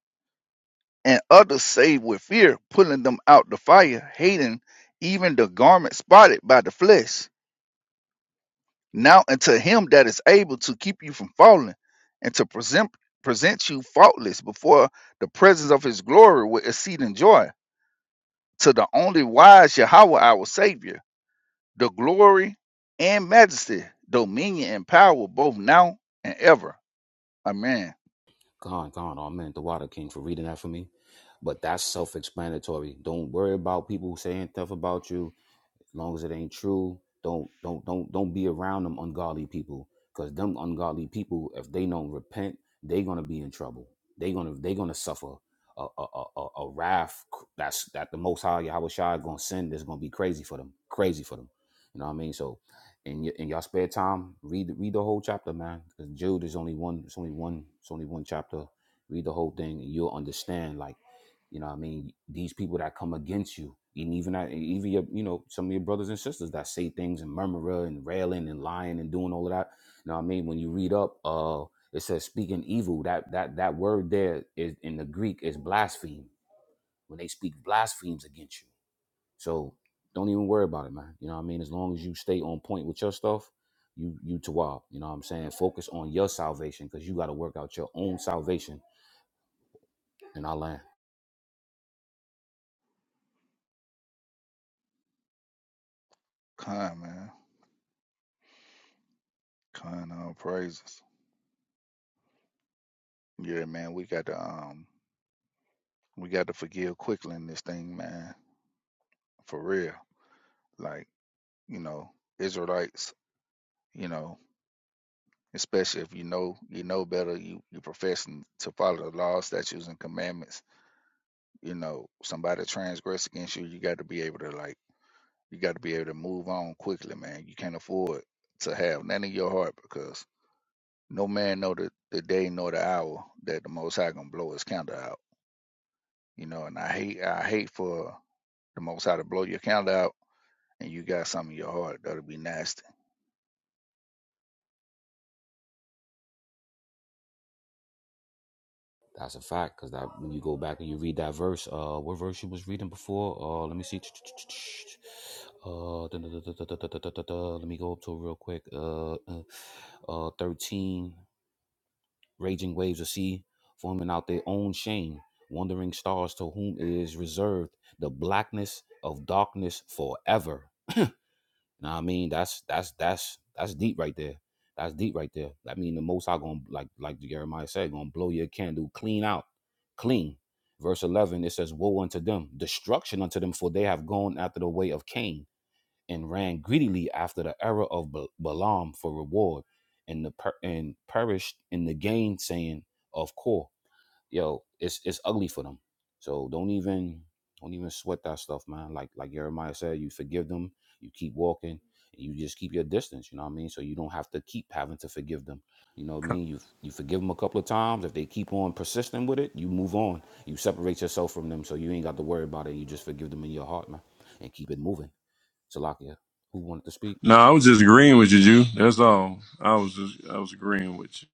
and others saved with fear, pulling them out the fire, hating even the garment spotted by the flesh Now unto him that is able to keep you from falling and to present present you faultless before the presence of his glory with exceeding joy. To the only wise Yahweh our Savior, the glory and majesty, dominion and power, both now and ever. Amen. Kind man. Kind all praises. Yeah, man, we got to um we got to forgive quickly in this thing, man. For real. Like, you know, Israelites, you know. especially if you know you know better, you you professing to follow the laws, statutes, and commandments. You know, somebody transgress against you, you got to be able to like, you got to be able to move on quickly, man. You can't afford to have none in your heart because no man know the, the day nor the hour that the Most High gonna blow his candle out. You know, and I hate I hate for the Most High to blow your candle out, and you got something in your heart that'll be nasty. No, I was just agreeing with you, Jew. That's all. I was just I was agreeing with you.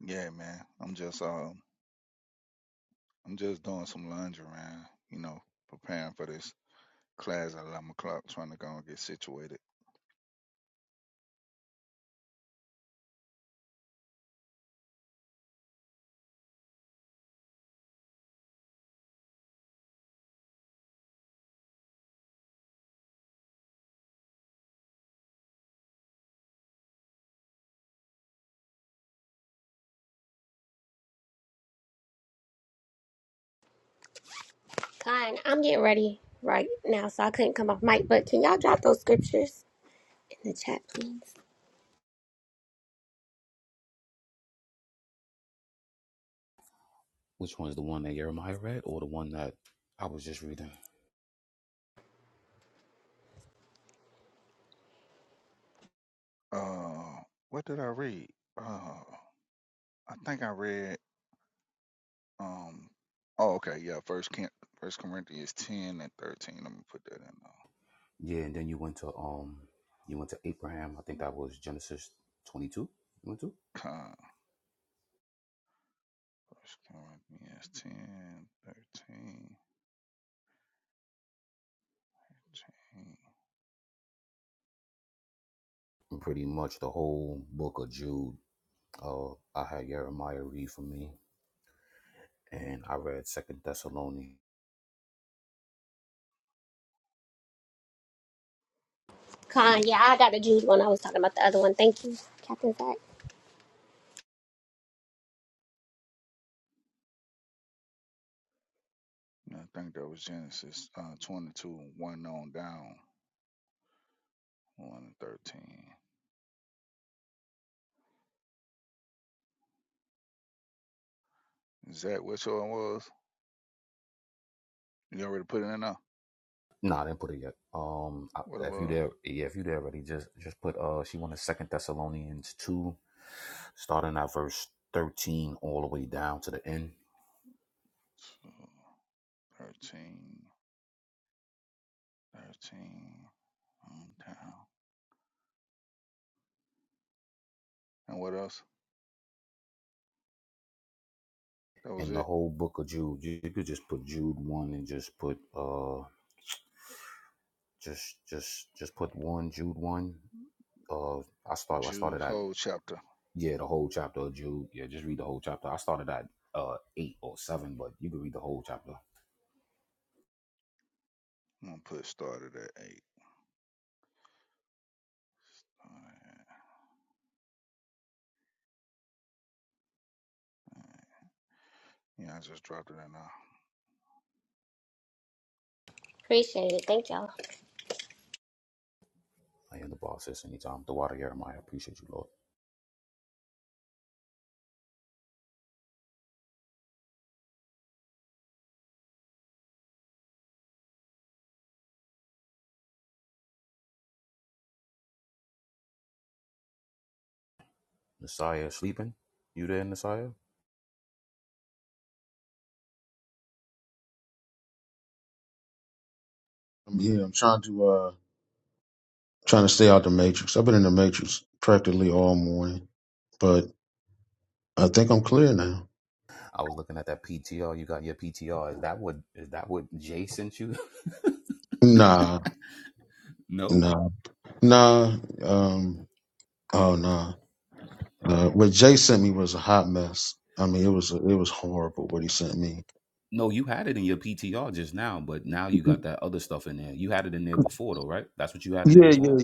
Yeah, man. I'm just um I'm just doing some laundry, man. You know, preparing for this class at 11 o'clock trying to go and get situated. Con, I'm getting ready right now, so I couldn't come off mic, but can y'all drop those scriptures in the chat, please? Uh, what did I read? Uh, I think I read, um, oh, okay, yeah, First, Cor- First Corinthians 10 and 13. I'm going to put that in there. Con. First Corinthians 10, 13, fifteen. Con, yeah, I got the Jews one. I was talking about the other one. Thank you, Captain Zach. And I think that was Genesis uh, 22, 1 on down, 1 and 13. Is that which one was? You already put it in there? What it was? Two, 13, thirteen. Hometown. And what else? That was it. Jude whole chapter. I'm gonna put started at eight. Alright, alright. Yeah, I just dropped it in now. Appreciate it. Thank y'all. I'm here. I'm trying to. uh, trying to stay out the matrix. I've been in the matrix practically all morning, but I think I'm clear now. Nah, nah, nah. Um, oh nah. Uh, what Jay sent me was a hot mess. I mean, it was it was horrible what he sent me. Yeah, yeah,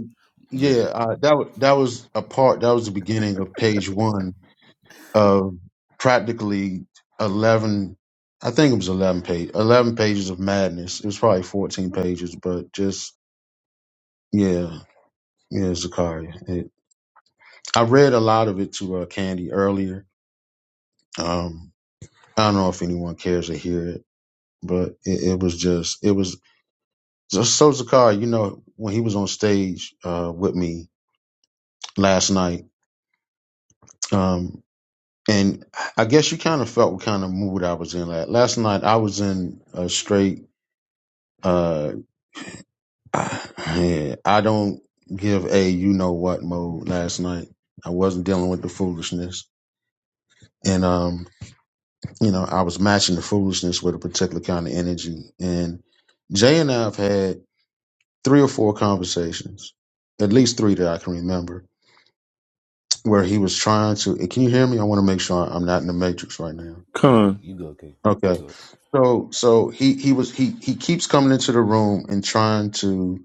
yeah. Uh, that was that was a part. That was the beginning of page one of practically eleven. I think it was eleven page, eleven pages of madness. It was probably fourteen pages, but just yeah. Yeah, Zakaria. It, I read a lot of it to uh, Candy earlier. Um, I don't know if anyone cares to hear it, but it, it was just it was just so Zakaria. You know, when he was on stage uh, with me last night, um, and I guess you kind of felt what kind of mood I was in. Like, last night, I was in a straight. Uh, yeah, I don't give a you know what mode last night. I wasn't dealing with the foolishness, and um you know, I was matching the foolishness with a particular kind of energy. And Jay and I have had three or four conversations, at least three that I can remember, where he was trying to. eh, Can you hear me? I want to make sure I'm not in the matrix right now. Come on. Okay. So, so he he was he he keeps coming into the room and trying to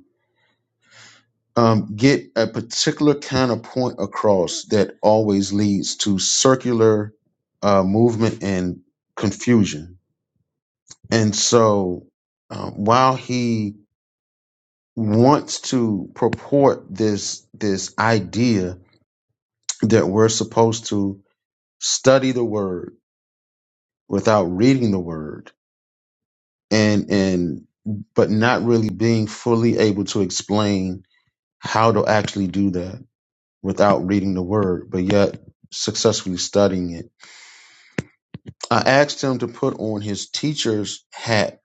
um, get a particular kind of point across that always leads to circular uh, movement and confusion. And so, um, while he wants to purport this this idea that we're supposed to study the word without reading the word and and but not really being fully able to explain how to actually do that without reading the word but yet successfully studying it i asked him to put on his teacher's hat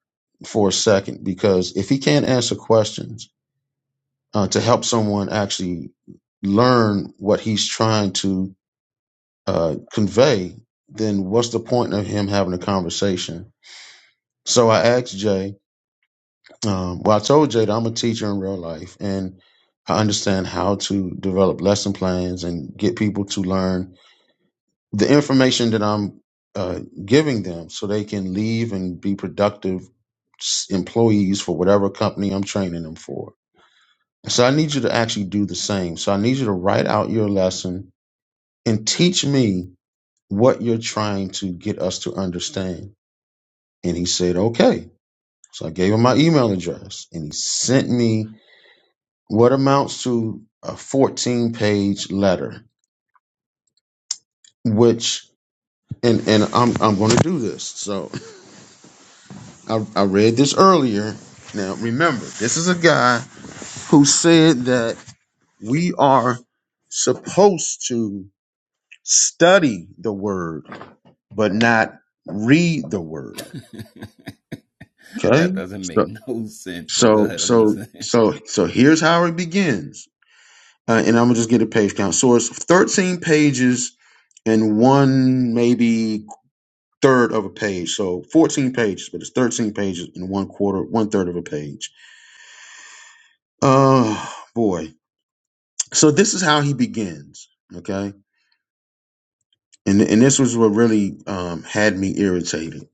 for a second because if he can't answer questions uh, to help someone actually learn what he's trying to uh, convey, then what's the point of him having a conversation? So I asked Jay, um, well, I told Jay that I'm a teacher in real life and I understand how to develop lesson plans and get people to learn the information that I'm uh, giving them so they can leave and be productive s- employees for whatever company I'm training them for. So I need you to actually do the same. So I need you to write out your lesson and teach me what you're trying to get us to understand And he said, okay. So I gave him my email address and he sent me what amounts to a 14 page letter, which, and, and I'm, I'm going to do this. So I, I read this earlier. Now, remember, this is a guy who said that we are supposed to study the word, but not read the word. Okay. So, so, so, so, so here's how it begins. uh, and I'm gonna just get a page count. So it's 13 pages and one maybe third of a page. So 14 pages, but it's 13 pages and one quarter, one third of a page. Oh boy! So this is how he begins. Okay, and and this was what really um, had me irritated.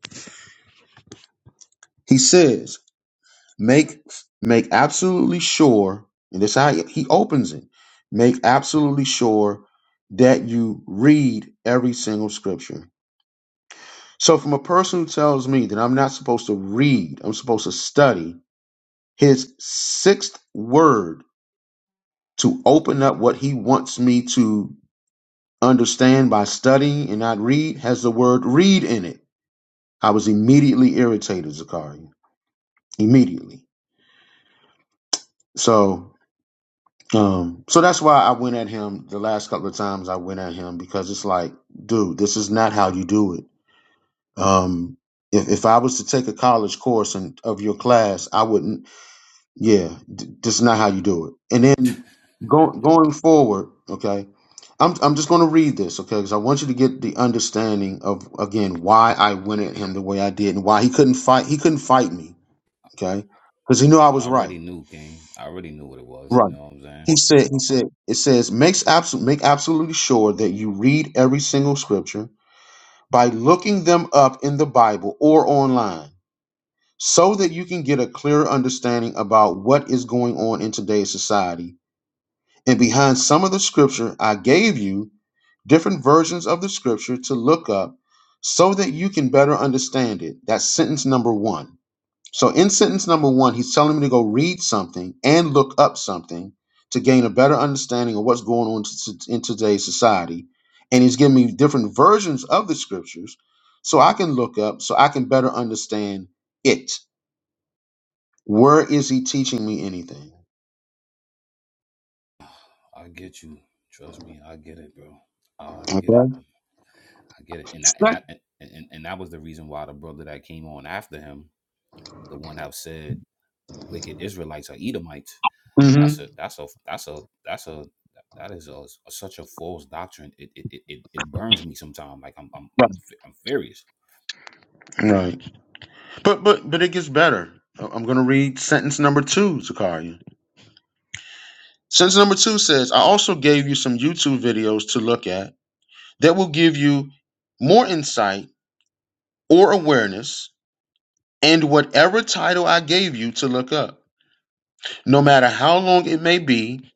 He says, "Make make absolutely sure," and this is how he he opens it. Make absolutely sure that you read every single scripture So from a person who tells me that I'm not supposed to read, I'm supposed to study his sixth word to open up what he wants me to understand by studying and not read has the word read in it. I was immediately irritated, Zakaria. Immediately. So um so that's why I went at him the last couple of times I went at him because it's like, dude, this is not how you do it. Um if, if I was to take a college course and of your class, I wouldn't. Yeah, d- just not how you do it. And then go, going forward, okay, I'm I'm just going to read this, okay, because I want you to get the understanding of again why I went at him the way I did and why he couldn't fight. He couldn't fight me, okay, because he knew I was right. Right. He said. He said. It says makes absolute make absolutely sure that you read every single scripture by looking them up in the Bible or online. So that you can get a clearer understanding about what is going on in today's society And behind some of the scripture I gave you, different versions of the scripture to look up so that you can better understand it. That's sentence number one. So, in sentence number one, he's telling me to go read something and look up something to gain a better understanding of what's going on to- to- in today's society. And he's giving me different versions of the scriptures so I can look up, so I can better understand it. Where is he teaching me anything? Okay. Sec- Mhm. Right. Right. But but but it gets better. I- I'm going to read sentence number two, Zakaria. Sentence number two says, "I also gave you some YouTube videos to look at that will give you more insight or awareness and whatever title I gave you to look up. No matter how long it may be,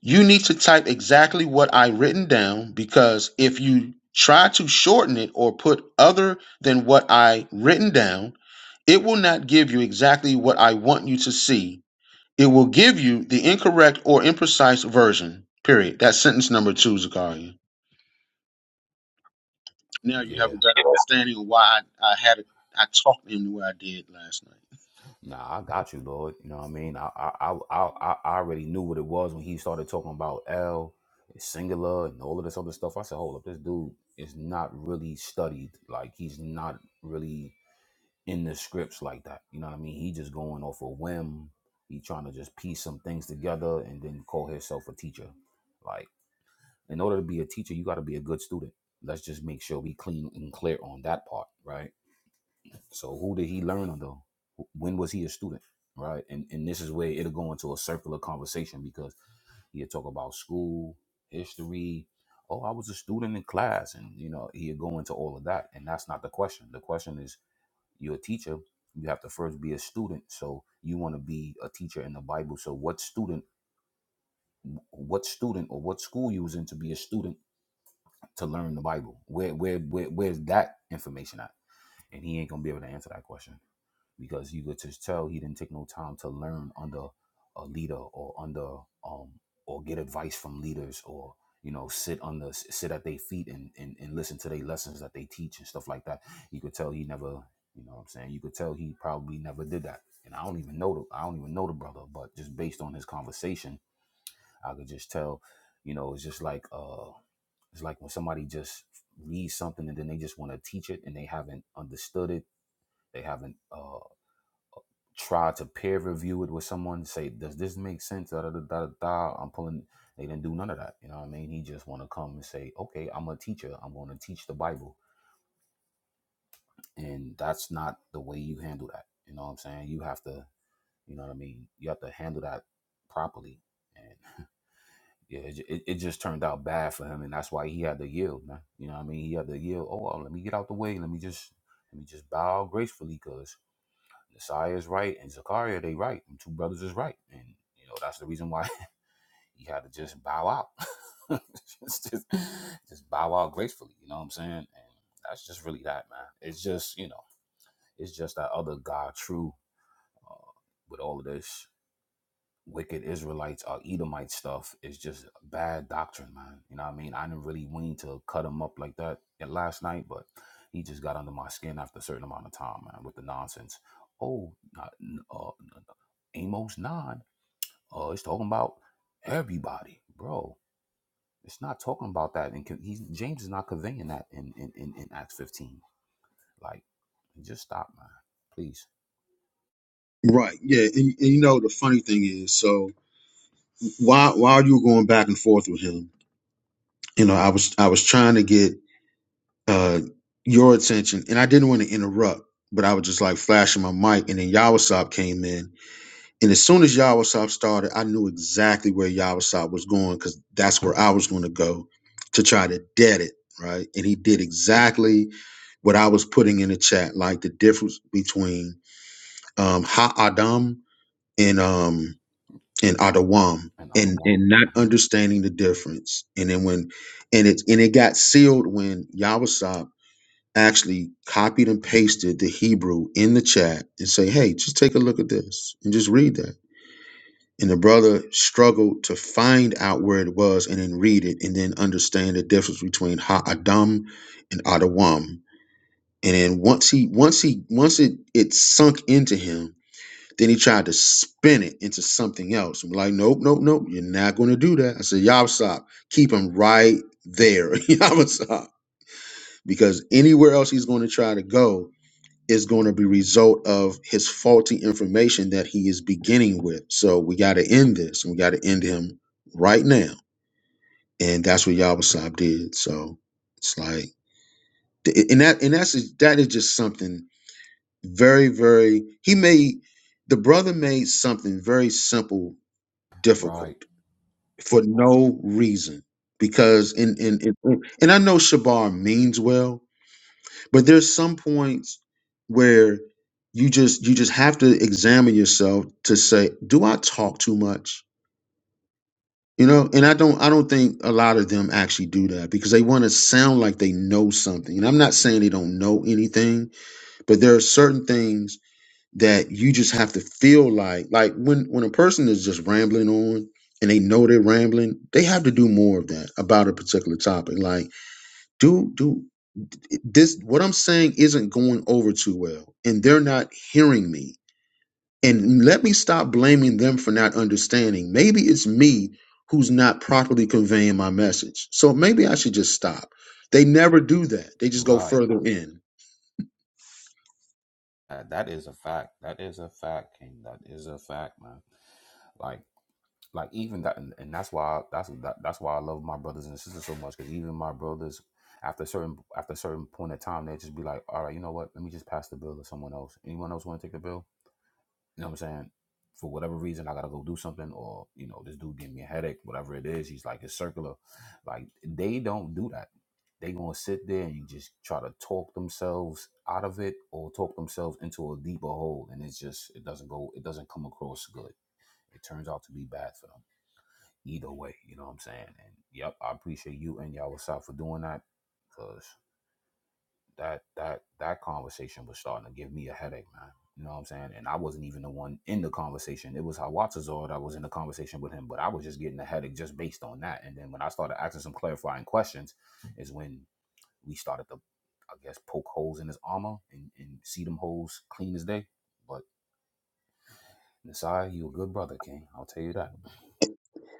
you need to type exactly what I written down because if you try to shorten it or put other than what I written down, it will not give you exactly what I want you to see It will give you the incorrect or imprecise version. Period. That's sentence number two, Zakaria. Now you have a better understanding of why I, I had a, I talked to him the way I did last night. Right. Yeah. And, and you know the funny thing is, so while while you were going back and forth with him, you know, I was I was trying to get uh your attention, and I didn't want to interrupt, but I was just like flashing my mic, and then Yawasop came in, And as soon as Yahweh started, I knew exactly where Yahweh was going because that's where I was going to go to try to dead it, right? And he did exactly what I was putting in the chat, like the difference between um, Ha Adam and um, and Adawam, and and not understanding the difference. And then when and it and it got sealed when Yahweh actually copied and pasted the Hebrew in the chat and say, hey, just take a look at this and just read that and the brother struggled to find out where it was and then read it and then understand the difference between Ha Adam and Adawam. And then once he once he once it it sunk into him, then he tried to spin it into something else. I'm like, nope, nope, nope, you're not gonna do that. I said, Yavsop, keep him right there, Yavsop. Because anywhere else he's gonna try to go, is going to be result of his faulty information that he is beginning with. So we got to end this. We got to end him right now, and that's what Yabasab did. So it's like, and that and that's that is just something very very. He made the brother made something very simple difficult for no reason because in in, in and I know Shabar means well, but there's some points where you just you just have to examine yourself to say do i talk too much you know and i don't i don't think a lot of them actually do that because they want to sound like they know something and i'm not saying they don't know anything but there are certain things that you just have to feel like like when when a person is just rambling on and they know they're rambling they have to do more of that about a particular topic like do do this what I'm saying isn't going over too well, and they're not hearing me. And let me stop blaming them for not understanding. Maybe it's me who's not properly conveying my message. So maybe I should just stop. They never do that. They just go further in.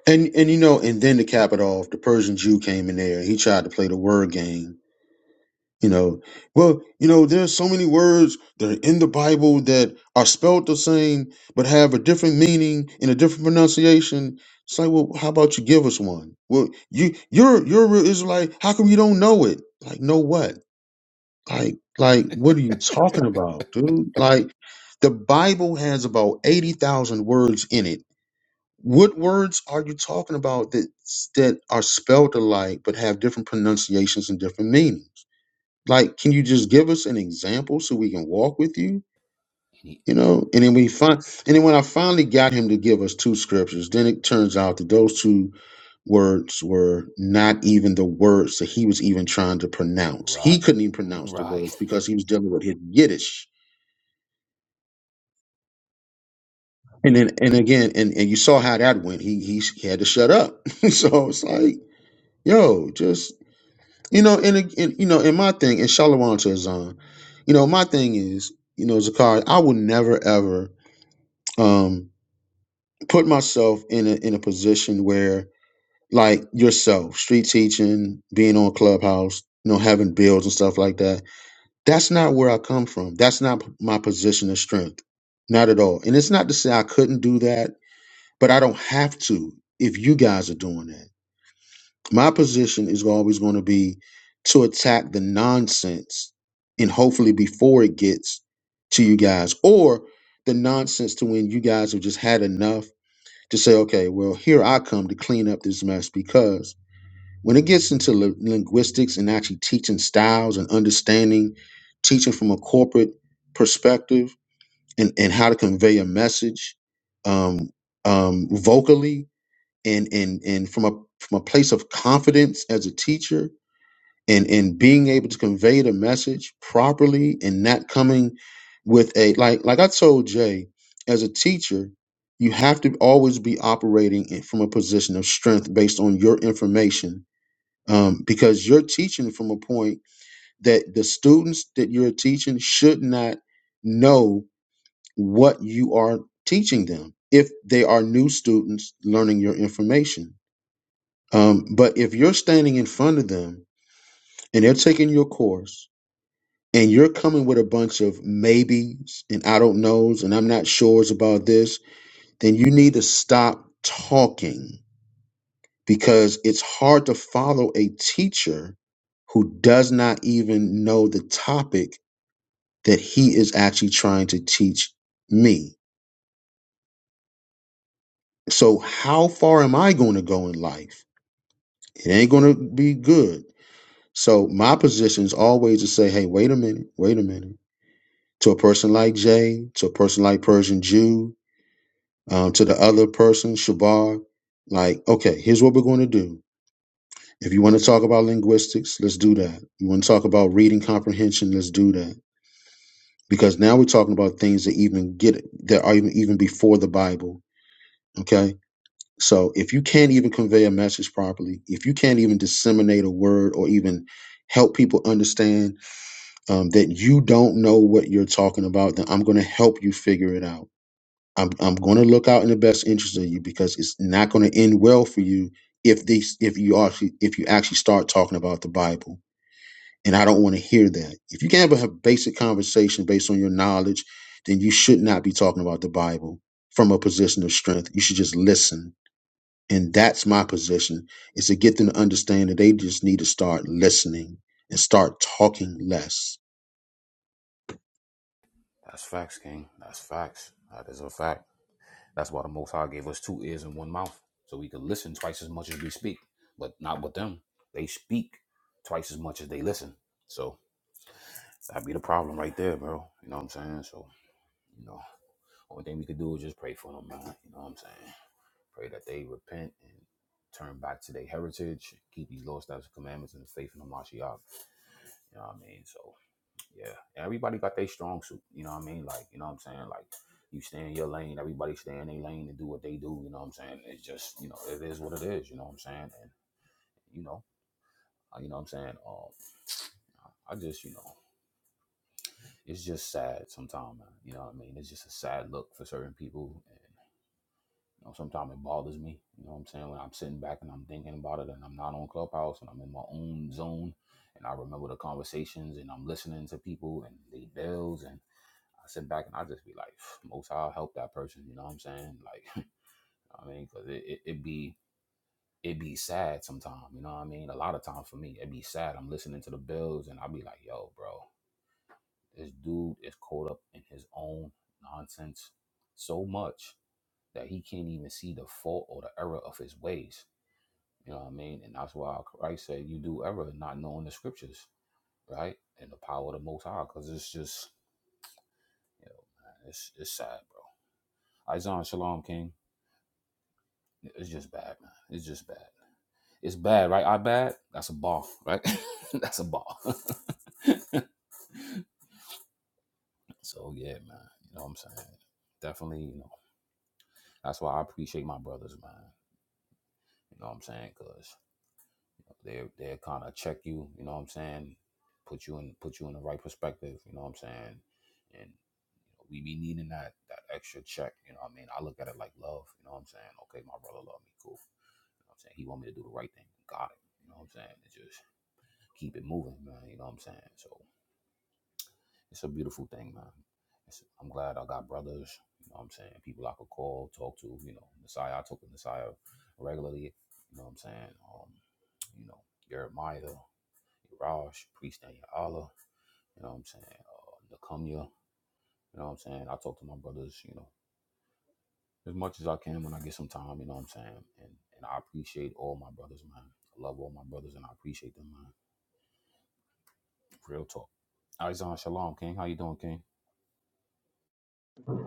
And and you know, and then to cap it off, the Persian Jew came in there. He tried to play the word game You know, well, you know, there's so many words that are in the Bible that are spelled the same but have a different meaning and a different pronunciation. It's like, well, how about you give us one? Well, you you're you're a real Israelite. How come you don't know it? Like, know what? Like, like, what are you talking about, dude? Like, the Bible has about eighty thousand words in it. What words are you talking about that that are spelled alike but have different pronunciations and different meanings? like can you just give us an example so we can walk with you you know and then we find and then when i finally got him to give us two scriptures then it turns out that those two words were not even the words that he was even trying to pronounce he couldn't even pronounce the words because he was dealing with his yiddish and then and again and, and you saw how that went he he, he had to shut up so it's like yo just you know and, ag- and you know and my thing and shalom to his you know my thing is you know zakari i will never ever um put myself in a in a position where like yourself street teaching being on clubhouse you know having builds and stuff like that that's not where i come from that's not p- my position of strength not at all and it's not to say i couldn't do that but i don't have to if you guys are doing that my position is always going to be to attack the nonsense and hopefully before it gets to you guys or the nonsense to when you guys have just had enough to say, okay, well, here I come to clean up this mess because when it gets into li- linguistics and actually teaching styles and understanding, teaching from a corporate perspective and, and how to convey a message um, um, vocally and, and, and from a from a place of confidence as a teacher, and and being able to convey the message properly and not coming with a like like I told Jay as a teacher you have to always be operating in- from a position of strength based on your information um, because you're teaching from a point that the students that you're teaching should not know what you are teaching them if they are new students learning your information um, but if you're standing in front of them and they're taking your course and you're coming with a bunch of maybes and I don't knows and I'm not sures about this, then you need to stop talking because it's hard to follow a teacher who does not even know the topic that he is actually trying to teach me. So, how far am I going to go in life? It ain't going to be good. So, my position is always to say, hey, wait a minute, wait a minute. To a person like Jay, to a person like Persian Jew, um, to the other person, Shabar, like, okay, here's what we're going to do. If you want to talk about linguistics, let's do that. You want to talk about reading comprehension, let's do that. Because now we're talking about things that even get that are even even before the Bible. Okay. So if you can't even convey a message properly, if you can't even disseminate a word or even help people understand um, that you don't know what you're talking about, then I'm going to help you figure it out I'm I'm going to look out in the best interest of you because it's not going to end well for you if these if you actually if you actually start talking about the Bible. And I don't want to hear that. If you can't have a basic conversation based on your knowledge, then you should not be talking about the Bible from a position of strength. You should just listen. And that's my position is to get them to understand that they just need to start listening and start talking less.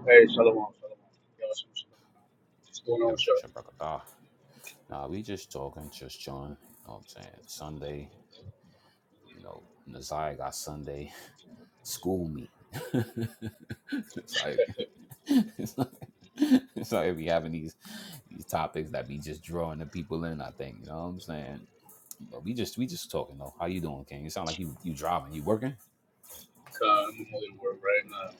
Hey, Shalom, Shalom. Yo, Shalom, Shalom. What's going on, Shalom? Uh, I'm only at work right now.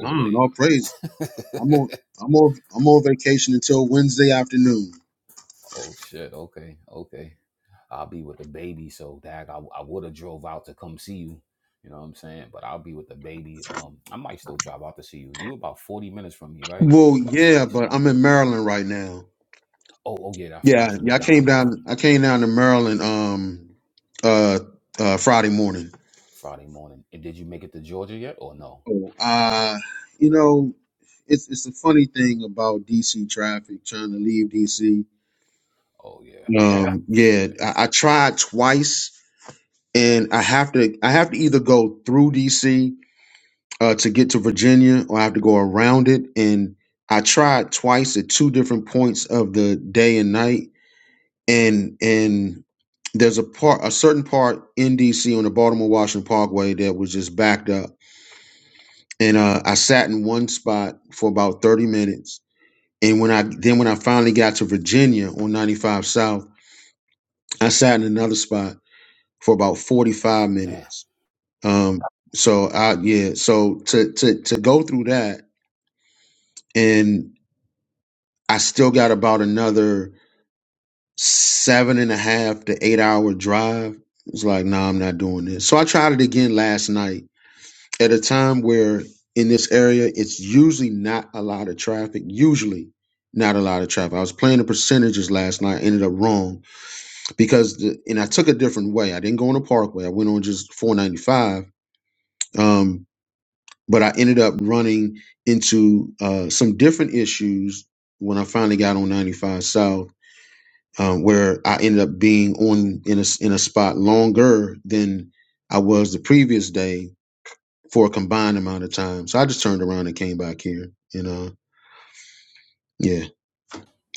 Come on, all praise. I'm on I'm on I'm on vacation until Wednesday afternoon. Well, yeah, but I'm in Maryland right now. Yeah, yeah, I came down. I came down to Maryland um uh, uh Friday morning. So, uh, you know, it's it's a funny thing about DC traffic trying to leave DC. Um, yeah, I, I tried twice, and I have to I have to either go through DC uh, to get to Virginia, or I have to go around it. And I tried twice at two different points of the day and night and and there's a part a certain part in DC on the Baltimore Washington Parkway that was just backed up. And uh, I sat in one spot for about 30 minutes. And when I then when I finally got to Virginia on 95 South, I sat in another spot for about 45 minutes. Um, so I yeah, so to to to go through that and I still got about another seven and a half to eight hour drive. It's like, nah, I'm not doing this. So I tried it again last night at a time where in this area, it's usually not a lot of traffic. Usually not a lot of traffic. I was playing the percentages last night, ended up wrong because, the, and I took a different way. I didn't go on the parkway. I went on just 495. Um, but I ended up running into uh, some different issues when I finally got on 95 South um, where I ended up being on in a in a spot longer than I was the previous day for a combined amount of time. So I just turned around and came back here, and uh, yeah.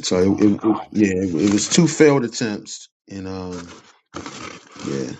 So it, it, it- yeah, it, it was two failed attempts, and um, yeah,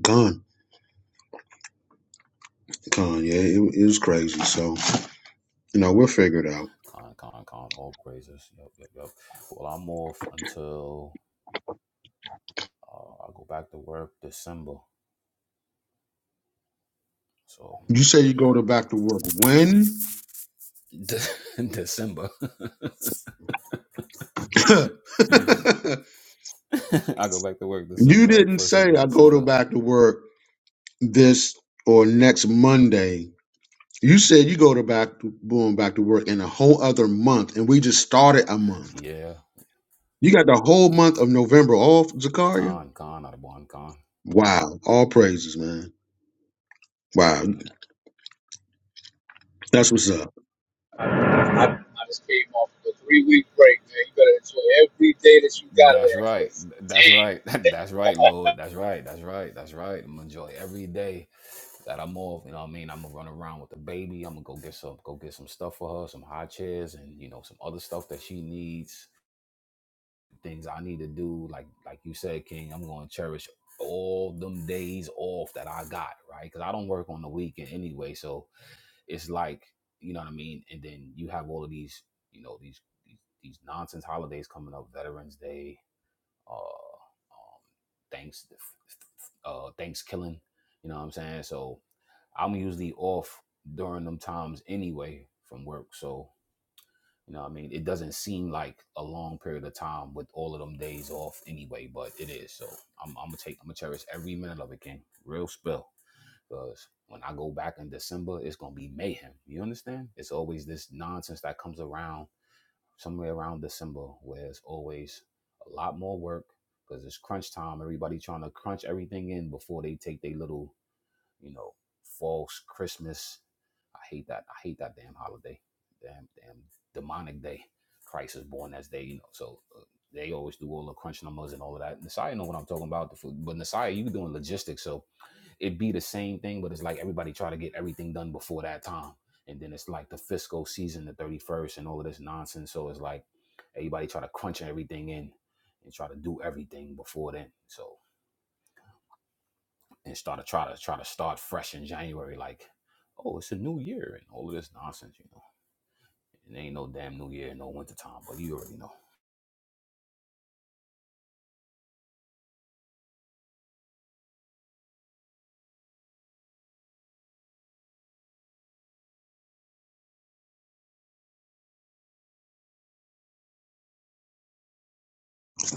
gone, gone. Yeah, it, it was crazy. So you know, we'll figure it out. You say you go to back to work when? you didn't say I go to back to work this or next Monday You said you go to back to boom back to work in a whole other month, and we just started a month. You got the whole month of November off, Zakaria. Wow, all praises, man. Wow, that's what's up. I, I just came off of a three week break, man. You better enjoy every day that you got of that, cause damn.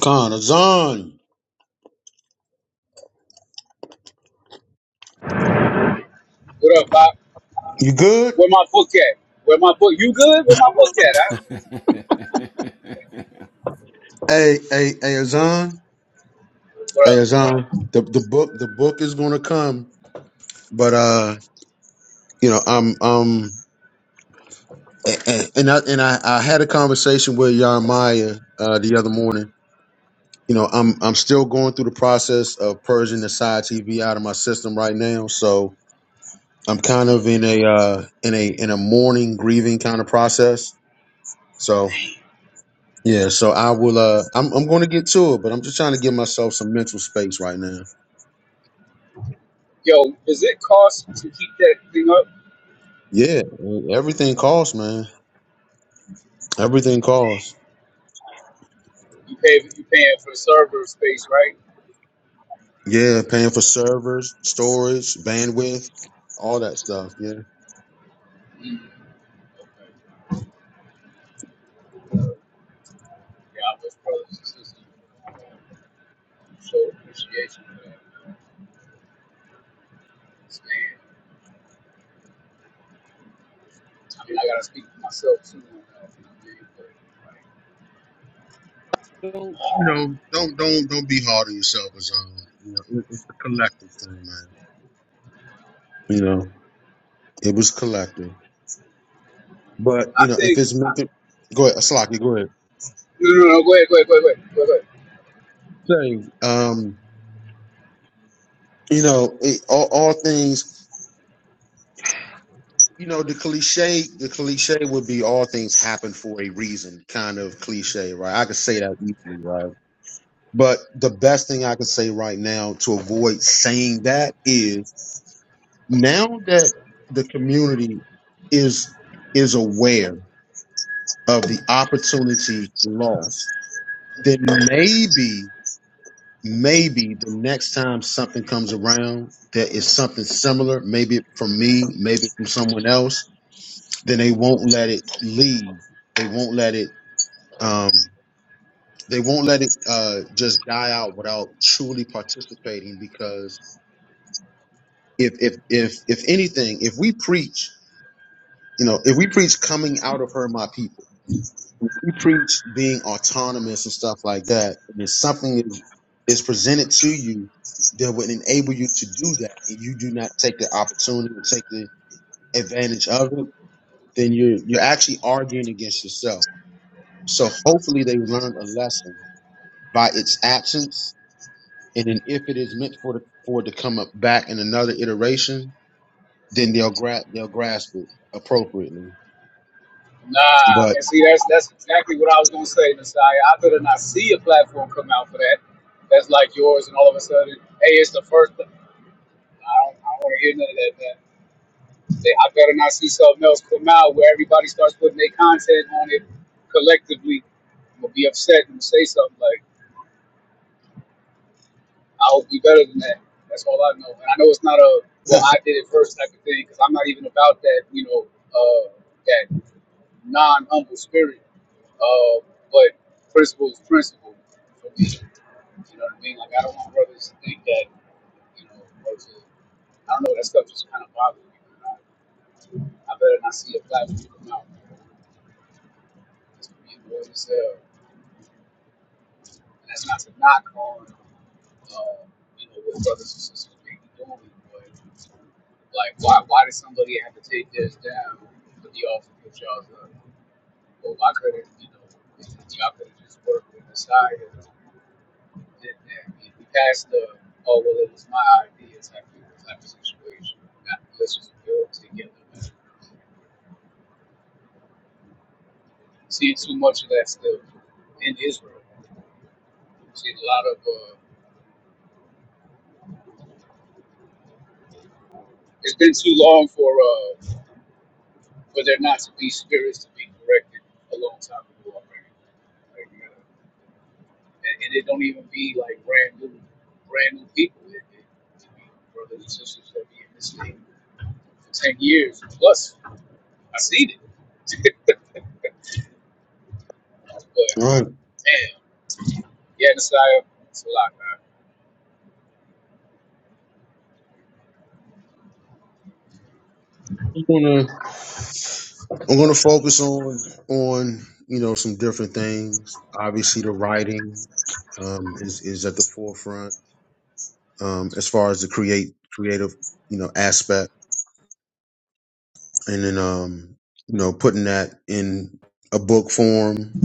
Khan Azan, What up, Pop? you good? Where my book at? Where my book? You good? Where my book at? Huh? Hey, hey, hey, Azan, What hey, up? Azan. The the book the book is gonna come, but uh, you know, I'm um, and I and I, I had a conversation with Yarmaya uh the other morning you know, I'm I'm still going through the process of purging the side TV out of my system right now. So I'm kind of in a uh, in a in a mourning, grieving kind of process. So yeah, so I will. Uh, I'm I'm going to get to it, but I'm just trying to give myself some mental space right now. Yo, does it cost to keep that thing up? Yeah, everything costs, man. Everything costs. You pay, you paying for the server space, right? Yeah, paying for servers, storage, bandwidth, all that stuff. Yeah. Mm. Okay. Yeah, I was brothers and sisters. Show appreciation for that. Understand. I mean, I gotta speak for myself too. You know what I But, Don't you like, know? Don't don't don't be hard on yourself, Azan. You know, it- it's a collective thing, man. You know, it was collective. But you I know, if think it's meant to, go ahead, Slocky, go ahead. no, no, no. Go ahead, go ahead, go ahead, go ahead, go ahead. Say, um, you know, it, all, all things. You know, the cliche, the cliche would be all things happen for a reason, kind of cliche, right? I could say that easily, right? But the best thing I could say right now to avoid saying that is now that the community is is aware of the opportunity lost, then maybe maybe the next time something comes around that is something similar, maybe from me, maybe from someone else, then they won't let it leave. They won't let it um they won't let it uh just die out without truly participating because if if if if anything, if we preach, you know, if we preach coming out of her my people We preach being autonomous and stuff like that, and if something is is presented to you that would enable you to do that, and you do not take the opportunity to take the advantage of it, then you're you're actually arguing against yourself. So hopefully they learned a lesson by its absence, and then if it is meant for the, for it to come up back in another iteration, then they'll grab they'll grasp it appropriately. Nah, But and see, that's that's exactly what I was gonna say, Messiah. I better not see a platform come out for that. That's like yours, and all of a sudden, hey, it's the first. I don't, I don't want to hear none of that. Man. They- I better not see something else come out where everybody starts putting their content on it collectively. I'm gonna be upset and say something like I'll be better than that. That's all I know. And I know it's not a well, I did it first type of thing because I'm not even about that, you know, uh, that non humble spirit. Uh, but principle is principle for me. You know what I mean? Like I don't want brothers to think that, you know, or to, I don't know. That stuff just kind of bothers me. I, I better not see a black man come out. It's gonna be annoying as hell. And that's not to knock on, um, you know, what brothers and sisters may be doing, but like, why why did somebody have to take this down? But the all also you all up. Well, why couldn't you know y'all could have just worked with the side and did that? We we passed the oh well, it was my idea type of, type of situation. Not, let's just build together. Seeing too much of that still in Israel. Seeing a lot of uh, it's been too long for. uh, for there not to be spirits to be corrected a long time ago already. Amen. And, and it don't even be like brand new, brand new people. It, it, it be brothers and sisters that be in this thing for ten years plus. I seen it, but uh, damn, yeah, Messiah, it's a lot, man. I'm gonna I'm gonna focus on on you know some different things. Obviously, the writing um, is is at the forefront um, as far as the create creative you know aspect, and then um, you know putting that in a book form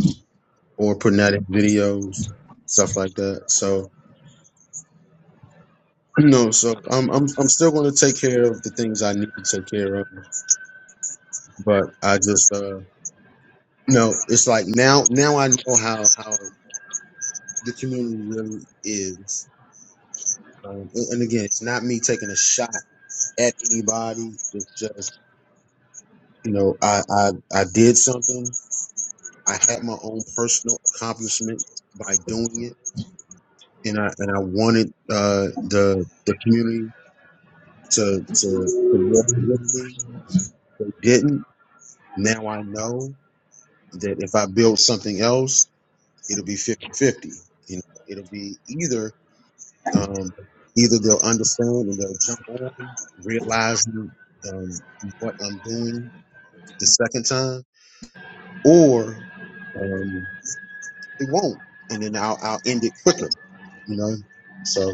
or putting that in videos, stuff like that. So you know, so I'm I'm I'm still gonna take care of the things I need to take care of, but I just uh, you know it's like now now I know how how. the community really is. Um, and, and again, it's not me taking a shot at anybody. It's just you know, I I, I did something. I had my own personal accomplishment by doing it, and I and I wanted uh, the the community to to to work with me. They didn't. Now I know that if I build something else, it'll be fifty fifty. You know, it'll be either Um, either they'll understand and they'll jump on, realizing um, what I'm doing the second time, or um, it won't, and then I'll, I'll end it quicker, you know. So,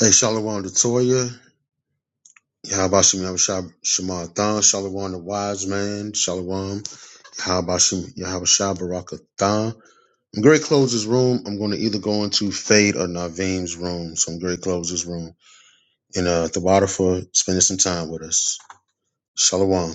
hey, Shalom to Toya. Yahbashim Yahushua Shema Than, Shalom the wise man, Shalom Yahabashim Yahabashah Baraka Than. I'm gonna close this room. I'm going to either go into Fade or Naveen's room. So I'm gonna close this room. And uh, Tabata for spending some time with us. Shalom.